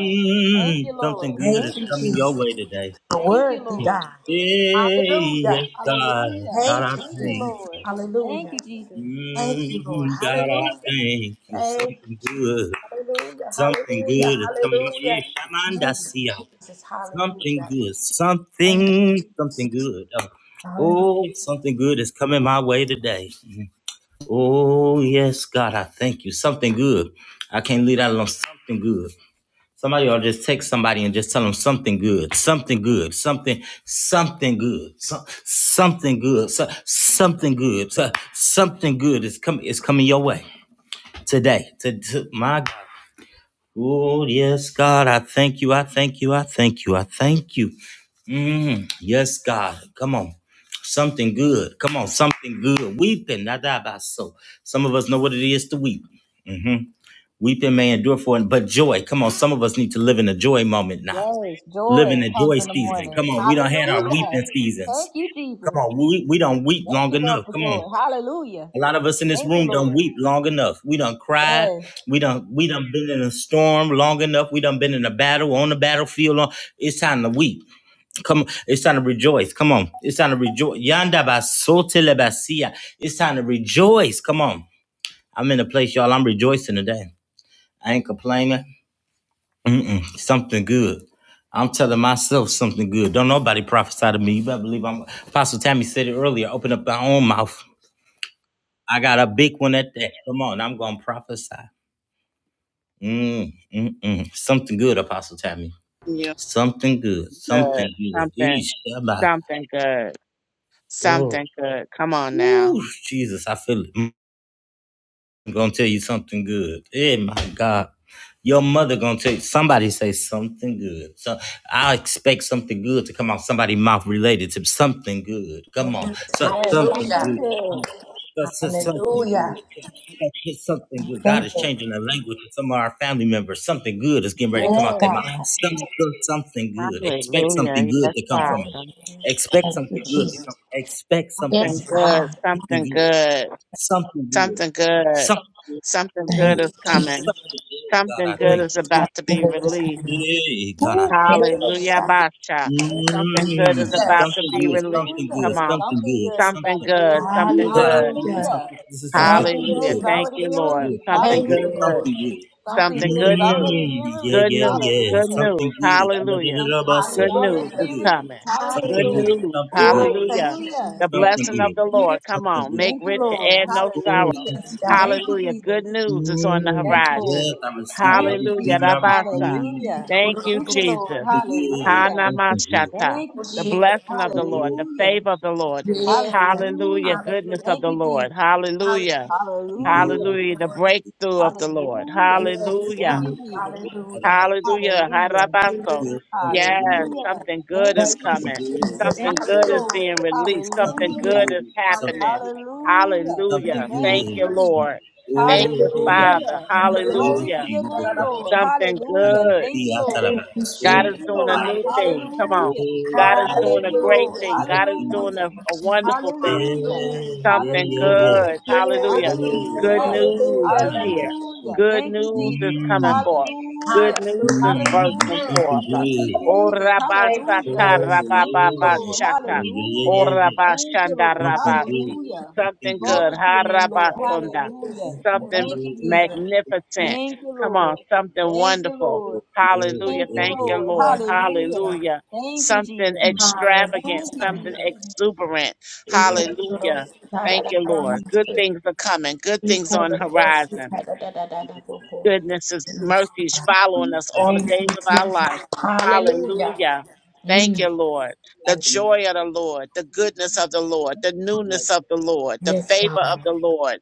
Speaker 2: Thank you, Lord.
Speaker 1: Something good
Speaker 6: Thank
Speaker 2: Thank
Speaker 1: is
Speaker 6: you,
Speaker 2: you,
Speaker 1: coming your
Speaker 2: Jesus.
Speaker 6: Jesus.
Speaker 1: way today.
Speaker 6: The
Speaker 2: Thank you,
Speaker 6: worthy
Speaker 2: Lord.
Speaker 6: God.
Speaker 1: Hey,
Speaker 6: Hallelujah.
Speaker 1: yes, God,
Speaker 2: Hallelujah.
Speaker 1: God,
Speaker 6: Thank
Speaker 1: I
Speaker 6: you,
Speaker 2: Thank you,
Speaker 6: Jesus.
Speaker 1: thank
Speaker 2: Lord. Thank
Speaker 6: Hallelujah.
Speaker 2: you, Jesus.
Speaker 6: Thank you, Lord.
Speaker 1: you. God, I
Speaker 6: Hallelujah.
Speaker 1: thank you.
Speaker 6: Thank you,
Speaker 1: Something
Speaker 6: Jesus.
Speaker 1: good,
Speaker 6: Hallelujah.
Speaker 1: something
Speaker 6: Hallelujah.
Speaker 1: good is coming up.
Speaker 6: Hallelujah.
Speaker 1: Yeah, come on,
Speaker 6: Thank you, Jesus.
Speaker 1: Something
Speaker 6: Hallelujah.
Speaker 1: good,
Speaker 6: Thank you.
Speaker 1: something, something good.
Speaker 6: Hallelujah.
Speaker 1: Oh, something good is coming my way today. Oh, yes, God, I thank you. Something good. I can't leave that alone. Something good. Somebody ought to just text somebody and just tell them something good, something good, something, something good, so, something good, so, something good, so, something good is coming is coming your way today. To, to my God. Oh yes, God, I thank you, I thank you, I thank you, I thank you. Mm, yes, God, come on. Something good. Come on, something good. Weeping, not die about so. Some of us know what it is to weep. Mm hmm Weeping may endure for it, but joy. Come on, some of us need to live in a joy moment now
Speaker 2: Yes,
Speaker 1: living
Speaker 2: joy
Speaker 1: the
Speaker 2: comes
Speaker 1: joy
Speaker 2: in the
Speaker 1: season.
Speaker 2: morning.
Speaker 1: Come on, we don't had our
Speaker 2: Hallelujah.
Speaker 1: weeping
Speaker 2: Thank
Speaker 1: seasons.
Speaker 2: you,
Speaker 1: Come
Speaker 2: Jesus.
Speaker 1: on, we we don't weep
Speaker 2: Thank
Speaker 1: long
Speaker 2: you, Lord,
Speaker 1: enough.
Speaker 2: for
Speaker 1: Come on.
Speaker 2: joy. Hallelujah.
Speaker 1: A lot of us in this
Speaker 2: Thank you,
Speaker 1: room don't
Speaker 2: Lord.
Speaker 1: weep long enough. We done cried.
Speaker 2: Yes,
Speaker 1: We done we done been in a storm long enough. We done been in a battle on the battlefield. Long. It's time to weep. Come on. It's time to rejoice. Come on. It's time to rejoice. Yanda basote le basia. It's time to rejoice. Come on. I'm in a place, y'all. I'm rejoicing today. I ain't complaining. Mm-mm, something good. I'm telling myself something good. Don't nobody prophesy to me. You better believe I'm. Apostle Tammy said it earlier. Open up my own mouth. I got a big one at that. Come on, I'm gonna prophesy. Mm, mm, mm. Something good, Apostle Tammy.
Speaker 4: Yeah.
Speaker 1: Something good.
Speaker 4: good.
Speaker 1: Something good.
Speaker 4: Something
Speaker 1: Eesh, Shabbat.
Speaker 4: something good.
Speaker 1: Oh,
Speaker 4: Something good. Come on now.
Speaker 1: ooh, Jesus, I feel it. Mm. I'm gonna tell you something good. Hey, my God, your mother gonna tell you somebody say something good. So I expect something good to come out somebody's mouth related to something good. Come on, so
Speaker 2: yes,
Speaker 6: Hallelujah.
Speaker 1: something
Speaker 2: something
Speaker 1: good.
Speaker 2: good.
Speaker 1: So, so- something
Speaker 6: Hallelujah.
Speaker 1: good. So- so- Something good. God
Speaker 6: Thank
Speaker 1: is
Speaker 6: you.
Speaker 1: changing the language of some of our family members. Something good is getting ready to come
Speaker 6: Yes,
Speaker 1: out
Speaker 2: Yes,
Speaker 1: their
Speaker 6: God.
Speaker 1: mouth. Something
Speaker 4: Hallelujah. Yes,
Speaker 1: from us.
Speaker 4: Father.
Speaker 6: Thank you, Jesus.
Speaker 1: Something
Speaker 4: Something
Speaker 6: Yes,
Speaker 4: good,
Speaker 6: God.
Speaker 4: something good,
Speaker 1: good.
Speaker 4: something good, something good
Speaker 6: Thank
Speaker 4: is
Speaker 6: you, Jesus.
Speaker 4: coming. Something good
Speaker 1: Thank
Speaker 4: is about to be released.
Speaker 6: Ooh, hit it up,
Speaker 4: Hallelujah,
Speaker 6: God.
Speaker 4: Basha. Something good is about
Speaker 6: Yes.
Speaker 4: to be released.
Speaker 2: hallelujah.
Speaker 4: Come on.
Speaker 2: Something good is about
Speaker 4: Something
Speaker 2: to be
Speaker 4: good,
Speaker 2: released.
Speaker 4: something good.
Speaker 6: Hallelujah.
Speaker 2: Hallelujah.
Speaker 6: Thank
Speaker 2: Something
Speaker 6: you,
Speaker 2: good
Speaker 4: Hallelujah.
Speaker 1: you.
Speaker 2: is
Speaker 6: Jesus.
Speaker 4: Thank
Speaker 2: already
Speaker 4: you,
Speaker 2: being
Speaker 4: Lord.
Speaker 2: released.
Speaker 4: Something
Speaker 6: Thank you,
Speaker 2: Hallelujah.
Speaker 4: good,
Speaker 1: Something good.
Speaker 2: Something
Speaker 4: something
Speaker 2: good
Speaker 6: Lord.
Speaker 4: good
Speaker 2: is
Speaker 4: news.
Speaker 2: already
Speaker 1: Mm,
Speaker 2: being
Speaker 1: yeah,
Speaker 4: Good
Speaker 2: released.
Speaker 1: yeah,
Speaker 4: news,
Speaker 1: yeah.
Speaker 4: good
Speaker 2: Hallelujah.
Speaker 1: Something
Speaker 4: news.
Speaker 1: good. I know that
Speaker 4: Hallelujah.
Speaker 1: it all
Speaker 2: Something
Speaker 1: about
Speaker 2: good is
Speaker 1: you.
Speaker 4: Good news
Speaker 2: already
Speaker 1: Something
Speaker 6: Hallelujah.
Speaker 4: is
Speaker 2: being
Speaker 1: good.
Speaker 2: released.
Speaker 4: coming. Good
Speaker 1: Something
Speaker 2: Hallelujah.
Speaker 1: good.
Speaker 6: Hallelujah.
Speaker 4: news.
Speaker 1: Something good.
Speaker 6: Ooh, thank
Speaker 4: Hallelujah.
Speaker 6: you,
Speaker 2: Hallelujah.
Speaker 4: The
Speaker 2: Thank
Speaker 1: Something
Speaker 2: you,
Speaker 4: blessing of
Speaker 1: good.
Speaker 4: the
Speaker 2: Jesus.
Speaker 6: Jesus.
Speaker 4: Lord. Come
Speaker 1: Something
Speaker 4: on.
Speaker 1: good.
Speaker 4: Make
Speaker 2: Thank you,
Speaker 4: rich
Speaker 2: Lord.
Speaker 4: and add no
Speaker 1: Oh,
Speaker 4: sorrow.
Speaker 2: Hallelujah.
Speaker 6: Yes,
Speaker 1: something good.
Speaker 6: God.
Speaker 2: Thank you,
Speaker 4: Hallelujah. Good
Speaker 2: Jesus.
Speaker 4: news is on the
Speaker 2: Yes,
Speaker 1: Mm,
Speaker 4: horizon.
Speaker 1: yes,
Speaker 2: Lord.
Speaker 1: I receive it. I
Speaker 2: Thank you,
Speaker 4: Hallelujah.
Speaker 1: receive it.
Speaker 2: Jesus.
Speaker 1: I
Speaker 4: Rabasa.
Speaker 1: receive
Speaker 2: Hallelujah.
Speaker 4: Thank
Speaker 1: it.
Speaker 4: you,
Speaker 2: Thank you, Lord.
Speaker 4: Jesus.
Speaker 2: Hallelujah.
Speaker 1: Something good.
Speaker 4: Hanamashata.
Speaker 2: Thank
Speaker 6: Oh,
Speaker 2: you,
Speaker 4: The
Speaker 6: shake
Speaker 2: Jesus.
Speaker 6: it.
Speaker 4: blessing of
Speaker 1: Something
Speaker 4: the Lord.
Speaker 1: good.
Speaker 4: The
Speaker 2: Hallelujah.
Speaker 4: favor of the Lord.
Speaker 6: Yes, God.
Speaker 4: Hallelujah.
Speaker 2: Hallelujah.
Speaker 6: Hallelujah.
Speaker 4: Goodness of
Speaker 2: Thank
Speaker 4: the
Speaker 2: you,
Speaker 4: Lord.
Speaker 2: Jesus.
Speaker 4: Hallelujah.
Speaker 6: Hallelujah,
Speaker 2: Hallelujah.
Speaker 4: Hallelujah. The
Speaker 6: Lord.
Speaker 4: breakthrough of the Lord.
Speaker 2: Hallelujah.
Speaker 6: Yes,
Speaker 4: Hallelujah.
Speaker 2: Thank
Speaker 6: God.
Speaker 2: you, Jesus.
Speaker 6: Hallelujah.
Speaker 4: Hallelujah.
Speaker 2: Hallelujah.
Speaker 4: Harabaso.
Speaker 6: Hallelujah.
Speaker 1: Something good. Something
Speaker 4: Yes,
Speaker 1: good.
Speaker 2: Hallelujah.
Speaker 4: something good
Speaker 2: Thank
Speaker 4: is
Speaker 2: you,
Speaker 6: Thank you,
Speaker 4: coming.
Speaker 2: Jesus.
Speaker 1: Something
Speaker 6: Jesus.
Speaker 4: Something
Speaker 2: Thank
Speaker 4: good
Speaker 2: you,
Speaker 4: is
Speaker 6: Hallelujah.
Speaker 2: Lord.
Speaker 4: being released. Something good
Speaker 2: Hallelujah.
Speaker 4: is
Speaker 1: good.
Speaker 6: Hallelujah.
Speaker 1: Something
Speaker 4: happening.
Speaker 1: good.
Speaker 2: Hallelujah.
Speaker 4: Hallelujah.
Speaker 1: Something
Speaker 2: Thank
Speaker 4: Thank
Speaker 1: good.
Speaker 4: you,
Speaker 2: you,
Speaker 4: Lord.
Speaker 2: Jesus.
Speaker 6: Hallelujah.
Speaker 4: Thank
Speaker 1: Oh,
Speaker 6: Thank
Speaker 4: you,
Speaker 6: you, Jesus.
Speaker 2: Hallelujah.
Speaker 4: Father.
Speaker 1: Jesus,
Speaker 2: Glory
Speaker 1: Jesus,
Speaker 2: to
Speaker 4: Hallelujah.
Speaker 2: your
Speaker 1: Jesus,
Speaker 2: name, Lord.
Speaker 4: Something
Speaker 1: and
Speaker 2: Hallelujah.
Speaker 1: the
Speaker 4: good.
Speaker 2: Thank you,
Speaker 1: theater
Speaker 2: Lord.
Speaker 1: about so
Speaker 4: God
Speaker 2: Thank
Speaker 4: is
Speaker 1: think
Speaker 2: you,
Speaker 4: doing
Speaker 1: about
Speaker 4: a
Speaker 2: Lord.
Speaker 1: higher.
Speaker 4: new thing.
Speaker 6: Hallelujah.
Speaker 4: Come on.
Speaker 2: Hallelujah.
Speaker 1: Oh,
Speaker 4: God is
Speaker 2: Thank
Speaker 4: doing a
Speaker 2: you,
Speaker 1: Jesus,
Speaker 4: great
Speaker 2: Lord.
Speaker 6: Hallelujah.
Speaker 4: thing.
Speaker 1: Jesus,
Speaker 4: God is
Speaker 6: Thank
Speaker 1: Jesus,
Speaker 4: doing a,
Speaker 2: Hallelujah.
Speaker 1: Jesus.
Speaker 4: a
Speaker 6: you.
Speaker 4: wonderful thing.
Speaker 2: Hallelujah.
Speaker 6: Hallelujah.
Speaker 1: yeah, yeah,
Speaker 4: Something
Speaker 1: yeah, yeah.
Speaker 2: Hallelujah.
Speaker 4: good.
Speaker 1: Oh,
Speaker 6: Hallelujah,
Speaker 4: Hallelujah.
Speaker 6: Jesus.
Speaker 4: Good
Speaker 1: so
Speaker 2: Hallelujah.
Speaker 4: news
Speaker 6: Hallelujah.
Speaker 1: none
Speaker 4: is
Speaker 1: of that
Speaker 4: here.
Speaker 1: shit.
Speaker 2: Hallelujah.
Speaker 4: Good
Speaker 2: Thank you,
Speaker 4: news is
Speaker 2: Jesus.
Speaker 4: coming
Speaker 1: Mmm,
Speaker 4: forth. Good
Speaker 6: God.
Speaker 2: Hallelujah.
Speaker 4: news is
Speaker 6: Hallelujah.
Speaker 1: mmm,
Speaker 4: bursting
Speaker 2: Hallelujah.
Speaker 1: something
Speaker 4: forth.
Speaker 2: Thank you,
Speaker 1: good.
Speaker 4: Oh,
Speaker 2: Jesus.
Speaker 6: Thank you,
Speaker 1: Oh,
Speaker 4: rabasata,
Speaker 2: Hallelujah.
Speaker 6: Lord.
Speaker 1: yeah,
Speaker 2: Thank you, Lord.
Speaker 1: yeah,
Speaker 4: rabababashata.
Speaker 1: yeah,
Speaker 4: Oh,
Speaker 2: Hallelujah.
Speaker 1: yeah. yeah.
Speaker 2: Thank you,
Speaker 4: rabashanda,
Speaker 2: Lord.
Speaker 1: Something
Speaker 4: rabasi.
Speaker 1: good,
Speaker 2: Hallelujah.
Speaker 1: something
Speaker 4: Something
Speaker 1: good,
Speaker 4: good.
Speaker 2: Glory to your name, Lord.
Speaker 4: Harabasunda.
Speaker 2: Hallelujah.
Speaker 1: something
Speaker 4: Something
Speaker 2: Thank you,
Speaker 1: good,
Speaker 6: Yeah.
Speaker 2: Jesus.
Speaker 1: something good.
Speaker 4: magnificent.
Speaker 2: Thank you,
Speaker 4: Come on.
Speaker 2: Lord.
Speaker 4: Something
Speaker 2: Thank you,
Speaker 4: wonderful.
Speaker 2: Lord.
Speaker 1: Oh, yeah,
Speaker 4: Hallelujah.
Speaker 2: Thank you,
Speaker 4: Thank
Speaker 1: yeah,
Speaker 4: you,
Speaker 2: Lord.
Speaker 4: Lord.
Speaker 2: Hallelujah.
Speaker 4: Hallelujah.
Speaker 2: Thank you,
Speaker 4: Something
Speaker 2: Jesus.
Speaker 4: extravagant.
Speaker 2: Thank you,
Speaker 6: Hallelujah.
Speaker 4: Something
Speaker 2: Jesus.
Speaker 4: exuberant.
Speaker 6: We call the
Speaker 4: Hallelujah
Speaker 6: Lord. Da, da,
Speaker 4: Thank
Speaker 6: da,
Speaker 4: you,
Speaker 6: da,
Speaker 4: Lord. Good
Speaker 6: da.
Speaker 4: things are coming. Good
Speaker 6: We
Speaker 4: things
Speaker 6: call
Speaker 4: on
Speaker 6: the Lord.
Speaker 4: horizon
Speaker 6: Da, da, da, da, da, da. bo, bo.
Speaker 4: goodness is mercies following us all the
Speaker 6: Thank you,
Speaker 4: days of our
Speaker 6: Jesus.
Speaker 4: life.
Speaker 6: Hallelujah.
Speaker 4: Hallelujah. Thank you,
Speaker 6: Mm.
Speaker 4: Lord. The joy of the Lord, the goodness of the Lord, the newness of the Lord, the favor of the Lord.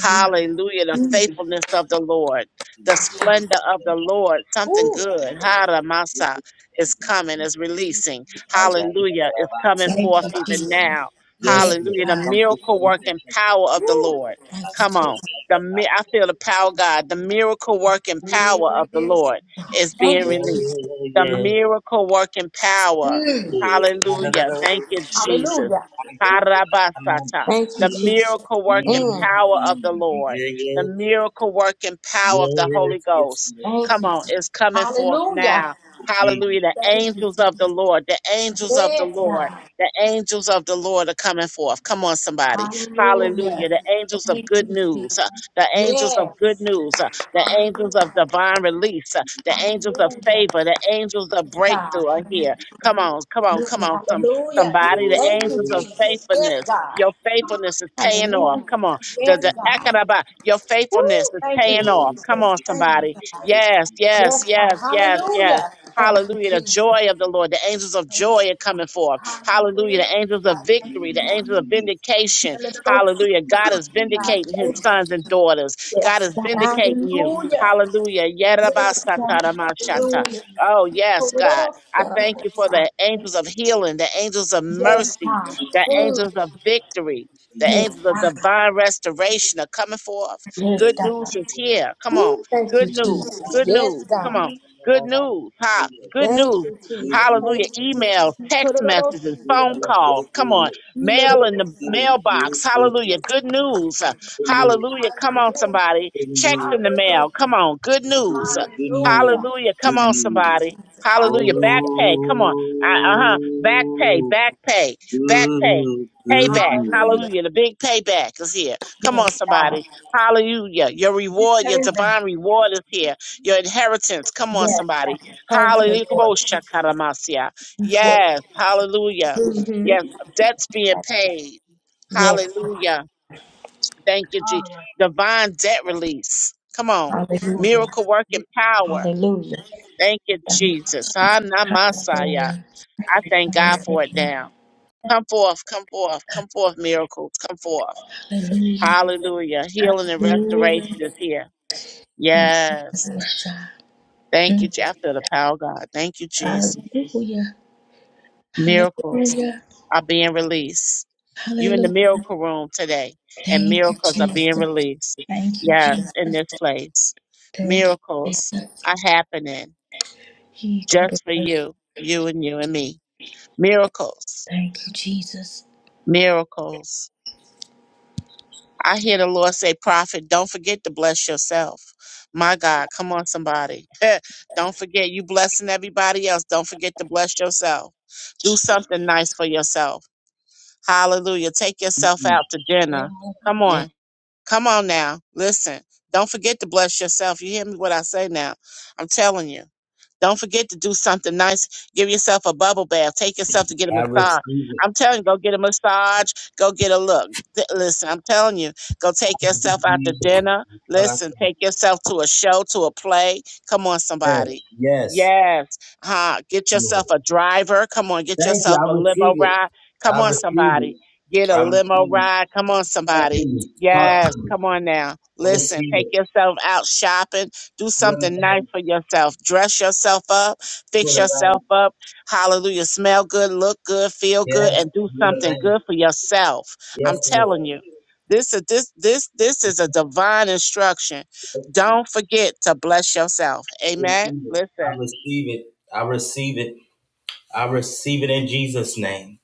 Speaker 4: Hallelujah. The faithfulness of the Lord, the splendor of the Lord. Something
Speaker 6: Woo.
Speaker 4: good. Haramasa is coming, is releasing. Hallelujah. It's coming
Speaker 6: Thank
Speaker 4: forth
Speaker 6: you,
Speaker 4: even
Speaker 6: Jesus.
Speaker 4: now.
Speaker 6: Yes,
Speaker 4: Hallelujah. The
Speaker 6: God.
Speaker 4: miracle working power of the Lord.
Speaker 6: Thank you,
Speaker 4: Come
Speaker 6: Jesus.
Speaker 4: on. The mi- I feel the power of God. The miracle working power of the
Speaker 6: Yes.
Speaker 4: Lord is being
Speaker 6: Thank you,
Speaker 4: released.
Speaker 6: Jesus.
Speaker 4: The miracle working power.
Speaker 6: Mm.
Speaker 4: Hallelujah. Thank you, Jesus.
Speaker 6: Hallelujah.
Speaker 4: Parabasata.
Speaker 6: Thank you,
Speaker 4: The
Speaker 6: Jesus.
Speaker 4: miracle working
Speaker 6: Mm.
Speaker 4: power of the Lord. The miracle working power of the Holy Ghost.
Speaker 1: yeah.
Speaker 6: Thank
Speaker 4: Come
Speaker 6: you.
Speaker 4: on, it's coming forth
Speaker 6: Hallelujah.
Speaker 4: now.
Speaker 1: Oh,
Speaker 4: Hallelujah.
Speaker 1: Jesus.
Speaker 4: The angels of the Lord. The angels of the
Speaker 6: Yes,
Speaker 4: Lord.
Speaker 6: God.
Speaker 4: The angels of the Lord are coming forth. Come on, somebody.
Speaker 6: Hallelujah.
Speaker 4: Hallelujah. The angels of
Speaker 6: Thank
Speaker 4: good
Speaker 6: you,
Speaker 4: news
Speaker 6: Jesus.
Speaker 4: the angels
Speaker 6: Yes.
Speaker 4: of good news, uh, the angels of divine release, uh, the angels of
Speaker 6: Hallelujah,
Speaker 4: favor, the angels of
Speaker 6: God.
Speaker 4: breakthrough are here. Come on, come on, come
Speaker 6: Hallelujah.
Speaker 4: on, some
Speaker 6: Hallelujah.
Speaker 4: somebody, the
Speaker 1: Oh,
Speaker 6: Thank you,
Speaker 4: angels
Speaker 1: oh,
Speaker 4: of
Speaker 6: Jesus. Yes,
Speaker 4: faithfulness.
Speaker 6: God.
Speaker 4: Your faithfulness is paying off.
Speaker 6: Hallelujah.
Speaker 4: Come on. The
Speaker 6: Yes,
Speaker 4: the
Speaker 6: God.
Speaker 4: Akanaba, your
Speaker 6: Woo.
Speaker 4: faithfulness is
Speaker 6: Thank
Speaker 1: thank
Speaker 6: you,
Speaker 4: paying off. Come
Speaker 1: you,
Speaker 6: Jesus.
Speaker 4: on,
Speaker 6: Thank
Speaker 4: somebody.
Speaker 1: Jesus. I will
Speaker 4: Yes,
Speaker 6: you. Yes,
Speaker 4: yes,
Speaker 6: God.
Speaker 4: yes, yes, yes.
Speaker 6: Hallelujah. Thank you,
Speaker 4: Hallelujah. The
Speaker 6: Jesus.
Speaker 4: joy of the Lord. The angels of
Speaker 6: Yes.
Speaker 4: joy are coming forth. Hallelujah.
Speaker 6: Hallelujah.
Speaker 4: The angels of
Speaker 6: God. Thank
Speaker 4: victory. The
Speaker 6: you,
Speaker 1: come to
Speaker 6: Lord.
Speaker 4: angels of
Speaker 1: you.
Speaker 4: vindication Hallelujah. God
Speaker 6: Hallelujah.
Speaker 4: is
Speaker 6: God.
Speaker 4: vindicating his
Speaker 6: Thank you.
Speaker 4: sons and daughters. God is
Speaker 6: Yes, God.
Speaker 4: vindicating you.
Speaker 6: Hallelujah.
Speaker 4: Hallelujah.
Speaker 6: Yes, God.
Speaker 4: Yerabasataramashata.
Speaker 6: Hallelujah.
Speaker 4: Oh, yes, God. I thank you for
Speaker 6: Hallelujah.
Speaker 4: the angels of healing, the angels of
Speaker 6: Yes,
Speaker 4: mercy,
Speaker 6: God.
Speaker 4: the
Speaker 6: Food.
Speaker 4: angels of victory, the
Speaker 1: Let
Speaker 6: Yes,
Speaker 4: angels
Speaker 1: 'em
Speaker 4: of divine restoration are coming forth. Good news is here. Come on.
Speaker 6: Ooh, thank
Speaker 4: Good
Speaker 6: you.
Speaker 4: news. Good
Speaker 6: Yes,
Speaker 4: news. Come
Speaker 6: God.
Speaker 4: on. Good news. Ha. Good news.
Speaker 6: Thank you, Jesus. Thank
Speaker 4: Hallelujah.
Speaker 6: you, Jesus.
Speaker 4: Emails, text messages,
Speaker 6: Kororo-shi,
Speaker 4: phone calls.
Speaker 6: kororo-shi,
Speaker 4: Come on
Speaker 1: be
Speaker 4: mail in the
Speaker 6: ilororo-shi.
Speaker 1: good,
Speaker 4: mailbox.
Speaker 1: good,
Speaker 4: Hallelujah. Good news. Uh,
Speaker 1: good.
Speaker 4: Hallelujah. Come on, somebody. Checks in
Speaker 1: Hello.
Speaker 4: the mail. Come on. Good
Speaker 1: Oh,
Speaker 4: news. Uh,
Speaker 1: good news,
Speaker 4: Hallelujah. Come
Speaker 1: good
Speaker 4: on,
Speaker 1: news.
Speaker 4: somebody. Hallelujah. Back pay. Come on. Uh huh. Back pay.
Speaker 1: Oh,
Speaker 4: Back pay.
Speaker 1: good.
Speaker 4: Back pay. Payback. Hallelujah. The big payback is here. Come
Speaker 6: Yes,
Speaker 4: on,
Speaker 6: God.
Speaker 4: somebody. Hallelujah. Your reward, your
Speaker 7: kind that
Speaker 4: divine reward is here. Your inheritance. Come on,
Speaker 6: Yes,
Speaker 4: somebody.
Speaker 6: God. Thank you,
Speaker 4: Hallelujah.
Speaker 6: Lord.
Speaker 4: Yes. Hallelujah.
Speaker 6: Mm-hmm.
Speaker 4: Yes. Debts being paid. Hallelujah. Thank you, Jesus. Divine debt release. Come on.
Speaker 6: Hallelujah.
Speaker 4: Miracle working power.
Speaker 6: Hallelujah.
Speaker 4: Thank you, Jesus. I'm not
Speaker 6: Hallelujah.
Speaker 4: Messiah. I thank God for it now. Come forth, come forth, come forth, miracles. Come forth. Hallelujah. Healing and restoration is here. Yes. Thank you. Je- I feel the power of God. Thank you, Jesus. Miracles.
Speaker 6: Hallelujah.
Speaker 4: are being released. you in the miracle room today, and miracles are being released.
Speaker 6: Thank
Speaker 4: Yes, in this place. Miracles are happening just for you, you and you and me. Miracles, miracles. I hear the Lord say, Prophet, don't forget to bless yourself. My God, come on, somebody. don't forget, you blessing everybody else. Don't forget to bless yourself. Do something nice for yourself. Hallelujah. Take yourself out to dinner. Come on
Speaker 1: Mm.
Speaker 4: Come on now. Listen. Don't forget to bless yourself. You hear me what I say now? I'm telling you. Don't forget to do something nice. Give yourself a bubble bath. Take yourself to get a massage. I'm telling you, go get a massage. Go get a look. Th- Listen, I'm telling you, go take yourself out to dinner.
Speaker 1: Lord, I thank
Speaker 4: Listen,
Speaker 1: you.
Speaker 4: take yourself to a show, to a play. Come on, somebody.
Speaker 1: Yes,
Speaker 4: Yes. Huh. Get yourself
Speaker 1: Lord.
Speaker 4: a driver. Come on, get
Speaker 1: Thank you.
Speaker 4: yourself a
Speaker 1: I receive
Speaker 4: limo
Speaker 1: it.
Speaker 4: ride. Come
Speaker 1: I
Speaker 4: on,
Speaker 1: receive it.
Speaker 4: somebody. Get a
Speaker 1: I
Speaker 4: limo
Speaker 1: receive it.
Speaker 4: ride. Come on,
Speaker 1: Talk to
Speaker 4: somebody. Yes. Come on now. Listen, take yourself out shopping. Do something nice for yourself. Dress yourself up, fix yourself up. Hallelujah. Smell good, look good, feel good, and do something good for yourself. I'm telling you. This is this this this is a divine instruction. Don't forget to bless yourself. Amen. Listen,
Speaker 1: I
Speaker 4: let
Speaker 1: receive it. I receive it. I receive it. I receive it in Jesus' name.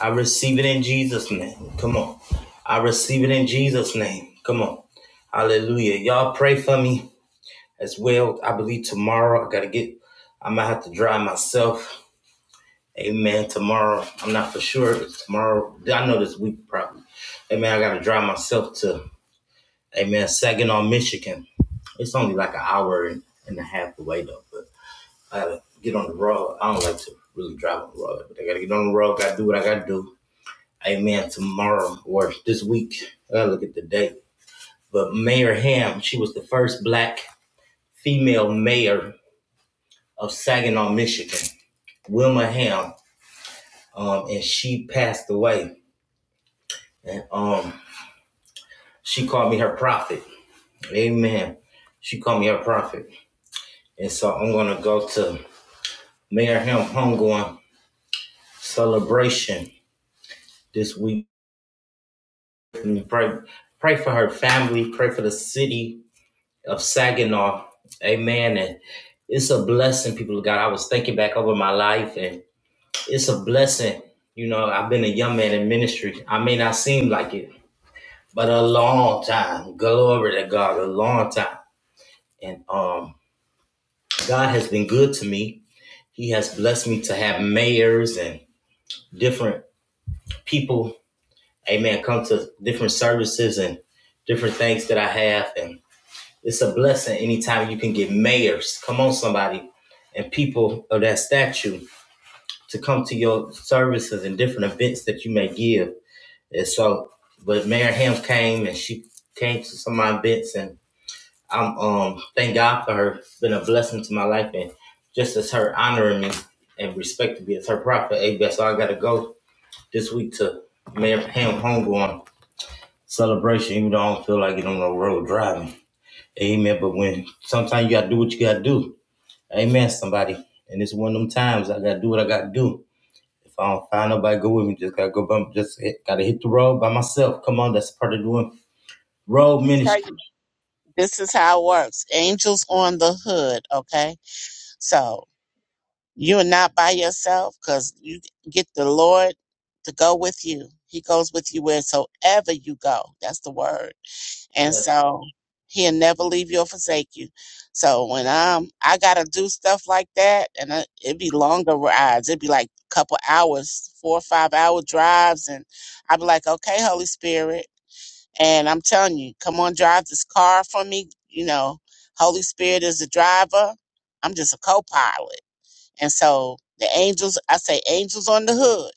Speaker 1: I receive it in Jesus' name. Come on. I receive it in Jesus' name. Come on. Hallelujah. Y'all pray for me. as well. I believe tomorrow I gotta get. I might have to drive myself. Amen. Tomorrow, I'm not for sure. It's tomorrow. I know this week probably. Amen. I gotta drive myself to. Amen. Saginaw, Michigan. It's only like an hour and, and a half away though. But I gotta get on the road. I don't like to really drive on the road, but I gotta get on the road. Gotta do what I gotta do. Amen. Tomorrow or this week. I gotta look at the date. But Mayor Ham, she was the first black female mayor of Saginaw, Michigan. Wilma Ham, um, and she passed away. And um, she called me her prophet. Amen. She called me her prophet. And so I'm gonna go to Mayor Ham Homegoing celebration this week. And pray, pray for her family. Pray for the city of Saginaw. Amen. And it's a blessing, people of God. I was thinking back over my life, and it's a blessing. You know, I've been a young man in ministry. I may not seem like it, but a long time. Glory to God, a long time. And um, God has been good to me. He has blessed me to have mayors and different people, amen, come to different services and different things that I have. And it's a blessing anytime you can get mayors. Come on, somebody, and people of that statue to come to your services and different events that you may give. And so, but Mayor Hams came and she came to some of my events and I'm um thank God for her. It's been a blessing to my life and just as her honoring me and respecting me as her prophet, amen. So I gotta go this week to Mayor Pam homegoing celebration, even though I don't feel like it on the road driving. Amen. But when sometimes you gotta do what you gotta do. Amen, somebody. And it's one of them times I gotta do what I gotta do. If I don't find nobody go with me, just gotta go bump just hit, gotta hit the road by myself. Come on, that's part of doing road
Speaker 4: me tell you,
Speaker 1: ministry.
Speaker 4: this is how it works. Angels on the hood, okay? So You're not by yourself because you get the Lord to go with you. He goes with you wheresoever you go. That's the word. And
Speaker 1: Yeah.
Speaker 4: so he'll never leave you or forsake you. So when I'm, I gotta do stuff like that, and I, it'd be longer rides. It'd be like a couple hours, four or five hour drives, and I'd be like, okay, Holy Spirit. And I'm telling you, come on, drive this car for me. You know, Holy Spirit is the driver. I'm just a co pilot. And so the angels, I say angels on the hood.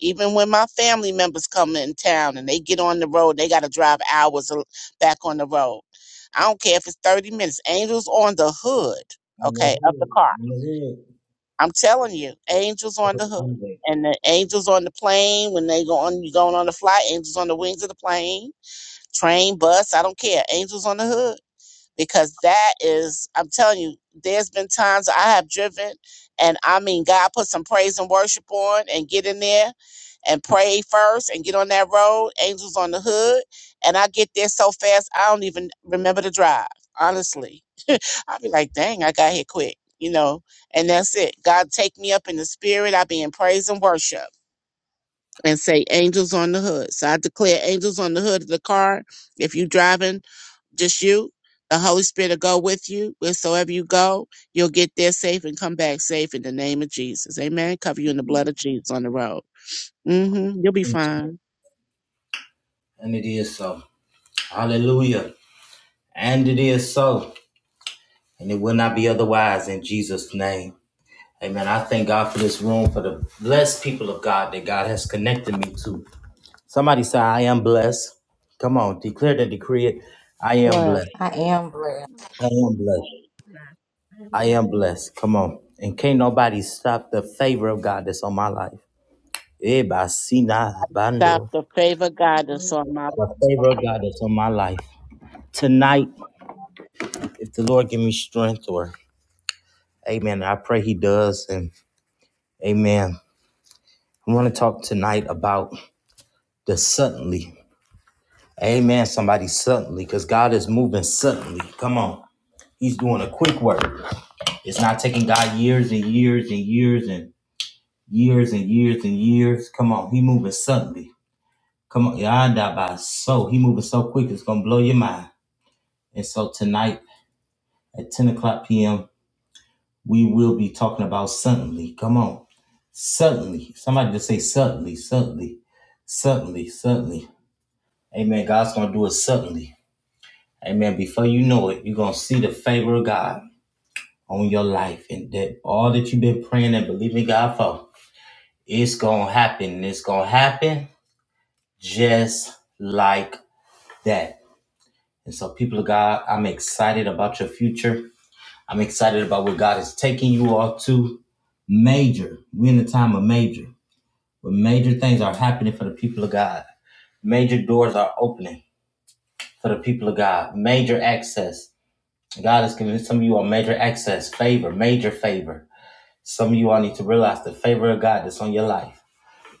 Speaker 4: Even when my family members come in town and they get on the road, they got to drive hours a- back on the road. I don't care if it's 30 minutes. Angels on the hood, okay, of the car. I'm telling you, angels on the hood. And the angels on the plane when they go on you going on the flight, angels on the wings of the plane, train, bus, I don't care. Angels on the hood because that is i'm telling you there's been times i have driven and i mean god put some praise and worship on and get in there and pray first and get on that road angels on the hood and i get there so fast i don't even remember the drive honestly i'll be like dang i got here quick you know and that's it god take me up in the spirit i be in praise and worship and say angels on the hood so i declare angels on the hood of the car if you driving just you. The Holy Spirit will go with you wheresoever you go. You'll get there safe and come back safe in the name of Jesus. Amen. Cover you in the blood of Jesus on the road. Mm-hmm. You'll be fine.
Speaker 1: And it is so. Hallelujah. And it is so, and it will not be otherwise in Jesus' name. Amen. I thank God for this room, for the blessed people of God that God has connected me to. Somebody say, I am blessed. Come on, declare and decree it. I am
Speaker 4: Bless.
Speaker 1: blessed.
Speaker 6: I am blessed.
Speaker 8: Yeah.
Speaker 1: I am blessed. I am blessed. Come on. And can't nobody stop the favor of God that's on my life. Eh, basina
Speaker 4: Stop
Speaker 1: bando.
Speaker 4: the favor guidance on my
Speaker 1: The favor of God that's on my life. Tonight, if the Lord give me strength or amen, I pray he does. And amen. I want to talk tonight about the suddenly. Amen, somebody, suddenly, because God is moving suddenly. Come on. He's doing a quick work. It's not taking God years and years and years and years and years and years. Come on. He moving suddenly. Come on. Yada by so. He moving so quick, it's going to blow your mind. And so tonight at 10 o'clock p.m., we will be talking about suddenly. Come on. Suddenly. Somebody just say suddenly, suddenly, suddenly, suddenly. Amen. God's going to do it suddenly. Amen. Before you know it, you're gonna see the favor of God on your life, and that all that you've been praying and believing God for, it's gonna happen. and It's gonna happen just like that. And so, people of God, I'm excited about your future. I'm excited about where God is taking you all to. Major. We're in the time of major, where major things are happening for the people of God. Major doors are opening for the people of God. Major access God is giving some of you all major access, favor, major favor. Some of you all need to realize the favor of God that's on your life.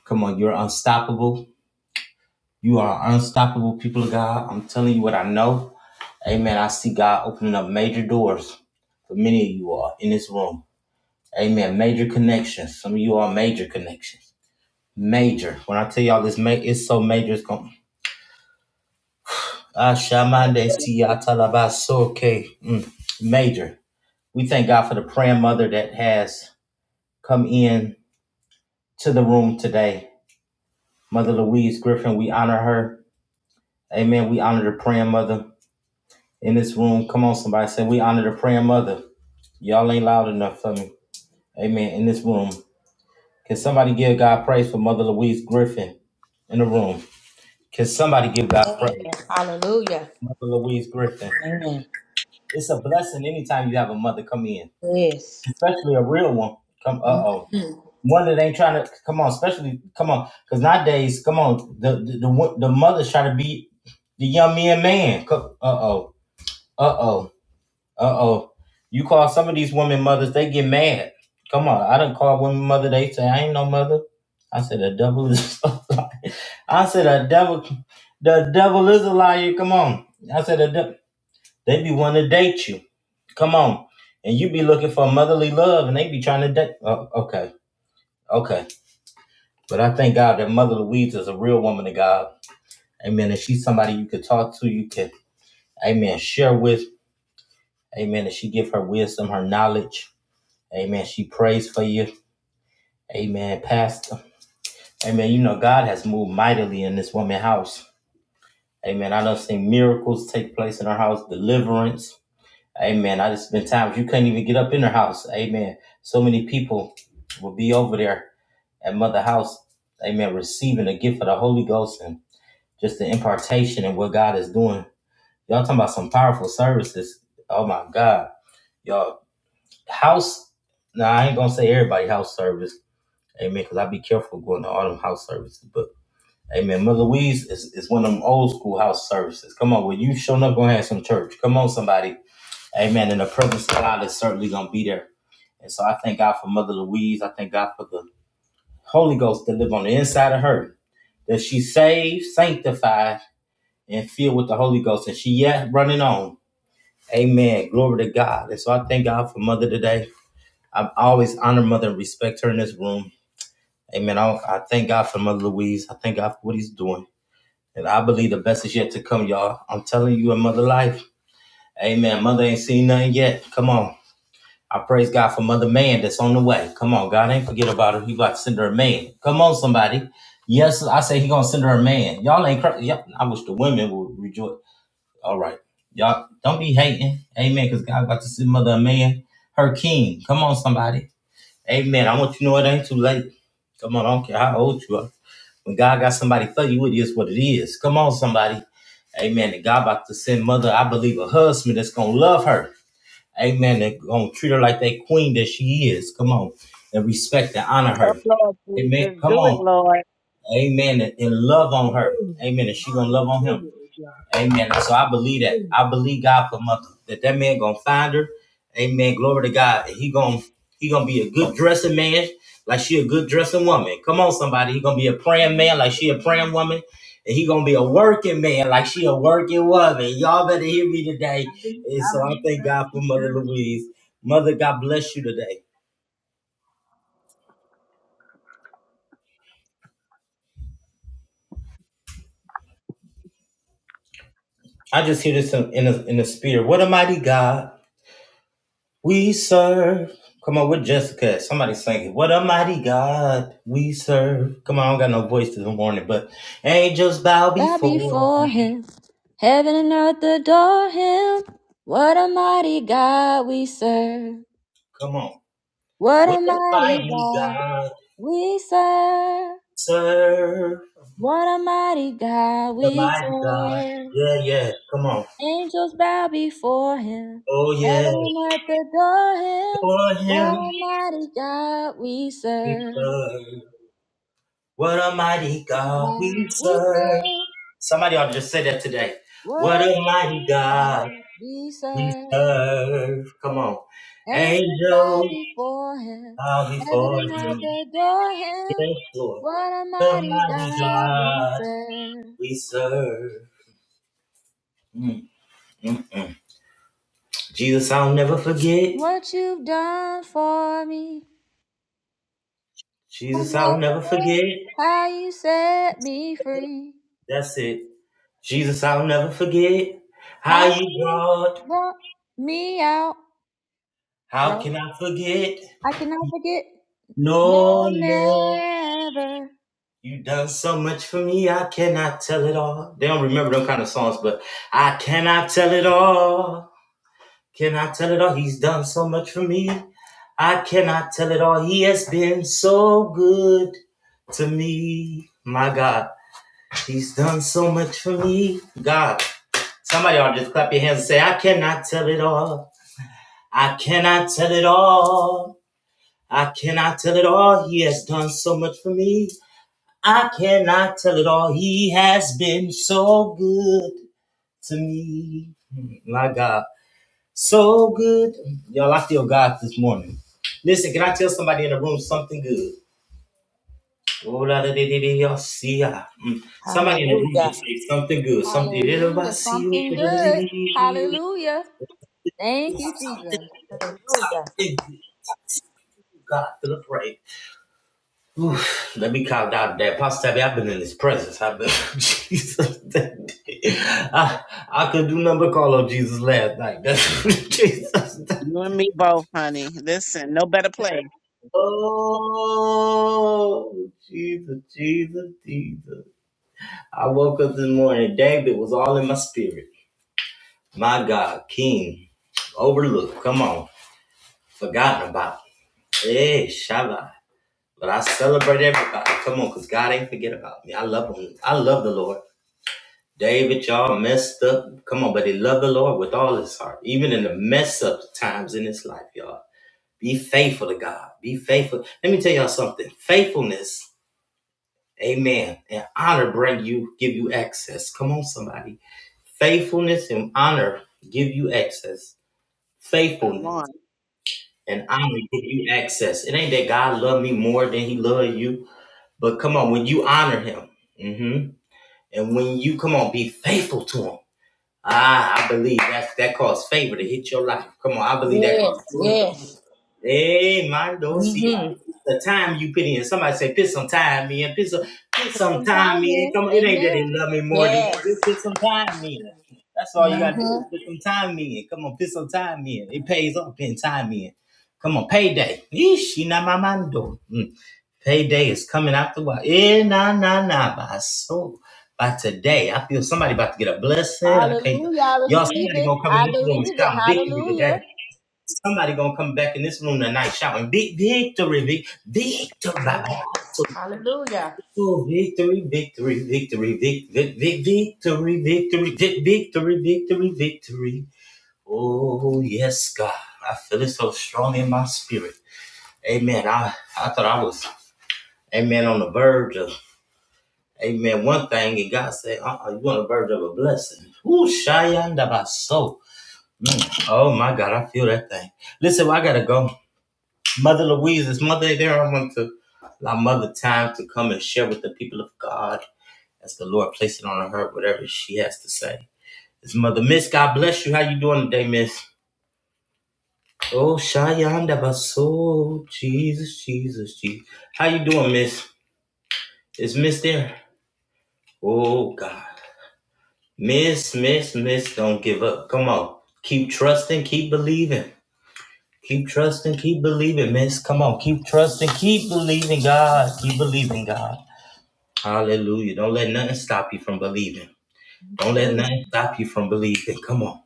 Speaker 1: Come on, you're unstoppable. You are unstoppable, people of God. I'm telling you what I know. Amen. I see God opening up major doors for many of you all in this room. Amen. Major connections. Some of you all major connections. Major. When I tell y'all this, it's so major. It's going.
Speaker 4: life.
Speaker 1: Major. We thank God for the praying mother that has come in to the room today. Mother Louise Griffin, we honor her. Amen. We honor the praying mother in this room. Come on, somebody say, We honor the praying mother. Y'all ain't loud enough for me. Amen. In this room. Can somebody give God praise for Mother Louise Griffin in the room? Can somebody give God
Speaker 6: Amen.
Speaker 1: praise?
Speaker 6: Hallelujah.
Speaker 1: for Mother Louise Griffin.
Speaker 6: Amen.
Speaker 1: It's a blessing anytime you have a mother come in,
Speaker 6: Yes.
Speaker 1: especially a real one. Come, uh oh.
Speaker 6: Mhm.
Speaker 1: one that ain't trying to come on, especially come on, because nowadays, come on, the the the, wo- the mothers try to be the young men man. Uh oh, uh oh, uh oh. You call some of these women mothers, they get mad. Come on, I done call women mother. They say I ain't no mother. I said the devil is. I said the devil, the devil is a liar. Come on, I said the devil. They be wanting to date you. Come on, and you be looking for motherly love, and they be trying to date. Oh, okay, okay. But I thank God that Mother Louise is a real woman of God. Amen. And she's somebody you could talk to, you could, amen, share with. Amen. And she give her wisdom, her knowledge. Amen. She prays for you. Amen. Pastor. Amen. You know, God has moved mightily in this woman's house. Amen. I done seen miracles take place in her house, deliverance. Amen. I just been times you couldn't even get up in her house. Amen. So many people will be over there at Mother House. Amen. Receiving the gift of the Holy Ghost and. just the impartation and what God is doing. Y'all talking about some powerful services. Oh my God. Y'all house now nah, I ain't gonna say everybody house service, amen, because I be careful going to all them house services, but amen. Mother Louise is, is one of them old school house services. Come on, when you showing up gonna have some church. Come on, somebody. Amen. And the presence of God is certainly gonna be there. And so I thank God for Mother Louise. I thank God for the Holy Ghost that live on the inside of her that she's saved, sanctified, and filled with the Holy Ghost, and she yet running on. Amen. Glory to God. And so I thank God for Mother today. I've always honored Mother and respect her in this room. Amen. I, I thank God for Mother Louise. I thank God for what He's doing, and I believe the best is yet to come, y'all. I'm telling you, in Mother life. Amen. Mother ain't seen nothing yet. Come on. I praise God for Mother Man that's on the way. Come on, God ain't forget about her. He about to send her a man. Come on, somebody. Yes, I say he gonna send her a man. Y'all ain't crazy. I wish the women would rejoice. All right. Y'all don't be hating. Amen. Because God about to send Mother man, her king. Come on, somebody. Amen. I want you to know it ain't too late. Come on, I don't care how old you are. When God got somebody for you, it is what it is. Come on, somebody. Amen. And God about to send mother, I believe, a husband that's gonna love her. Amen. And gonna treat her like that queen that she is. Come on. And respect and honor
Speaker 4: Come,
Speaker 1: her.
Speaker 4: Lord
Speaker 1: Amen.
Speaker 4: Jesus.
Speaker 1: Come
Speaker 4: Do it,
Speaker 1: on.
Speaker 4: Lord.
Speaker 1: Amen. And, and love on her. Amen. And she gonna love on him. Amen. So I believe that. I believe God for mother that that man gonna find her. Amen. Glory to God. He gonna he gonna be a good dressing man, like she a good dressing woman. Come on, somebody. He gonna be a praying man, like she a praying woman. And he gonna be a working man, like she a working woman. Y'all better hear me today. And so I thank God for Mother Louise. Mother, God bless you today. I just hear this in in the, in the spirit. What a mighty God. We serve. Come on, with Jessica. at? Somebody sing it. What a mighty God we serve. Come on, I don't got no voice this morning, but angels bow
Speaker 2: bow
Speaker 1: before.
Speaker 2: before him. Heaven and earth adore him. What a mighty God we serve.
Speaker 1: Come on.
Speaker 2: What
Speaker 1: What
Speaker 2: a
Speaker 1: a
Speaker 2: mighty
Speaker 1: mighty
Speaker 2: God
Speaker 1: God.
Speaker 2: we serve.
Speaker 1: The
Speaker 2: What a mighty God we
Speaker 1: mighty,
Speaker 2: serve.
Speaker 1: yeah, yeah. Come on.
Speaker 2: Angels bow before him.
Speaker 1: Oh, yeah.
Speaker 2: Heaven and earth adore him.
Speaker 1: For
Speaker 2: What
Speaker 1: him,
Speaker 2: a mighty God we serve.
Speaker 1: serve. What a
Speaker 2: Mighty
Speaker 1: God we
Speaker 2: God we
Speaker 1: serve.
Speaker 2: serve.
Speaker 1: Somebody ought to just say that today.
Speaker 2: What
Speaker 1: What
Speaker 2: a mighty
Speaker 1: I
Speaker 2: God we serve.
Speaker 1: serve. Come on.
Speaker 2: Angels bow
Speaker 1: Angels
Speaker 2: before him,
Speaker 1: bow
Speaker 2: heaven
Speaker 1: before
Speaker 2: and earth
Speaker 1: you.
Speaker 2: adore him.
Speaker 1: Yes, Lord.
Speaker 2: What a
Speaker 1: The
Speaker 2: mighty
Speaker 1: mighty
Speaker 2: God we
Speaker 1: God.
Speaker 2: serve.
Speaker 1: we serve. Jesus, I'll never forget.
Speaker 2: What you've done for me,
Speaker 1: Jesus, I'll never
Speaker 2: unmeasurable.
Speaker 1: forget.
Speaker 2: How you set me free.
Speaker 1: That's it. Jesus, I'll never forget how
Speaker 2: How
Speaker 1: you
Speaker 2: you
Speaker 1: brought.
Speaker 2: brought me out.
Speaker 1: How
Speaker 2: Right?
Speaker 1: can I forget?
Speaker 2: I cannot forget.
Speaker 1: No,
Speaker 2: No,
Speaker 1: no.
Speaker 2: never.
Speaker 1: You done so much for me, I cannot tell it all. They don't remember them kind of songs, but I cannot tell it all. Cannot tell it all? He's done so much for me. I cannot tell it all. He has been so good to me. My God. He's done so much for me. God, Somebody, of y'all just clap your hands and say, I cannot tell it all. I cannot tell it all. I cannot tell it all. He has done so much for me. I cannot tell it all. He has been so good to me. Hmm, My God, so good. Y'all, I feel God this morning. Listen, can I tell somebody in the room something good? ola de de de, di ya see ya Mm. Somebody in the room
Speaker 6: Hallelujah.
Speaker 1: just say something good. Something de- de- de-
Speaker 2: Hallelujah.
Speaker 1: see you. de- de-
Speaker 2: Something
Speaker 1: de- de-
Speaker 2: good.
Speaker 1: de-
Speaker 2: Hallelujah. Thank
Speaker 1: de-
Speaker 2: you,
Speaker 1: something
Speaker 2: Jesus.
Speaker 1: good.
Speaker 6: Hallelujah.
Speaker 1: Something good. To God to the praise. Oof, let me calm down there. Pastor Tabby, I've been in his presence. I've been Jesus. that I, I could do number call on Jesus last night. That's Jesus.
Speaker 4: You and me both, honey. Listen, no better place.
Speaker 1: Oh Jesus, Jesus, Jesus. I woke up this morning, David was all in my spirit. My God, King, overlooked. Come on, forgotten about. Hey, Shabbat. But I celebrate everybody. Come on, cause God ain't forget about me. I love him. I love the Lord. David, y'all messed up. Come on, but he loved the Lord with all his heart, even in the mess up times in his life, y'all. Be faithful to God. Be faithful. Let me tell y'all something. Faithfulness, amen, and honor bring you, give you access. Come on, somebody. Faithfulness and honor give you access.
Speaker 4: Come
Speaker 1: Faithfulness.
Speaker 4: on.
Speaker 1: and honor give you access. It ain't that God love me more than He love you, but come on, when you honor Him, hmm and when you come on, be faithful to Him. Ah, I believe that's that calls favor to hit your life. Come on, I believe that
Speaker 6: Yes.
Speaker 1: calls favor. to
Speaker 6: Yes.
Speaker 1: Hey, Mondo, see,
Speaker 6: Mm-hmm.
Speaker 1: I- the time you put in. Somebody say, put some time in. Put some, put some
Speaker 2: Some
Speaker 1: time
Speaker 2: time in.
Speaker 1: in. Come on, it ain't that they
Speaker 2: Amen.
Speaker 1: love me more than you.
Speaker 6: Yes.
Speaker 1: Just put some time in. That's all you gotta do
Speaker 6: Mm-hmm.
Speaker 1: is put some time in. Come on, put some time in. It pays off putting time in. Come on, payday. Yeesh, you not my Mondo. Mm. Payday is coming after a while. Eh, nah, nah, nah, by so. By today, I feel somebody about to get a blessing. I can't.
Speaker 2: Hallelujah. I
Speaker 1: Y'all,
Speaker 2: receive
Speaker 1: somebody
Speaker 2: it.
Speaker 1: gonna come in
Speaker 2: I
Speaker 1: this room and
Speaker 2: believe it.
Speaker 1: shout victory today.
Speaker 2: Hallelujah.
Speaker 1: Somebody gonna come back in this room tonight shouting big victory, big victory,
Speaker 6: Amen.
Speaker 1: Baba. So,
Speaker 6: Hallelujah.
Speaker 1: oh, victory, victory, victory, vic, vic, vic, victory, victory, vic, victory, victory, victory. Oh yes, God, I feel it so strong in my spirit. Amen. I I thought I was, Amen, on the verge of, Amen, one thing, and God said, uh-uh, you on the verge of a blessing. Ooh, Shayandabaso. Mm. Oh my God, I feel that thing. Listen, well, I gotta go. Mother Louise's mother there. I want to allow Mother time to come and share with the people of God as the Lord places it on her, whatever she has to say. It's Mother Miss, God bless you. How you doing today, Miss? Oh, Shayanda Baso, Jesus, Jesus, Jesus. How you doing, Miss? Is Miss there? Oh, God. Miss, Miss, Miss, don't give up. Come on. Keep trusting, keep believing. Keep trusting, keep believing, Miss. Come on. Keep trusting,
Speaker 7: you
Speaker 1: keep believing, God. Keep believing, God. Hallelujah. Don't let nothing stop you from believing. Don't let
Speaker 7: Amen.
Speaker 1: nothing stop you from believing. Come on.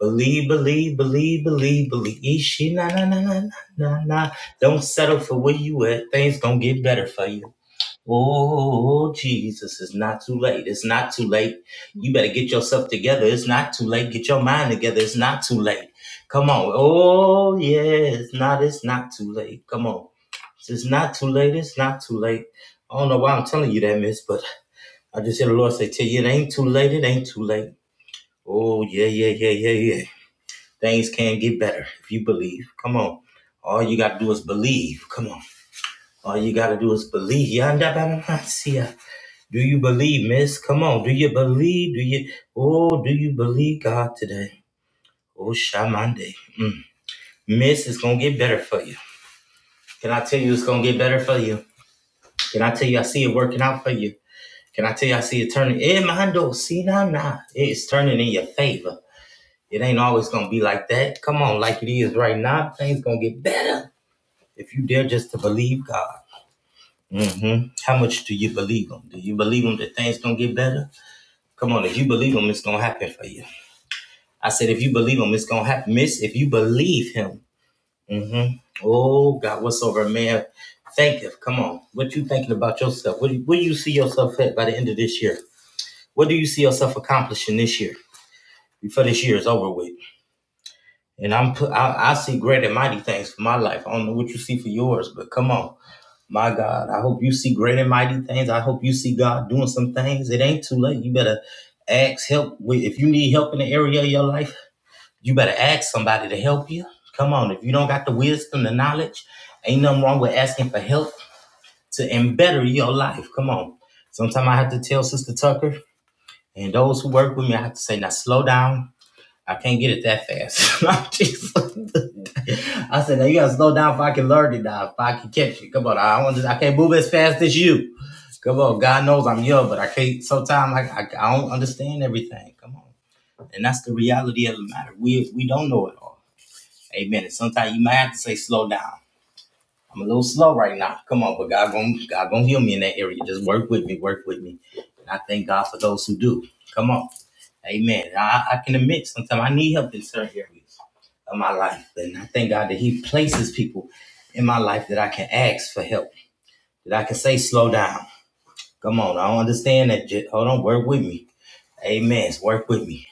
Speaker 1: Believe, believe, believe, believe, believe. Ishi, na, na, na, na, na, na, na. Don't settle for where you at. Things gonna get better for you. Oh, Jesus, it's not too late. It's not too late. You better get yourself together. It's not too late. Get your mind together. It's not too late. Come on. Oh, yeah, it's not, it's not too late. Come on. It's not too late. It's not too late. I don't know why I'm telling you that, miss, but I just hear the Lord say, Tell you it ain't too late, it ain't too late. Oh, yeah, yeah, yeah, yeah, yeah. Things can get better if you believe. Come on. All you gotta do is believe. Come on. All you gotta do is believe. Yanda bada nasia. Do you believe, miss? Come on. Do you believe? Do you oh do you believe God today? Oh Shamande. Mm. Miss, it's gonna get better for you. Can I tell you it's gonna get better for you? Can I tell you I see it working out for you? Can I tell you I see it turning? Eh, Mando, see now, now. It's turning in your favor. It ain't always gonna be like that. Come on, like it is right now, things gonna get better if you dare just to believe God. hmm How much do you believe Him? Do you believe Him that things gonna get better? Come on, if you believe Him, it's gonna happen for you. I said, if you believe Him, it's gonna happen, Miss. If you believe Him, mm hmm oh God, what's over, man? Think of, come on, what you thinking about yourself? What do you, where do you see yourself at by the end of this year? What do you see yourself accomplishing this year? Before this year is over with. And I'm put, I, I see great and mighty things for my life. I don't know what you see for yours, but come on. My God, I hope you see great and mighty things. I hope you see God doing some things. It ain't too late. You better ask help. with- If you need help in the area of your life, you better ask somebody to help you. Come on. If you don't got the wisdom, the knowledge, ain't nothing wrong with asking for help to and better your life. Come on. Sometimes I have to tell Sister Tucker and those who work with me, I have to say, now slow down I can't get it that fast. i said, now you gotta slow down if I can learn it now, if I can catch it. Come on, I don't just, I can't move as fast as you. Come on, God knows I'm young, but I can't sometimes I, I, I don't understand everything. Come on. And that's the reality of the matter. We we don't know it all. Amen. And sometimes you might have to say slow down. I'm a little slow right now. Come on, but God gonna God gonna heal me in that area. Just work with me, work with me. And I thank God for those who do. Come on. Amen. I, I can admit sometimes I need help in certain areas of my life. And I thank God that He places people in my life that I can ask for help, that I can say, slow down. Come on, I don't understand that. Just, hold on, work with me. Amen. Work with me.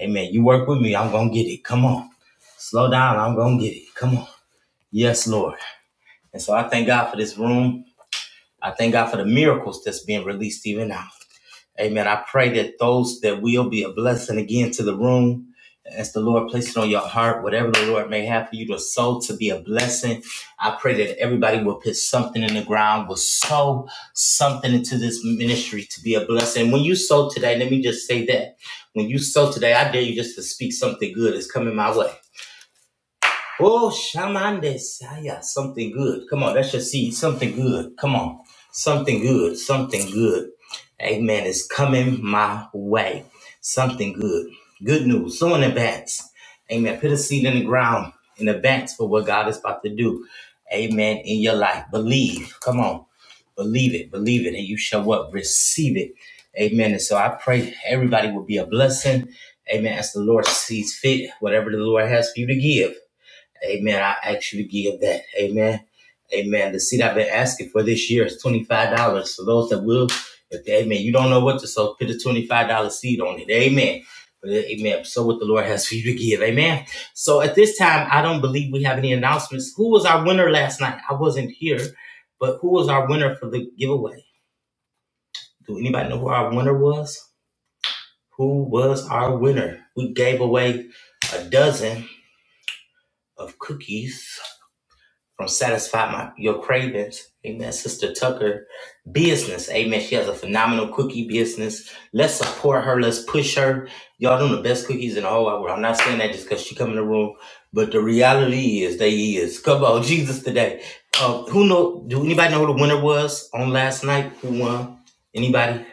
Speaker 1: Amen. You work with me, I'm going to get it. Come on. Slow down, I'm going to get it. Come on. Yes, Lord. And so I thank God for this room. I thank God for the miracles that's being released even now. Amen. I pray that those that will be a blessing again to the room. As the Lord places it on your heart, whatever the Lord may have for you to sow to be a blessing, I pray that everybody will put something in the ground, will sow something into this ministry to be a blessing. When you sow today, let me just say that. When you sow today, I dare you just to speak something good is coming my way. Oh, shamande, Desaya, something good. Come on, that's your seed. Something good. Come on. Something good. Something good. Amen. It's coming my way. Something good. Good news. Someone advance. Amen. Put a seed in the ground in advance for what God is about to do. Amen. In your life. Believe. Come on. Believe it. Believe it. And you shall what? Receive it. Amen. And so I pray everybody will be a blessing. Amen. As the Lord sees fit, whatever the Lord has for you to give. Amen. I actually give that. Amen. Amen. The seed I've been asking for this year is $25. For those that will, if they, amen, you don't know what to sow, put a $25 seed on it. Amen. Amen. So what the Lord has for you to give. Amen. So at this time, I don't believe we have any announcements. Who was our winner last night? I wasn't here, but who was our winner for the giveaway? Do anybody know who our winner was? Who was our winner? We gave away a dozen of cookies from satisfy my your cravings. Amen. Sister Tucker, business. Amen. She has a phenomenal cookie business. Let's support her. Let's push her. Y'all doing the best cookies in the whole wide world. I'm not saying that just because she come in the room, but the reality is they is. Come on, Jesus today. Uh, who know? Do anybody know who the winner was on last night? Who won? Anybody?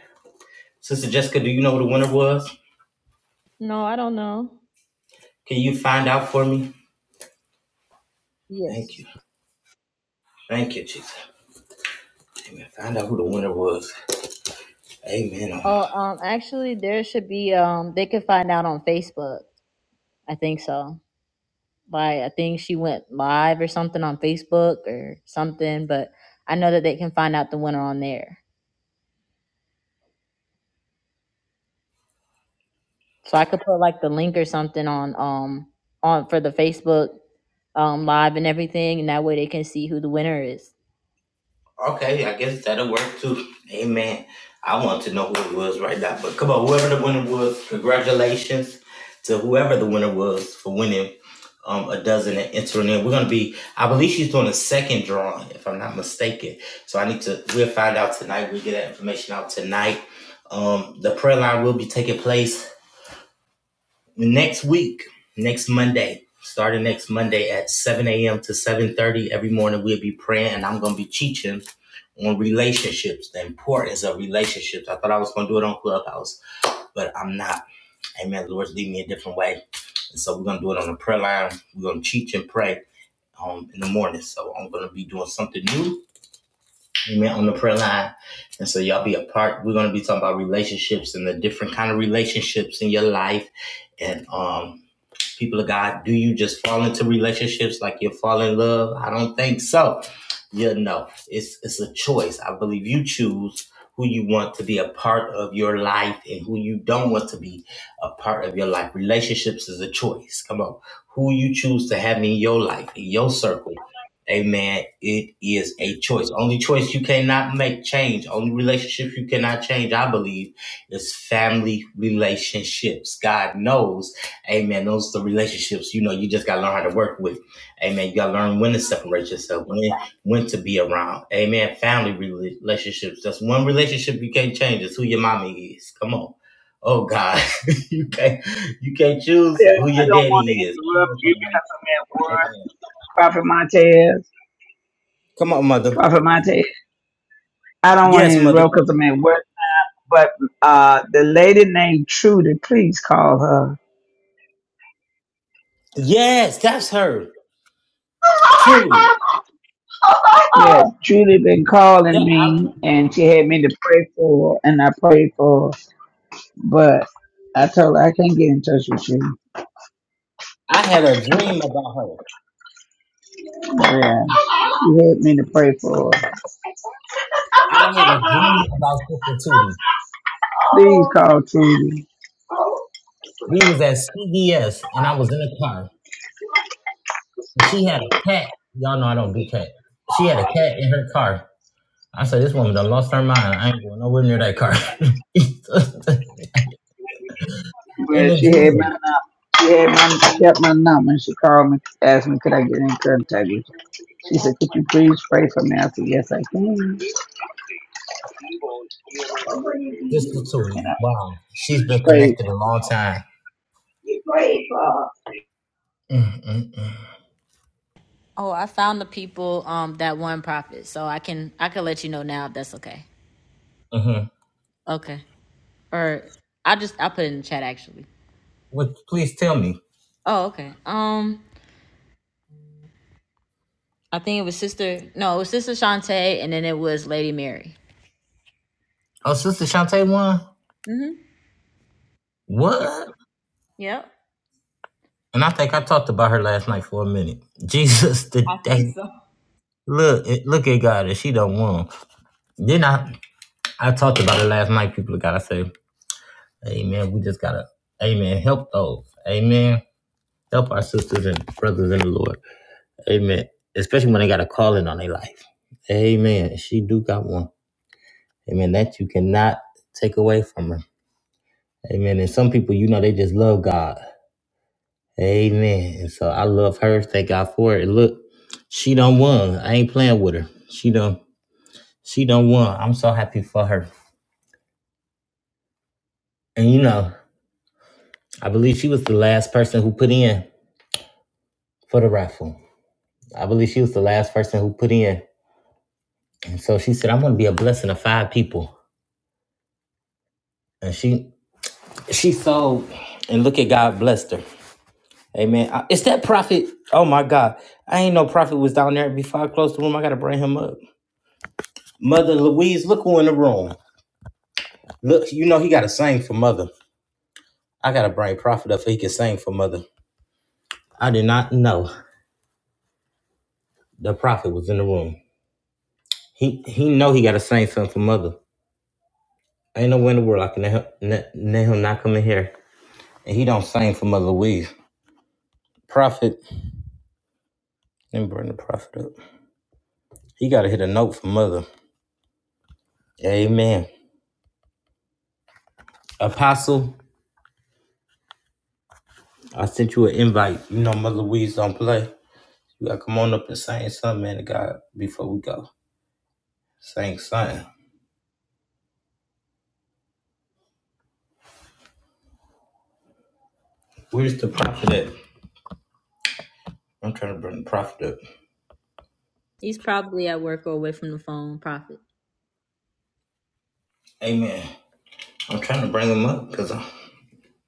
Speaker 1: Sister Jessica, do you know who the winner was?
Speaker 2: No, I don't know.
Speaker 1: Can you find out for me? Thank
Speaker 2: Yes.
Speaker 1: you. Thank you, Jesus. Amen. Find out who the winner was. Amen.
Speaker 2: Oh, um, actually, there should be. Um, they could find out on Facebook. I think so. Like, I think she went live or something on Facebook or something. But I know that they can find out the winner on there. So I could put like the link or something on um on for the Facebook um live and everything, and that way they can see who the winner is.
Speaker 1: Okay, I guess that'll work too. Amen. I want to know who it was right now, but come on, whoever the winner was, congratulations to whoever the winner was for winning um, a dozen and entering in. We're gonna be, I believe she's doing a second drawing, if I'm not mistaken. So I need to, we'll find out tonight. We'll get that information out tonight. Um, the prayer line will be taking place next week, next Monday, starting next Monday at 7 a.m. to 7:30 every morning, we'll be praying, and I'm gonna be teaching on relationships, the importance of relationships. I thought I was gonna do it on Clubhouse, but I'm not. Amen. The Lord's leading me a different way, and so we're gonna do it on the prayer line. We're gonna teach and pray um, in the morning. So I'm gonna be doing something new. Amen. On the prayer line, and so y'all be a part. We're gonna be talking about relationships and the different kind of relationships in your life, and um People of God, do you just fall into relationships like you fall in love? I don't think so. You know, it's it's a choice. I believe you choose who you want to be a part of your life and who you don't want to be a part of your life. Relationships is a choice. Come on. Who you choose to have in your life, in your circle. Amen. It is a choice. Only choice you cannot make change. Only relationship you cannot change, I believe, is family relationships. God knows Amen. Those are the relationships, you know, you just gotta learn how to work with. Amen. You gotta learn when to separate yourself, when when to be around. Amen. Family rela- relationships. That's one relationship you can't change. It's who your mommy is. Come on. Oh God. you can't you can't choose
Speaker 9: Yeah,
Speaker 1: who
Speaker 9: I
Speaker 1: your
Speaker 9: don't want to
Speaker 1: daddy is. Come
Speaker 9: interrupt
Speaker 1: on,
Speaker 9: you
Speaker 1: somebody.
Speaker 9: because I'm at work.
Speaker 1: Amen.
Speaker 9: Prophet Montez,
Speaker 1: Come on, mother.
Speaker 9: Prophet Montez. I don't want to
Speaker 1: Yes, mother.
Speaker 9: interrupt because I'm at work. But uh, the lady named Trudy, please call her.
Speaker 1: Yes, that's her. Truly.
Speaker 9: Yeah, Trudy been calling me, and she had me to pray for, and I prayed for. But I told her I can't get in touch with you. Yeah, she had me to pray for. These called Trudy. Well,
Speaker 1: Cat. Y'all know I don't do cat. She had a cat in her car. I said, this woman done lost her mind. I ain't going nowhere near that car. And
Speaker 9: she had
Speaker 1: again,
Speaker 9: my number. She had my kept my number and she called me, asked me could I get in contact with you. She said, Could you please pray for me? I said, Yes I can.
Speaker 1: just the
Speaker 9: And
Speaker 1: two of
Speaker 9: I
Speaker 1: Wow, she's been
Speaker 9: prayed.
Speaker 1: connected a long time.
Speaker 9: I
Speaker 1: mm mm mm.
Speaker 2: Oh, I found the people um that one profit, so I can I can let you know now if that's okay.
Speaker 1: Mm-hmm.
Speaker 2: Okay, or I just I put it in the chat actually.
Speaker 1: What? Please tell me.
Speaker 2: Oh, okay. Um, I think it was Sister. No, it was Sister Shantae, and then it was Lady Mary.
Speaker 1: Oh, Sister Shantae won.
Speaker 2: Mhm. Yeah.
Speaker 1: What?
Speaker 2: Yep.
Speaker 1: And I think I talked about her last night for a minute. Jesus, the, that, look, it- look at God, and she done won. Then I, I talked about it last night. People gotta say, Amen. We just gotta, Amen. Help those, Amen. Help our sisters and brothers in the Lord, Amen. Especially when they got a calling on their life, Amen. She do got one. Amen. That you cannot take away from her. Amen. And some people, you know, they just love God. Amen. And so I love her. Thank God for it. And look, she done won. I ain't playing with her. She done she done won. I'm so happy for her. And you know, I believe she was the last person who put in for the raffle. I believe she was the last person who put in. And so she said, I'm gonna be a blessing to five people. And she she sold and look at God blessed her. Amen. I- Is that prophet? Oh my God. I ain't no prophet was down there before I closed the room. I gotta bring him up. Mother Louise, look who in the room. Look, you know he gotta sing for mother. I gotta bring prophet up so he can sing for mother. I did not know the prophet was in the room. He he know he gotta sing something for mother. Ain't no way in the world I can let him, let- let him not come in here. And he don't sing for mother Louise. Prophet, let me bring the prophet up. He gotta hit a note for mother. Amen. Apostle. I sent you an invite. You know, Mother Louise don't play. You gotta come on up and sing something, man, to God, before we go. Sing something. Where's the prophet at? I'm trying to bring the prophet up.
Speaker 2: He's probably at work or away from the phone. Prophet.
Speaker 1: Amen. I'm trying to bring him up because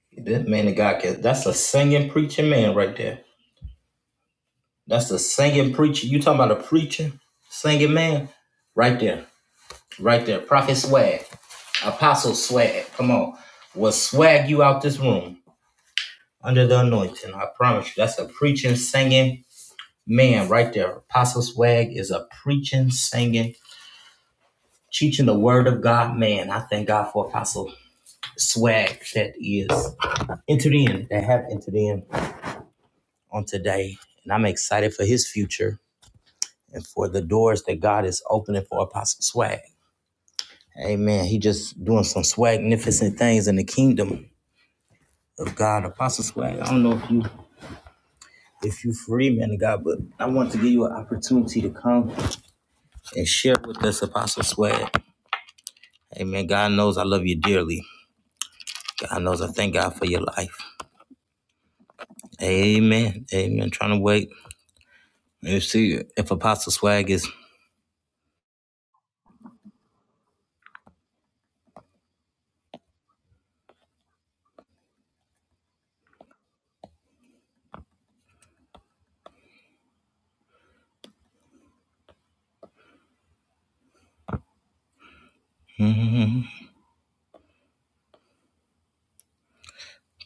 Speaker 1: that man of God, can, that's a singing, preaching man right there. That's a singing preacher. You talking about a preacher, singing man? Right there. Right there. Prophet swag. Apostle swag. Come on. Will swag you out this room under the anointing. I promise you. That's a preaching, singing man right there. Apostle Swag is a preaching, singing, teaching the word of God man. I thank God for Apostle Swag that is entered in, that have entered in on today. And I'm excited for his future and for the doors that God is opening for Apostle Swag. Amen. He just doing some swagnificent things in the kingdom of God. Apostle Swag, I don't know if you if you free man of God, but I want to give you an opportunity to come and share with us Apostle Swag Amen. God knows I love you dearly. God knows I thank God for your life. Amen. Amen. Trying to wait and see if Apostle Swag is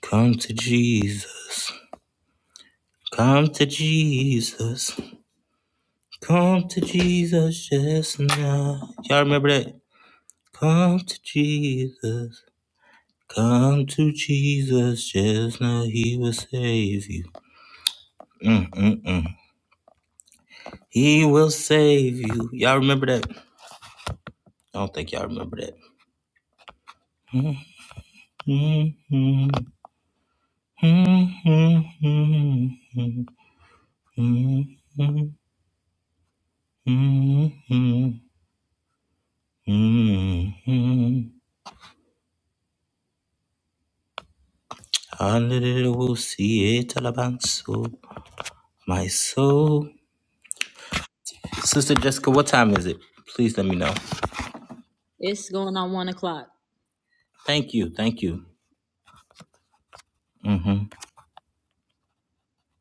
Speaker 1: come to Jesus. Come to Jesus. Come to Jesus just now. Y'all remember that? Come to Jesus. Come to Jesus just now. He will save you. Mm, mm, mm. He will save you. Y'all remember that? I don't think y'all remember that. Hmm. Hallelujah, my soul. Sister Jessica, what time is it? Please let me know.
Speaker 2: It's going on one o'clock.
Speaker 1: Thank you, thank you. hmm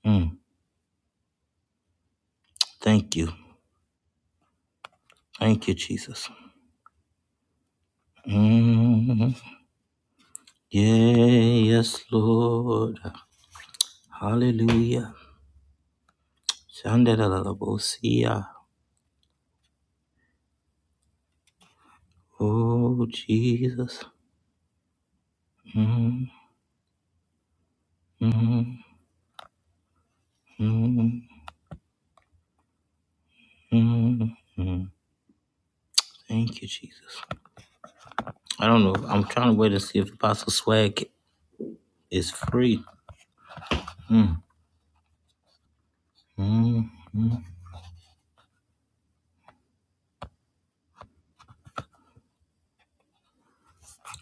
Speaker 1: Mm, thank you, thank you, Jesus. Mm, yeah, yes, Lord. Hallelujah. Shandalabosia. Oh, Jesus. Mm-hmm. mm mm mm. Thank you, Jesus. I don't know. I'm trying to wait to see if Apostle Swag is free. Mm,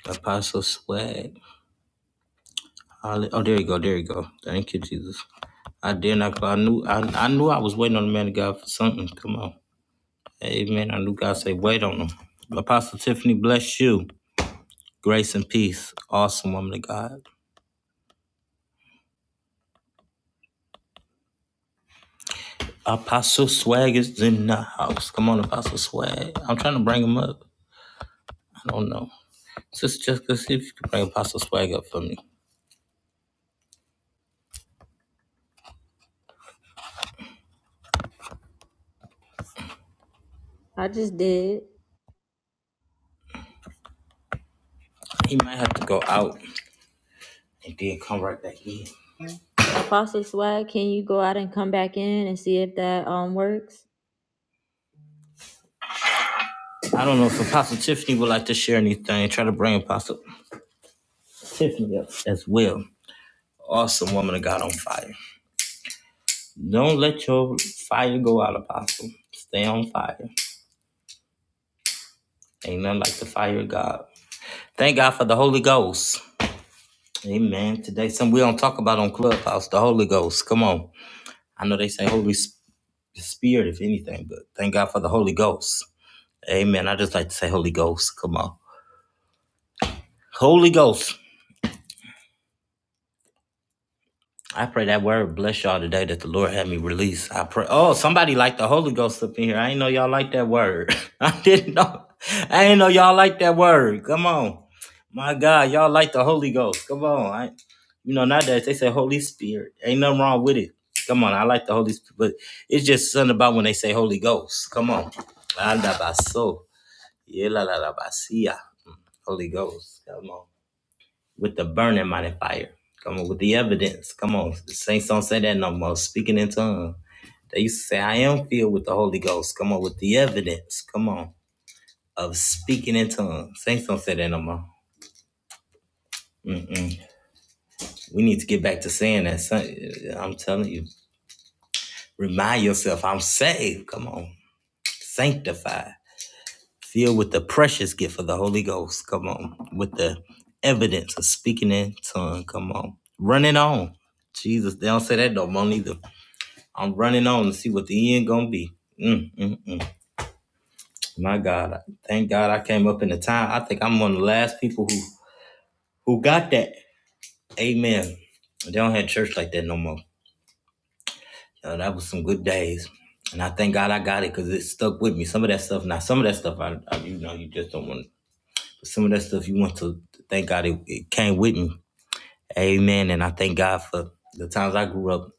Speaker 1: Apostle Swag. Holly- Oh, there you go. There you go. Thank you, Jesus. I did not. I knew. I, I knew I was waiting on the man of God for something. Come on. Amen. I knew God said, wait on him. Apostle Tiffany, bless you. Grace and peace. Awesome woman of God. Apostle Swag is in the house. Come on, Apostle Swag. I'm trying to bring him up. I don't know. Sister Jessica, see if you can bring Apostle Swag up for me.
Speaker 2: I just did.
Speaker 1: He might have to go out and then come right back in.
Speaker 2: Apostle Swag, can you go out and come back in and see if that um works?
Speaker 1: I don't know if Apostle Tiffany would like to share anything. Try to bring Apostle Tiffany up as well. Awesome woman of God on fire. Don't let your fire go out, Apostle. Stay on fire. Ain't nothing like the fire of God. Thank God for the Holy Ghost. Amen. Today, something we don't talk about on Clubhouse, the Holy Ghost. Come on. I know they say Holy Sp- Spirit, if anything, but thank God for the Holy Ghost. Amen. I just like to say Holy Ghost. Come on. Holy Ghost. I pray that word bless y'all today that the Lord had me release. I pray. Oh, somebody like the Holy Ghost up in here. I ain't know y'all like that word. I didn't know. I ain't know y'all like that word. Come on. My God, y'all like the Holy Ghost. Come on. I, you know, nowadays they say Holy Spirit. Ain't nothing wrong with it. Come on. I like the Holy Spirit. But it's just something about when they say Holy Ghost. Come on. Anda baso. Yela la la basia. Mm. Holy Ghost. Come on. with the burning mighty fire. Come on, with the evidence. Come on, The saints don't say that no more. Speaking in tongues. They used to say, I am filled with the Holy Ghost. Come on, with the evidence. Come on, of speaking in tongues. Saints don't say that no more. Mm-mm. We need to get back to saying that. Son- I'm telling you, remind yourself, I'm saved. Come on, sanctified, filled with the precious gift of the Holy Ghost. Come on, with the evidence of speaking in tongues. Come on, run it on. Jesus, they don't say that no more neither. I'm running on to see what the end gonna be. Mm, mm, mm. My God, thank God I came up in the time. I think I'm one of the last people who who got that. Amen. They don't have church like that no more. Uh, that was some good days, and I thank God I got it because it stuck with me. Some of that stuff, now some of that stuff, I, I you know you just don't want. Some of that stuff you want to thank God it, it came with me. Amen. And I thank God for the times I grew up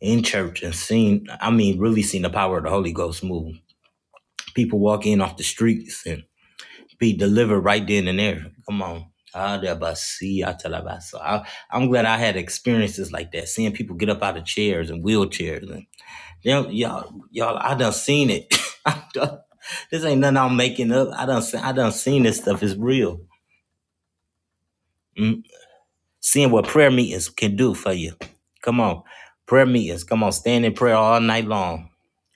Speaker 1: in church and seen. I mean, really seen the power of the Holy Ghost move. People walk in off the streets and be delivered right then and there. Come on. Ah, da ba si, ah, ta la ba sa. I- I'm glad I had experiences like that, seeing people get up out of chairs and wheelchairs. And y'all, y'all, y'all I done seen it. I done- this ain't nothing I'm making up. I done, se- I done seen this stuff. It's real. Mm. Seeing what prayer meetings can do for you. Come on. Prayer meetings. Come on. Stand in prayer all night long.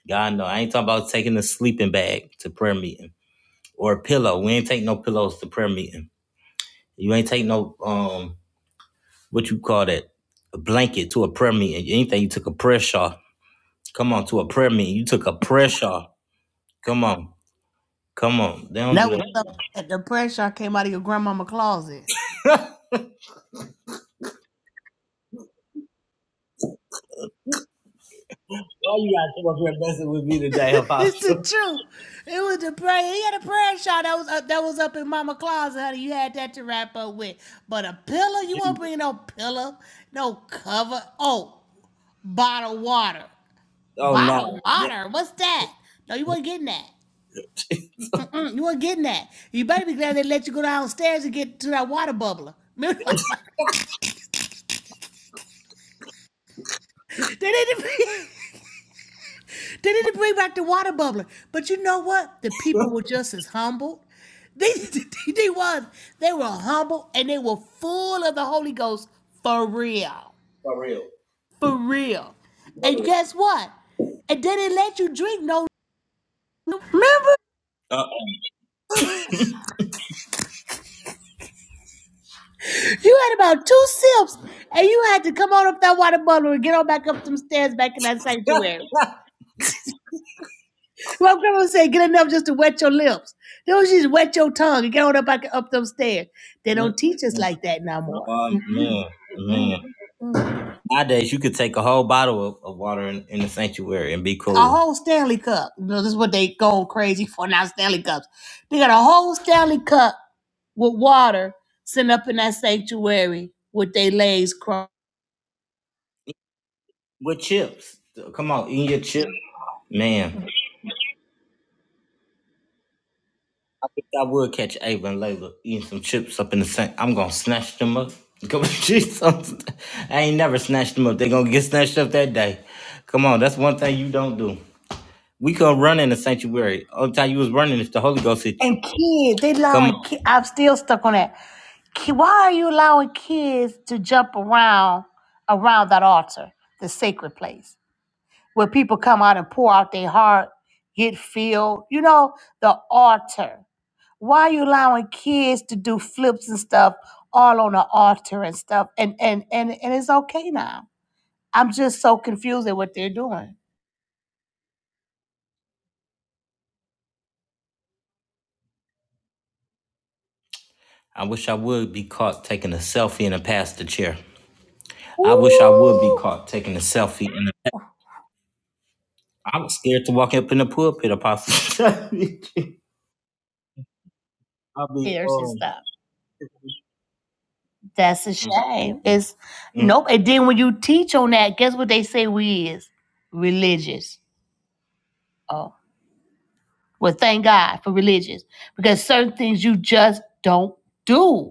Speaker 1: God know. I ain't talking about taking a sleeping bag to prayer meeting or a pillow. We ain't take no pillows to prayer meeting You ain't take no um what you call that a blanket to a prayer meeting. Anything you took a prayer shawl. Come on to a prayer meeting. You took a prayer shawl. Come on, come on. They don't
Speaker 10: That
Speaker 1: do that.
Speaker 10: was something
Speaker 1: Why
Speaker 10: that the prayer shawl came out of your grandmama closet.
Speaker 1: you gotta come up here messing with me today,
Speaker 10: it's the
Speaker 1: Apostle?
Speaker 10: truth. It was the prayer. He had a prayer shawl that was up, that was up in mama closet, honey. You had that to wrap up with. But a pillow, you won't
Speaker 1: Jesus.
Speaker 10: bring no pillow, no cover. Oh, bottled water.
Speaker 1: Oh
Speaker 10: Bottled
Speaker 1: no. Yeah.
Speaker 10: water. What's that? No, you weren't getting that. Mm-mm, you weren't getting that. You better be glad they let you go downstairs and get to that water bubbler. they didn't. They need to bring back the water bubbler. But you know what? The people were just as humble. They, they, they was. They were humble and they were full of the Holy Ghost for real. For real. And guess what? And they didn't let you drink no. Remember? You had about two sips and you had to come on up that water bubbler and get on back up some stairs back in that sanctuary. My grandma said, get enough just to wet your lips. Don't just wet your tongue and get on up, back up them stairs. They don't teach us
Speaker 1: Mm-mm-mm.
Speaker 10: like that no more.
Speaker 1: Oh man, man. Nowadays you could take a whole bottle of, of water in, in the sanctuary and be
Speaker 10: a
Speaker 1: cool
Speaker 10: whole Stanley Cup. You know, this is what they go crazy for now, Stanley Cups. They got a whole Stanley Cup with water sitting up in that sanctuary with their legs crossed.
Speaker 1: with chips. Come on, eat your chips, man. If I would catch Ava and Layla eating some chips up in the sink, I'm gonna snatch them up. Come on, Jesus. I'm- I ain't never snatched them up. They gonna get snatched up that day. Come on, that's one thing you don't do. We couldn't run in the sanctuary. Only time you was running is the Holy Ghost hit you.
Speaker 10: And kids, they
Speaker 1: Come
Speaker 10: allowing
Speaker 1: on.
Speaker 10: kids, I'm still stuck on that. Ki- Why are you allowing kids to jump around around that altar, the sacred place? where people come out and pour out their heart, get filled. You know, the altar. Why are you allowing kids to do flips and stuff all on the altar and stuff? And and and and it's okay now. I'm just so confused at what they're doing.
Speaker 1: I wish I would be caught taking a selfie in a pastor chair. I wish I would be
Speaker 10: Ooh,
Speaker 1: caught taking a selfie. In a, I was scared to walk up in the pulpit, Apostle. I'll be,
Speaker 10: tears and
Speaker 1: um,
Speaker 10: stuff. That's a
Speaker 1: mm, mm, mm,
Speaker 10: shame.
Speaker 1: mm,
Speaker 10: It's
Speaker 1: mm,
Speaker 10: nope. And then when you teach on that, guess what they say we is religious. Oh, well, thank God for religious because certain things you just don't do.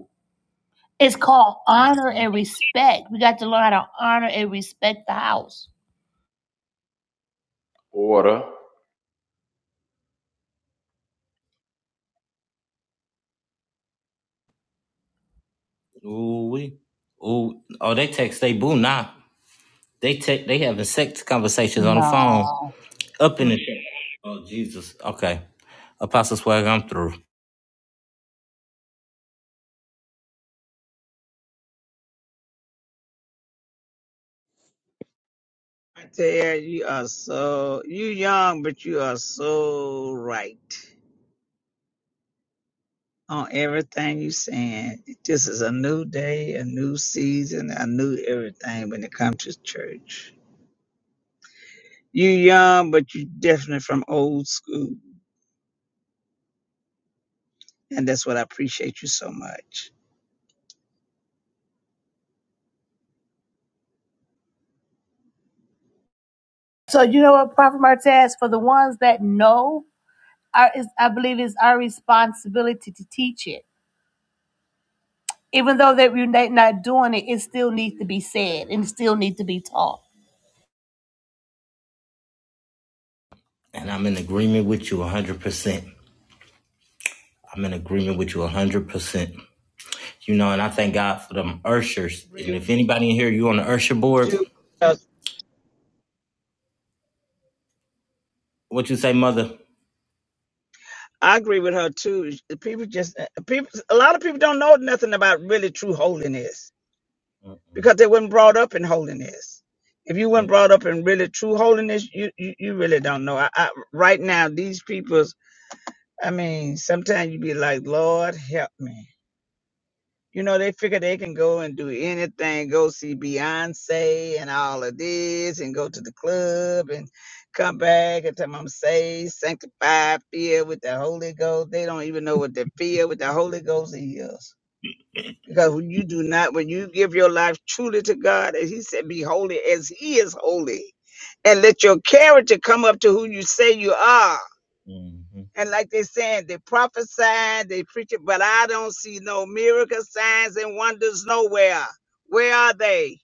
Speaker 10: It's called
Speaker 1: mm.
Speaker 10: honor
Speaker 1: mm.
Speaker 10: and respect. We got to learn how to honor and respect the house.
Speaker 11: Order.
Speaker 1: Ooh, we. Ooh. Oh, they text they boo now. They text they having sex conversations on the phone.
Speaker 10: No.
Speaker 1: Up in the shit. Oh Jesus. Okay. Apostle Swag, I'm through.
Speaker 9: tell you, you are so you young, but you are so right on everything you saying. This is a new day, a new season, a new everything when it comes to church. You young, but you definitely from old school, and that's what I appreciate you so much.
Speaker 10: So you know what, Prophet Martez, for the ones that know, our, is, I believe it's our responsibility to teach it. Even though that we're not not doing it, it still needs to be said and it still needs to be taught.
Speaker 1: And I'm in agreement with you 100%. I'm in agreement with you 100%. You know, and I thank God for them Urshers. And
Speaker 9: Agree
Speaker 1: if anybody in here, you on the Ursher board,
Speaker 9: too. I
Speaker 1: what you say, mother?
Speaker 9: agree with her too. People just uh, uh, people. A lot of people don't know nothing about really true holiness because they weren't brought up in holiness. If you weren't brought up in really true holiness, you you, you really don't know. I, I, right now, these people's. I mean, sometimes you be like, Lord, help me. You know, they figure they can go and do anything, go see Beyonce and all of this, and go to the club and come back and tell them I'm saved, sanctified, filled with the Holy Ghost. They don't even know what the filled with the Holy Ghost is. Because when you do not, when you give your life truly to God, as He said, be holy as He is holy, and let your character come up to who you say you are. And like they saying, they prophesy, they preach it, but I don't see no miracle signs and wonders nowhere. Where are they?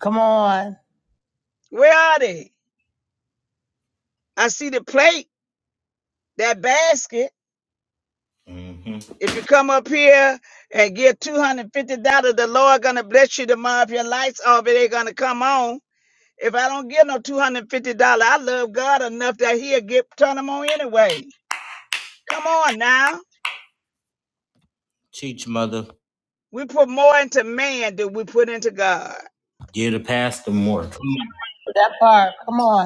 Speaker 10: Come on.
Speaker 9: Where are they? I see the plate, that basket.
Speaker 1: hmm
Speaker 9: If you come up here and give two hundred fifty dollars, the Lord gonna bless you tomorrow. If your lights off, it ain't gonna come on. If I don't give no two hundred fifty dollars, I love God enough that He'll get turn them on anyway. Come on now,
Speaker 1: Teach, mother.
Speaker 9: we put more into man than we put into God.
Speaker 1: Give the pastor more.
Speaker 10: That part. Come on.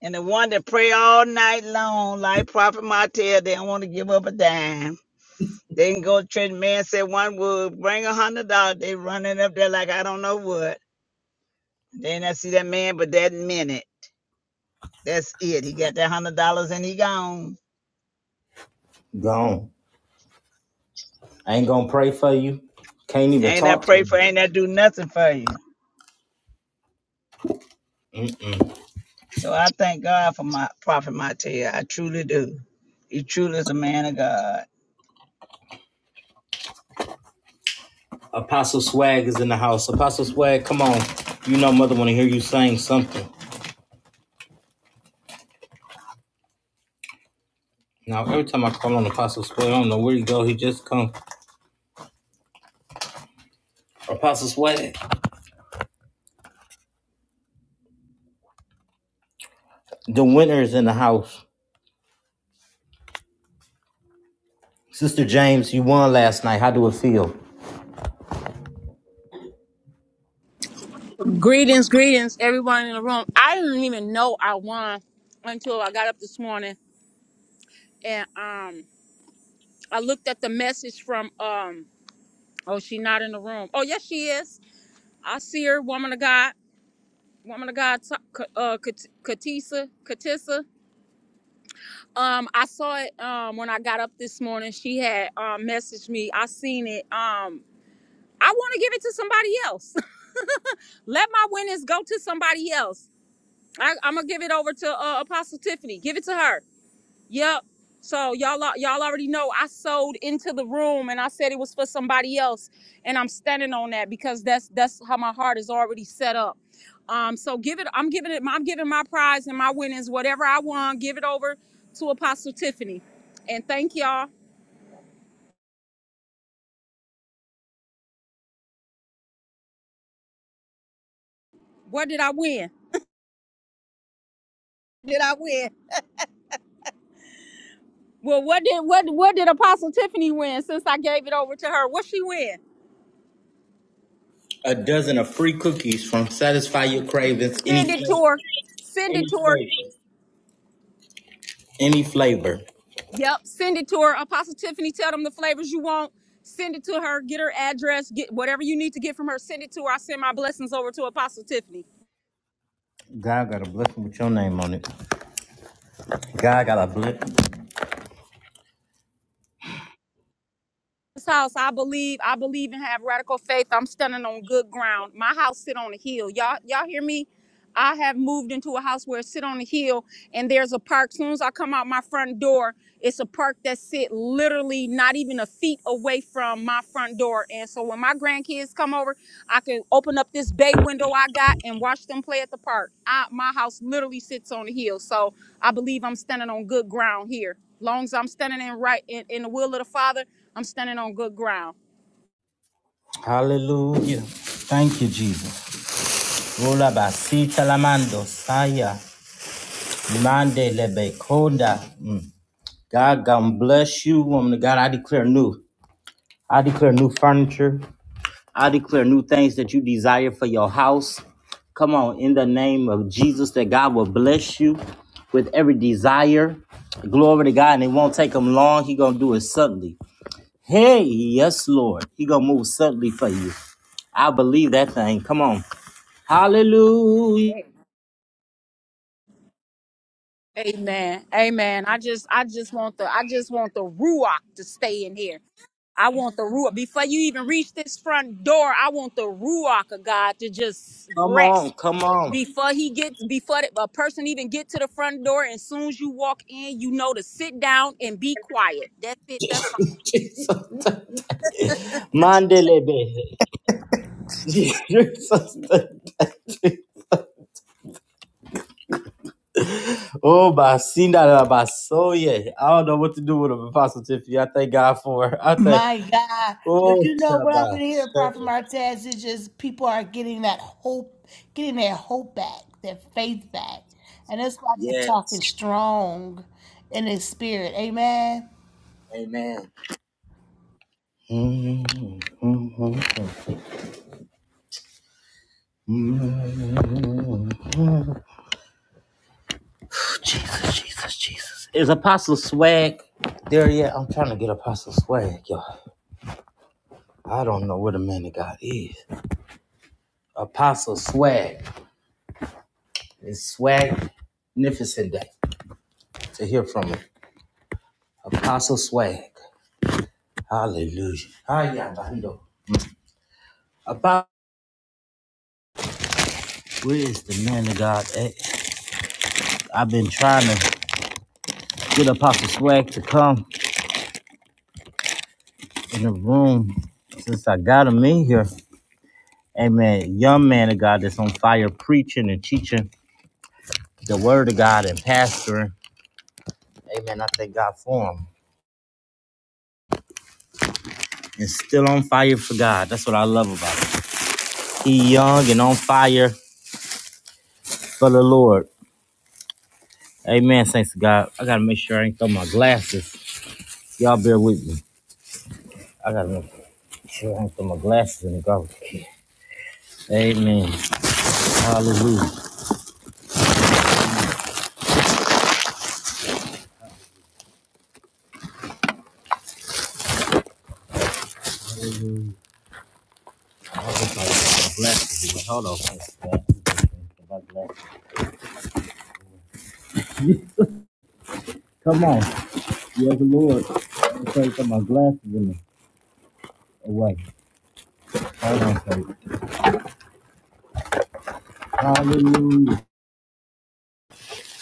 Speaker 9: And the one that pray all night long, like Prophet Martell, they don't want to give up a dime. They can go to church. Man said one would bring a hundred dollars. They running up there like I don't know what. Then I see that man, but that minute, that's it. He got that hundred dollars and he gone.
Speaker 1: Gone. I ain't going to pray for you. Can't even
Speaker 9: Ain't that
Speaker 1: talk to
Speaker 9: pray
Speaker 1: you.
Speaker 9: for? Ain't that do nothing for you? So I thank God for my Prophet Martell. I truly do. He truly is a man of God.
Speaker 1: Apostle Swag is in the house. Apostle Swag, come on. You know mother want to hear you saying something. Now every time I call on Apostle Swag, I don't know where he go. He just come. Apostle Swag. The winner is in the house. Sister James, you won last night. How do it feel?
Speaker 12: Greetings, greetings, everyone in the room. I didn't even know I won until I got up this morning and um I looked at the message from um oh she not in the room. Oh yes she is. I see her, woman of God, woman of God, Ta- Ka- uh, Kat- Katisa, Katissa. Um, I saw it um when I got up this morning. She had um messaged me. I seen it. Um, I want to give it to somebody else. Let my winnings go to somebody else. I, I'm gonna give it over to uh, Apostle Tiffany. Give it to her. Yep. So y'all al- y'all already know I sold into the room and I said it was for somebody else and I'm standing on that because that's that's how my heart is already set up. Um so give it I'm giving it I'm giving my prize and my winnings whatever I won give it over to Apostle Tiffany. And thank y'all. What did I win? Did I win? Well, what did what what did Apostle Tiffany win since I gave it over to her? What she win?
Speaker 1: A dozen of free cookies from Satisfy Your Cravings. Any
Speaker 12: Send
Speaker 1: flavor.
Speaker 12: it to her. Send
Speaker 1: Any
Speaker 12: it to her.
Speaker 1: flavor. Any flavor.
Speaker 12: Yep. Send it to her. Apostle Tiffany, tell them the flavors you want. Send it to her. Get her address. Get whatever you need to get from her. Send it to her. I send my blessings over to Apostle Tiffany.
Speaker 1: God got a blessing with your name on it. God got a blessing.
Speaker 12: This house, I believe, I believe and have radical faith. I'm standing on good ground. My house sit on a hill. Y'all, y'all hear me? I have moved into a house where it sit on a hill and there's a park. soon as I come out my front door, it's a park that sit literally not even a feet away from my front door. And so when my grandkids come over I can open up this bay window I got and watch them play at the park. I, my house literally sits on a hill, so I believe I'm standing on good ground here. Long as I'm standing in right in, in the will of the Father, I'm standing on good ground.
Speaker 1: Hallelujah. Thank you, Jesus. Rola basita lamando Saya. Mande lebe konda. Mm. God, God bless you, woman of God. I declare new. I declare new furniture. I declare new things that you desire for your house. Come on, in the name of Jesus, that God will bless you with every desire. Glory to God, and it won't take him long. He gonna do it suddenly. Hey, yes, Lord. He gonna move suddenly for you. I believe that thing. Come on. Hallelujah.
Speaker 12: Amen. Amen. I just I just want the I just want the ruach to stay in here. I want the ruach before you even reach this front door. I want the ruach of God to just
Speaker 1: Come on,
Speaker 12: rest
Speaker 1: come on.
Speaker 12: before he gets before the- a person even get to the front door. And soon as you walk in, you know to sit down and be quiet. That's it. That's all.
Speaker 1: Mandele Jesus. oh my seen that uh, my soul yeah. I don't know what to do with him Apostle Tiffany. I thank God for her. I thank
Speaker 10: My God. But
Speaker 1: oh
Speaker 10: you know what I've
Speaker 1: Shabbat.
Speaker 10: been hearing,
Speaker 1: Shalom.
Speaker 10: Prophet Martez, is just people are getting that hope, getting their hope back, their faith back. And that's why they're
Speaker 1: Yes.
Speaker 10: talking strong in their spirit. Amen.
Speaker 1: Amen. Jesus, Jesus, Jesus. Is Apostle Swag there yet? I'm trying to get Apostle Swag, y'all. I don't know where the man of God is. Apostle Swag. It's Swagnificent Day to hear from him. Apostle Swag. Hallelujah. Hiya, Bando. About where is the man of God at? I've been trying to get Apostle Swag to come in the room since I got him in here. Amen. Young man of God that's on fire preaching and teaching the word of God and pastoring. Amen. I thank God for him. And still on fire for God. That's what I love about him. He young and on fire for the Lord. Amen. Thanks to God. I gotta make sure I ain't throw my glasses. Y'all bear with me. I gotta Sure, I'm put my glasses in the garbage. can. Amen. Hallelujah. I hope I got my glasses in. Hold on. Come on. Yes, Lord. I'm trying to put my glasses in the away. Hold on, Faith. Hallelujah.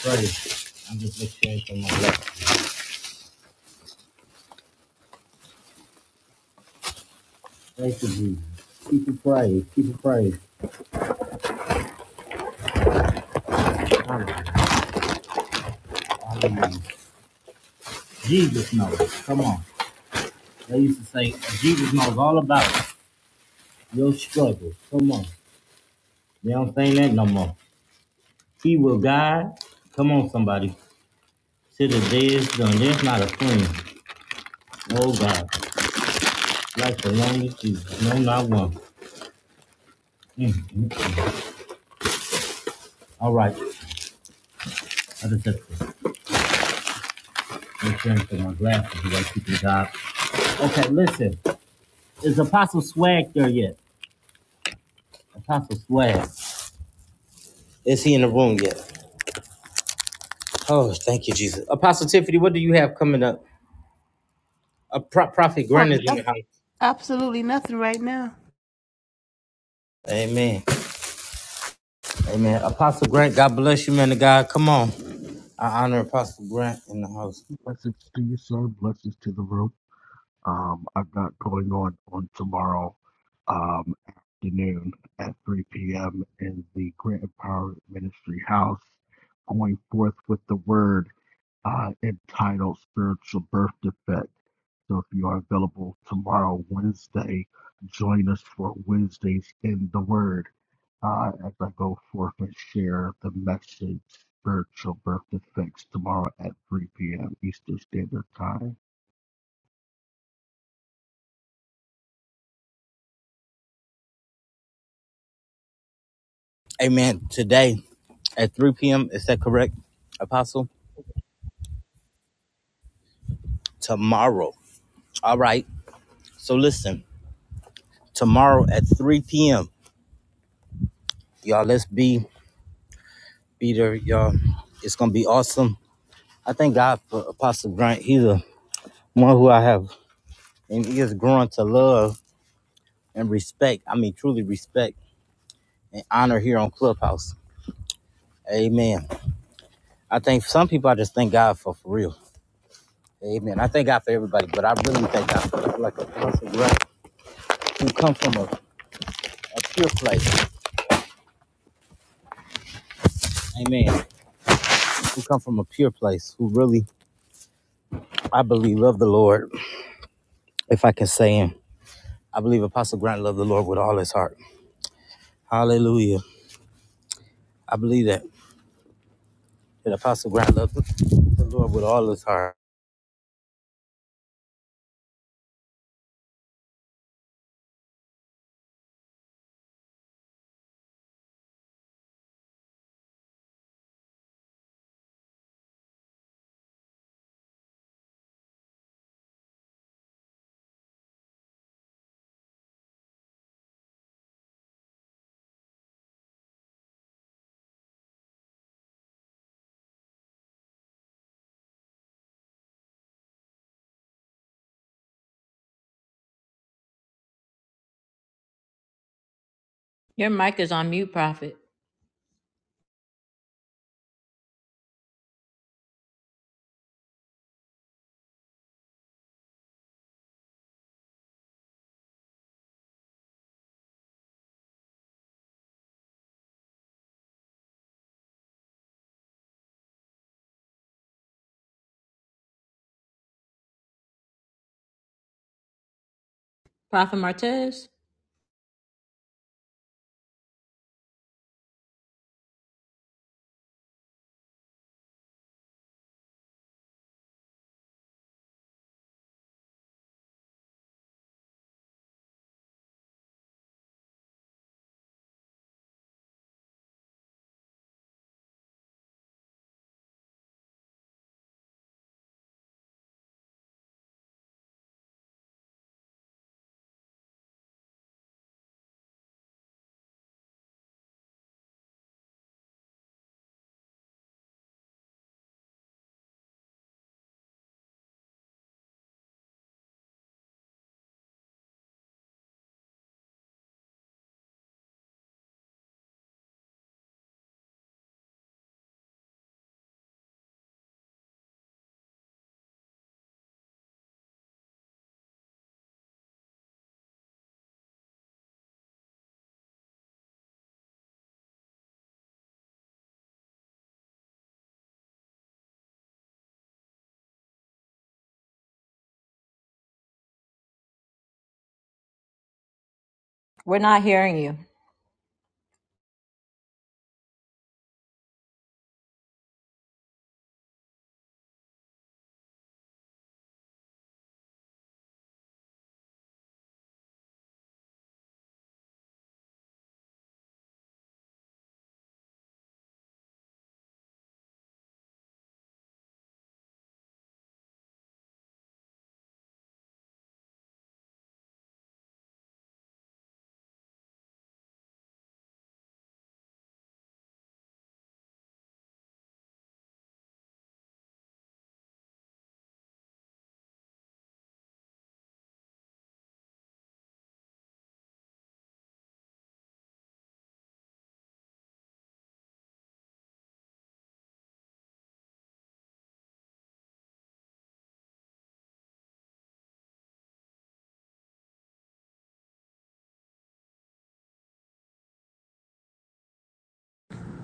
Speaker 1: Praise. I'm just make sure my glasses. Thank you, Jesus. Keep it praise. Keep it praise. Hallelujah. Hallelujah. Jesus knows. Come on. They used to say, Jesus knows all about your struggles. Come on. They don't say that no more. He will guide. Come on, somebody. See the days done, there's not a friend. Oh God, like the longest you, no, not one. Mm, mm, mm. All right, I just have to make sure I put my glasses so I keep the job. Okay, listen, is Apostle Swag there yet? Apostle Swag, is he in the room yet? Oh, thank you, Jesus. Apostle Tiffany, what do you have coming up? A pro- prophet
Speaker 10: Oh,
Speaker 1: Grant is in the
Speaker 10: nothing,
Speaker 1: house.
Speaker 10: absolutely nothing right now.
Speaker 1: Amen, amen. Apostle Grant, God bless you, man of God. Come on, I honor Apostle Grant in the house.
Speaker 13: Blessings to you, sir. Blessings to the room. Um, I've got going on on tomorrow um, afternoon at 3 p.m. in the Grant Empowerment Ministry House, going forth with the word uh, entitled Spiritual Birth Defects. So if you are available tomorrow, Wednesday, join us for Wednesdays in the Word uh, as I go forth and share the message Spiritual Birth Effects tomorrow at 3 p.m. Eastern Standard Time.
Speaker 1: Amen. Today at 3 p.m. Is that correct, Apostle? Tomorrow. All right. So listen, tomorrow at 3 p.m. Y'all, let's be be there, y'all. It's gonna be awesome. I thank God for Apostle Grant. He's a one who I have and he is growing to love and respect. I mean, truly respect and honor here on Clubhouse. Amen. I think some people I just thank God for for real. Amen. I thank God for everybody, but I really thank God for like a Apostle Grant who come from a, a pure place. Amen. Who come from a pure place, who really, I believe, love the Lord, if I can say him. I believe Apostle Grant loved the Lord with all his heart. Hallelujah. I believe that. That Apostle Grant loved the Lord with all his heart.
Speaker 2: Your mic is on mute, Prophet. Prophet Martez. We're not hearing you.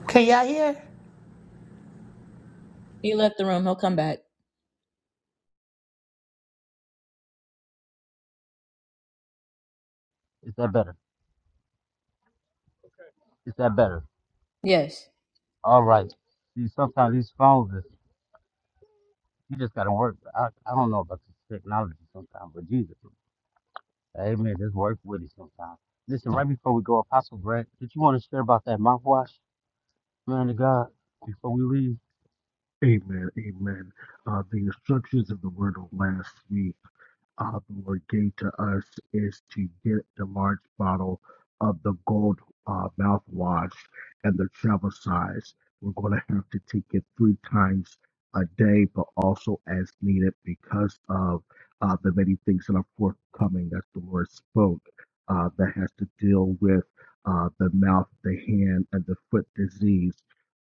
Speaker 10: Can y'all hear?
Speaker 2: He left the room. He'll come back.
Speaker 1: Is that better? Is that better? All right. See, sometimes these phones, is- you just got to work. I, I don't know about this technology sometimes, but Jesus, amen, just work with it sometimes. Listen, right before we go, Apostle Grant, did you want to share about that mouthwash, man of God, before we
Speaker 13: Amen. Amen. Uh, the instructions of the Word of last week. uh, The Lord gave to us is to get the large bottle of the gold uh, mouthwash and the travel size. We're going to have to take it three times a day, but also as needed because of uh, the many things that are forthcoming that the Lord spoke uh, that has to deal with uh, the mouth, the hand, and the foot disease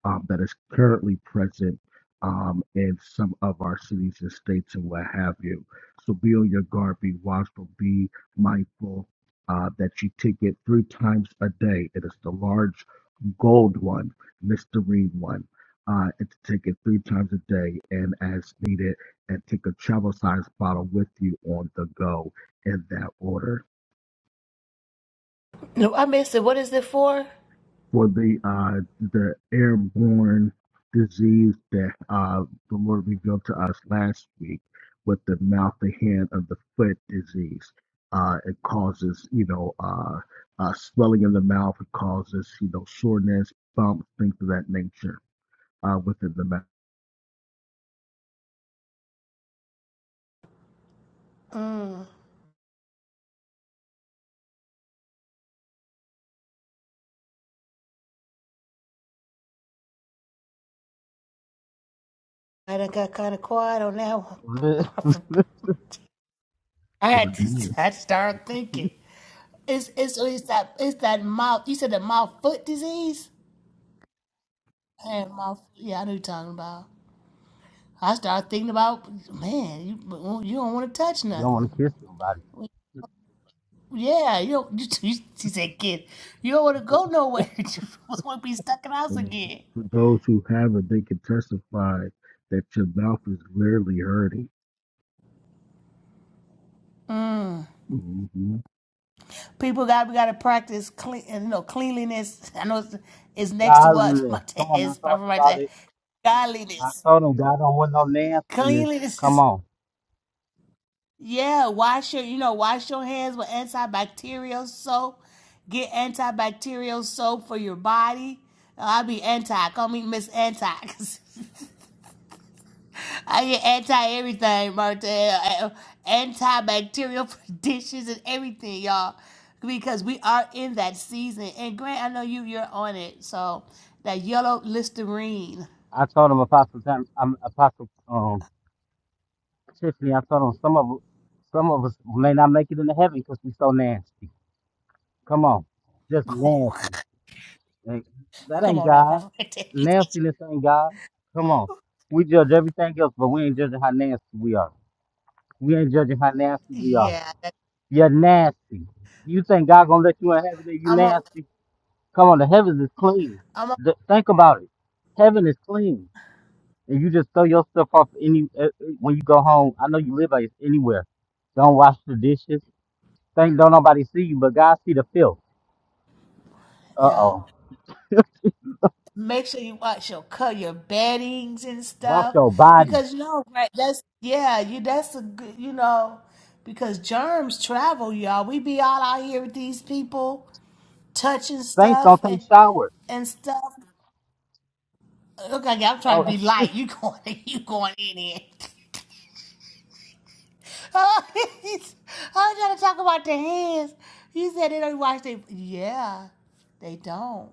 Speaker 13: um, that is currently present um, in some of our cities and states and what have you so be on your guard, be watchful, be mindful uh, that you take it three times a day. It is the large gold one, Listerine one. Uh, and to take it three times a day and as needed, and take a travel size bottle with you on the go in that order
Speaker 10: No, I missed it. What is it for?
Speaker 13: for the uh, the airborne disease that uh, the Lord revealed to us last week with the mouth, the hand, and the foot disease. Uh, it causes, you know, uh, uh, swelling in the mouth. It causes, you know, soreness, bumps, things of that nature uh, within the mouth.
Speaker 10: I done got kind of quiet on that one.
Speaker 1: leave?
Speaker 10: I
Speaker 13: Sure
Speaker 10: had to,
Speaker 13: did.
Speaker 10: I had to start thinking. It's, it's, it's that it's that mouth. You said the mouth foot disease. Hand mouth. Yeah, I know what you're talking about. I started thinking about, man, you, you don't want to touch
Speaker 1: You don't
Speaker 10: nothing.
Speaker 1: want to kiss nobody.
Speaker 10: Yeah, you don't, you, you, she said, kid, you don't want to go nowhere. You just want to be stuck in the house
Speaker 13: And
Speaker 10: again.
Speaker 13: for those who have it, they can testify that your mouth is rarely hurting. hmm
Speaker 10: People got we got to practice clean, you know, cleanliness. I know it's, it's next to
Speaker 1: God,
Speaker 10: what my
Speaker 1: come on. I
Speaker 10: test, my
Speaker 1: thought
Speaker 10: my
Speaker 1: about
Speaker 10: dad,
Speaker 1: it. I
Speaker 10: godliness,
Speaker 1: told him God don't want no nastiness.
Speaker 10: cleanliness.
Speaker 1: Come
Speaker 10: is-
Speaker 1: on.
Speaker 10: Yeah, wash your, you know, wash your hands with antibacterial soap. Get antibacterial soap for your body. I'll be anti. Call me Miss Anti. I get anti everything, Martell. Antibacterial for dishes and everything, y'all. Because we are in that season. And Grant, I know you you're on it. So that yellow listerine.
Speaker 1: I told him Apostle Tim, um, Apostle um, Tiffany. I told him some of some of us may not make it into heaven because we so nasty. Come on, just
Speaker 10: Come
Speaker 1: nasty. Like, That ain't
Speaker 10: on now,
Speaker 1: God.
Speaker 10: Papa.
Speaker 1: Nastiness ain't God. Come on. We judge everything else, but we ain't judging how nasty we are. We ain't judging how nasty we are.
Speaker 10: yeah.
Speaker 1: You're nasty. You think God gonna let you in heaven if you
Speaker 10: I'm on
Speaker 1: nasty? Come on, the heavens is clean.
Speaker 10: I'm on
Speaker 1: Th- think about it. Heaven is clean, and you just throw your stuff off any uh, uh, when you go home. I know you live like anywhere. Don't wash the dishes. Think don't nobody see you, but God see the filth. Uh
Speaker 10: all
Speaker 1: oh.
Speaker 10: Make sure you watch your color, your beddings and
Speaker 1: Wash
Speaker 10: stuff.
Speaker 1: your body.
Speaker 10: Because you know, right, that's yeah, you that's a good you know, because germs travel, y'all. We be all out here with these people touching
Speaker 1: Saints
Speaker 10: stuff
Speaker 1: don't take
Speaker 10: and
Speaker 1: showers.
Speaker 10: and stuff. Look, like I'm trying to
Speaker 1: Oh,
Speaker 10: be light. You going? You going in here? I'm trying to talk about the hands. You said they don't wash their. Yeah, they don't.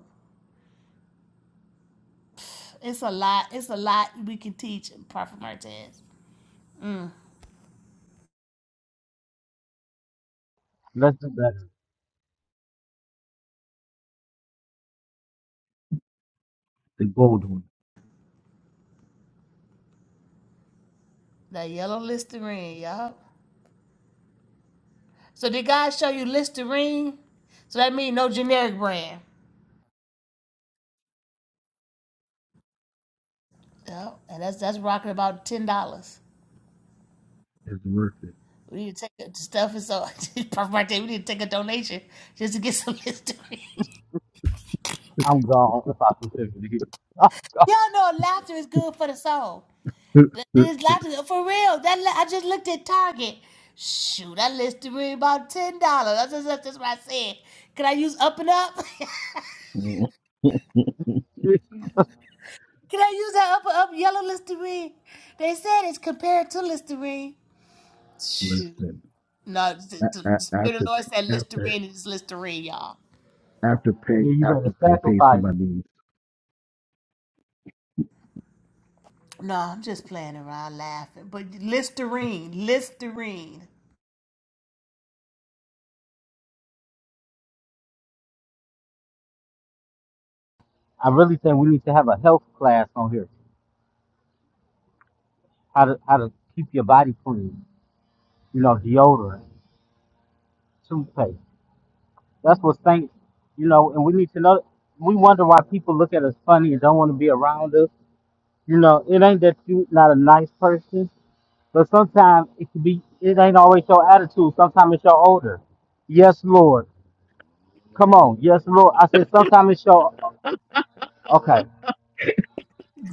Speaker 10: It's a lot. It's a lot we can teach in Prophet Martez.
Speaker 1: let's do better.
Speaker 13: The gold one
Speaker 10: That yellow Listerine, y'all. So did God show you Listerine? So that means no generic brand. Yep. And that's that's rocking about ten dollars.
Speaker 13: is worth it.
Speaker 10: We need to take the stuff and so Prophet Martin, we need to take a donation just to get some history.
Speaker 1: I'm gone. Apostle Tiffany. Oh, God.
Speaker 10: Y'all know laughter is good for the soul. That is laughter for real. That la- I just looked at Target. Shoot, that list to me about ten dollars. That's, just that's that's what I said. Can I use up and up?
Speaker 13: Mhm.
Speaker 10: Can I use that up and up yellow Listerine? They said it's compared to Listerine. Shoot.
Speaker 13: Listen.
Speaker 10: No,
Speaker 13: a-
Speaker 10: the, the
Speaker 13: a-
Speaker 10: Spirit of
Speaker 13: after
Speaker 10: the Lord said
Speaker 13: pay- after
Speaker 10: Listerine is Listerine, y'all.
Speaker 13: after
Speaker 1: I
Speaker 13: pay
Speaker 1: mean, you
Speaker 13: after
Speaker 1: better
Speaker 13: pay pays for
Speaker 1: sacrifice.
Speaker 13: my needs.
Speaker 10: No, I'm just playing around laughing. But Listerine, Listerine.
Speaker 1: I really think we need to have a health class on here. How to how to keep your body clean. You know, deodorant, toothpaste. That's what saints, you know, and we need to know. We wonder why people look at us funny and don't want to be around us. You know, it ain't that you not a nice person, but sometimes it could be. It ain't always your attitude. Sometimes it's your odor. Yes, Lord. Come on. Yes, Lord. I said sometimes it's your. Okay.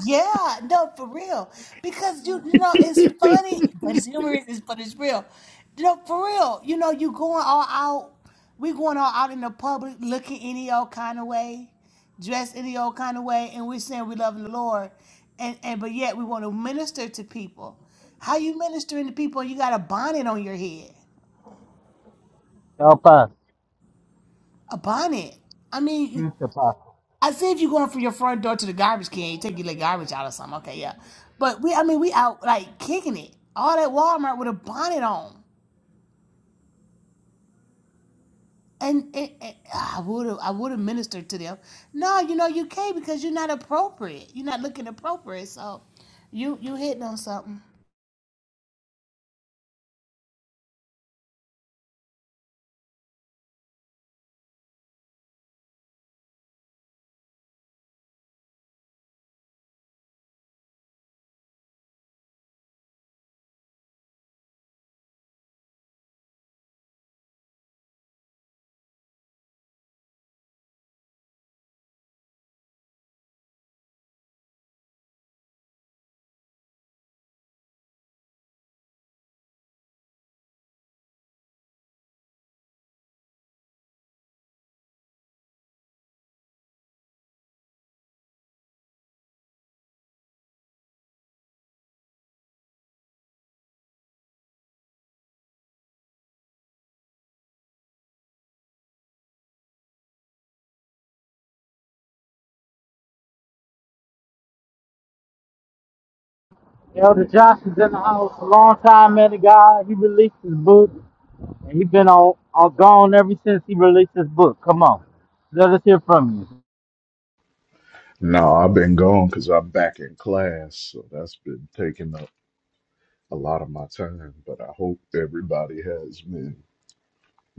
Speaker 10: Yeah, no, for real. Because you, you know, it's funny, but it's humorous, it's, but it's real. You know, for real. You know, you going all out. We going all out in the public, looking any old kind of way, dressed any old kind of way, and we're saying we love the Lord, and and but yet we want to minister to people. How you ministering to people? You got a bonnet on your head,
Speaker 1: Help us.
Speaker 10: a bonnet. I mean.
Speaker 1: Future apostle.
Speaker 10: I see if you're going from your front door to the garbage can, you take your like, garbage out or something. Okay, yeah. But we, I mean, we out like kicking it. All that Walmart with a bonnet on. And, and, and ah, I would have, I would have ministered to them. No, you know you can't because you're not appropriate. You're not looking appropriate. So, you you hitting on something.
Speaker 1: Elder Johnson's in the house. Long time man of God. He released his book, and he been on, on gone ever since he released his book. Come on. Let us hear from you.
Speaker 14: No, I've been gone because I'm back in class, so that's been taking up a lot of my time. But I hope everybody has been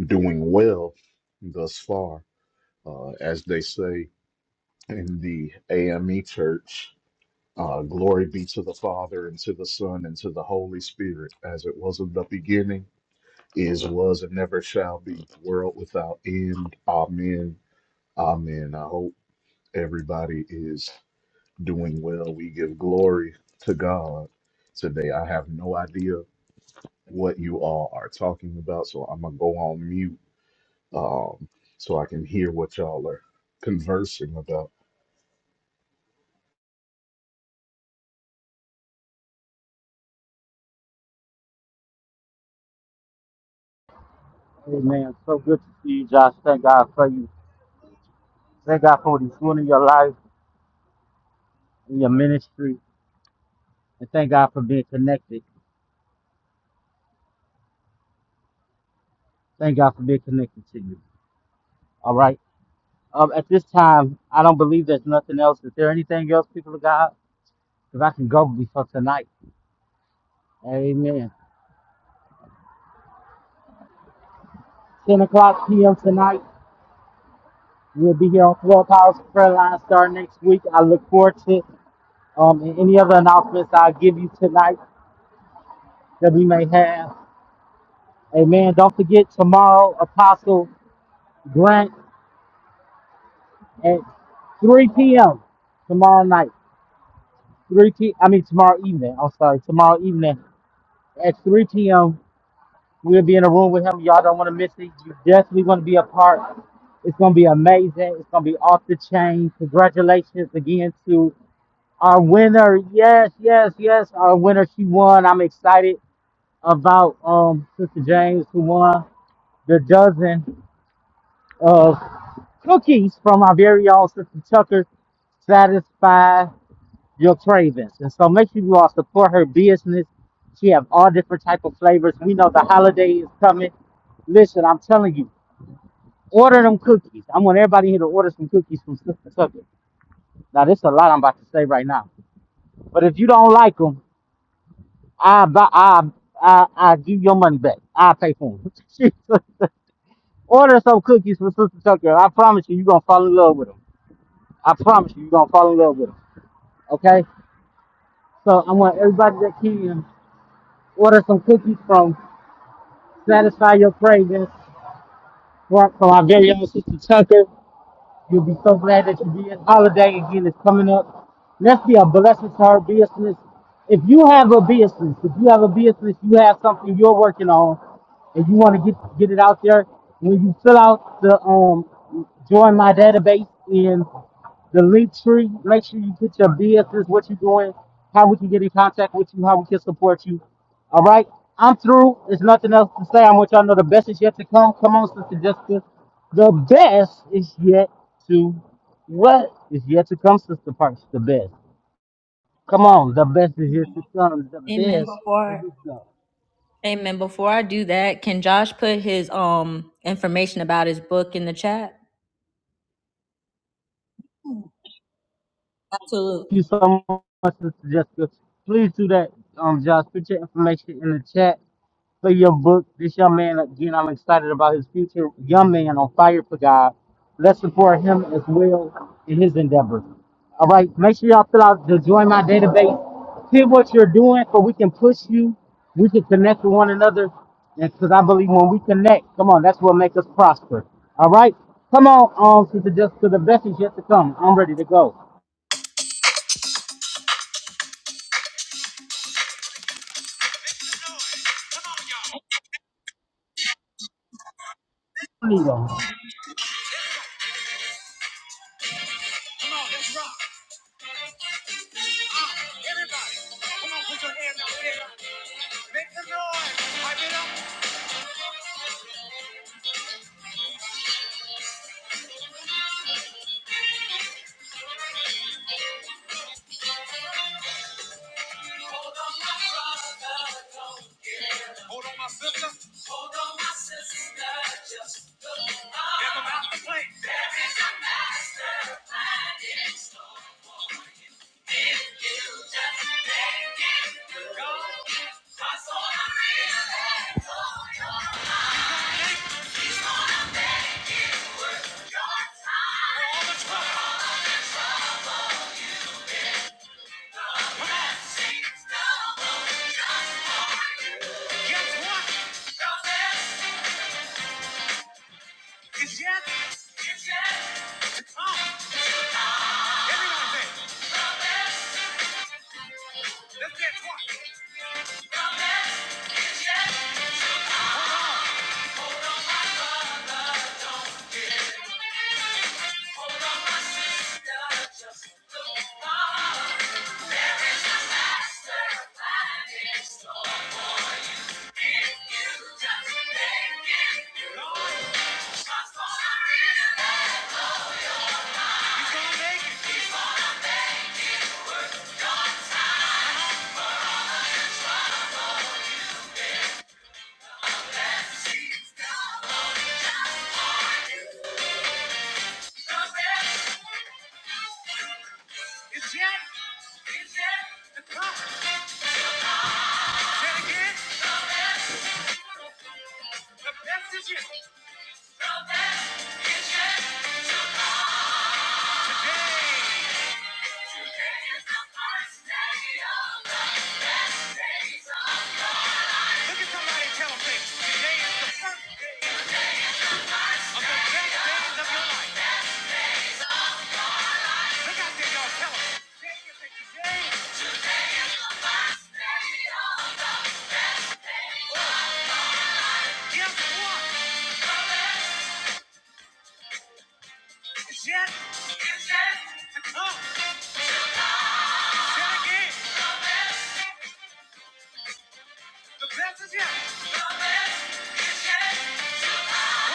Speaker 14: doing well thus far. Uh, as they say in the AME church, uh, glory be to the Father, and to the Son, and to the Holy Spirit, as it was in the beginning, is, was, and never shall be, world without end. Amen. Amen. I hope everybody is doing well. We give glory to God today. I have no idea what you all are talking about, so I'm gonna go on mute um, so I can hear what y'all are conversing about.
Speaker 1: Amen. So good to see you, Josh. Thank God for you. Thank God for what He's doing in your life, in your ministry, and thank God for being connected. Thank God for being connected to you. All right. Um, at this time, I don't believe there's nothing else. Is there anything else, people of God? Because I can go before tonight. Amen. 10 o'clock p.m. tonight. We'll be here on Clubhouse Prayer Line starting next week. I look forward to it. Um, and any other announcements I'll give you tonight that we may have. Amen. Don't forget tomorrow, Apostle Grant at 3 p.m. tomorrow night. 3 p. I mean tomorrow evening. I'm sorry, tomorrow evening at 3 p.m. We'll be in a room with him. Y'all don't want to miss it. You definitely want to be a part. It's gonna be amazing. It's gonna be off the chain. Congratulations again to our winner. Yes, yes, yes. Our winner. She won. I'm excited about um Sister James who won the dozen of cookies from our very own Sister Tucker satisfied your cravings. And so make sure you all support her business. She have all different type of flavors. We know the holiday is coming. Listen, I'm telling you, order them cookies. I want everybody here to order some cookies from Sister Tucker. Now, this is a lot I'm about to say right now. But if you don't like them, I buy, I, I, I give your money back. I pay for them. order some cookies from Sister Tucker. I promise you, you're going to fall in love with them. I promise you, you're going to fall in love with them. Okay? So I want everybody that can order some cookies from satisfy your cravings for, for our very own Sister Tucker. You'll be so glad that you did. Holiday again is coming up. Let's be a blessing to her business. If you have a business, if you have a business, you have something you're working on, and you want to get get it out there. When you fill out the um, join my database in the link tree. Make sure you put your business, what you're doing, how we can get in contact with you, how we can support you. All right, I'm through. There's nothing else to say. I want y'all to know the best is yet to come. Come on, Sister Jessica. The best is yet to what is yet to come, Sister Parks. The best. Come on, the best is yet to come. The
Speaker 2: Amen.
Speaker 1: best. Here
Speaker 2: Before
Speaker 1: we go.
Speaker 2: Amen. Before I do that, can Josh put his um information about his book in the chat? Absolutely.
Speaker 1: you so much, Mr. Jessica. Please do that, um, Josh. Put your information in the chat for your book. This young man, again, I'm excited about his future. Young man on fire for God. Let's support him as well in his endeavors. All right, make sure y'all fill out the Join My Database. Hear what you're doing so we can push you. We can connect with one another. And because I believe when we connect, come on, that's what makes us prosper. All right? Come on, um, Sister Jessica, the best is yet to come. I'm ready to go. Need 'em.
Speaker 2: Look out there, y'all. Tell them. Yes, what? yes, yes, It's come. Say it again. The best is yet. Come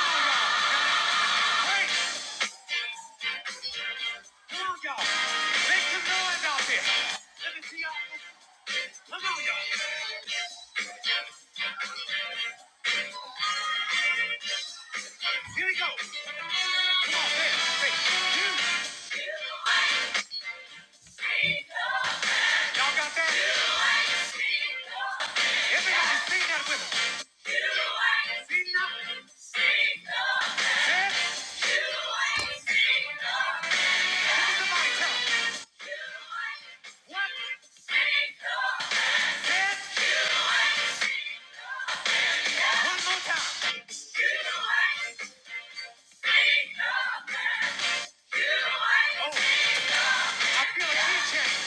Speaker 2: on, y'all. Wait. Come on, y'all. Make some noise out there. Let me see y'all. Come on, y'all. Here we go. Come on, man. Hey, You. Y'all got that? Everybody sing that with us. Sing that. Yes. it. Look at somebody. Tell them. Yes. One more time. Oh, I feel a key change.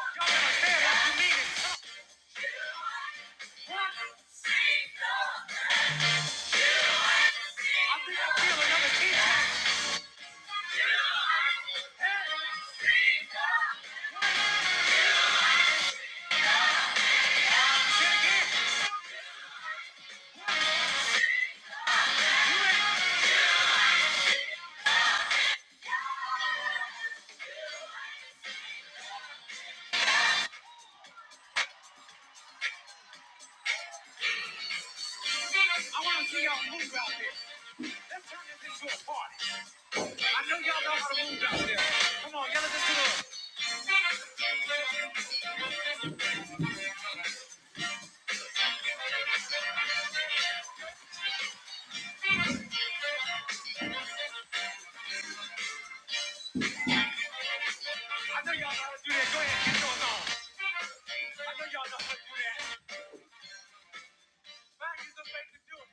Speaker 2: Y'all gotta say it like you mean it. I think I feel another key change. I want to see y'all move out there. Let's turn this into a party. I know y'all know how to move out there. Come on, y'all listen to us. I know y'all know how to do that. Go ahead, get yours on. I know y'all know how to do that. Find is the way to do it.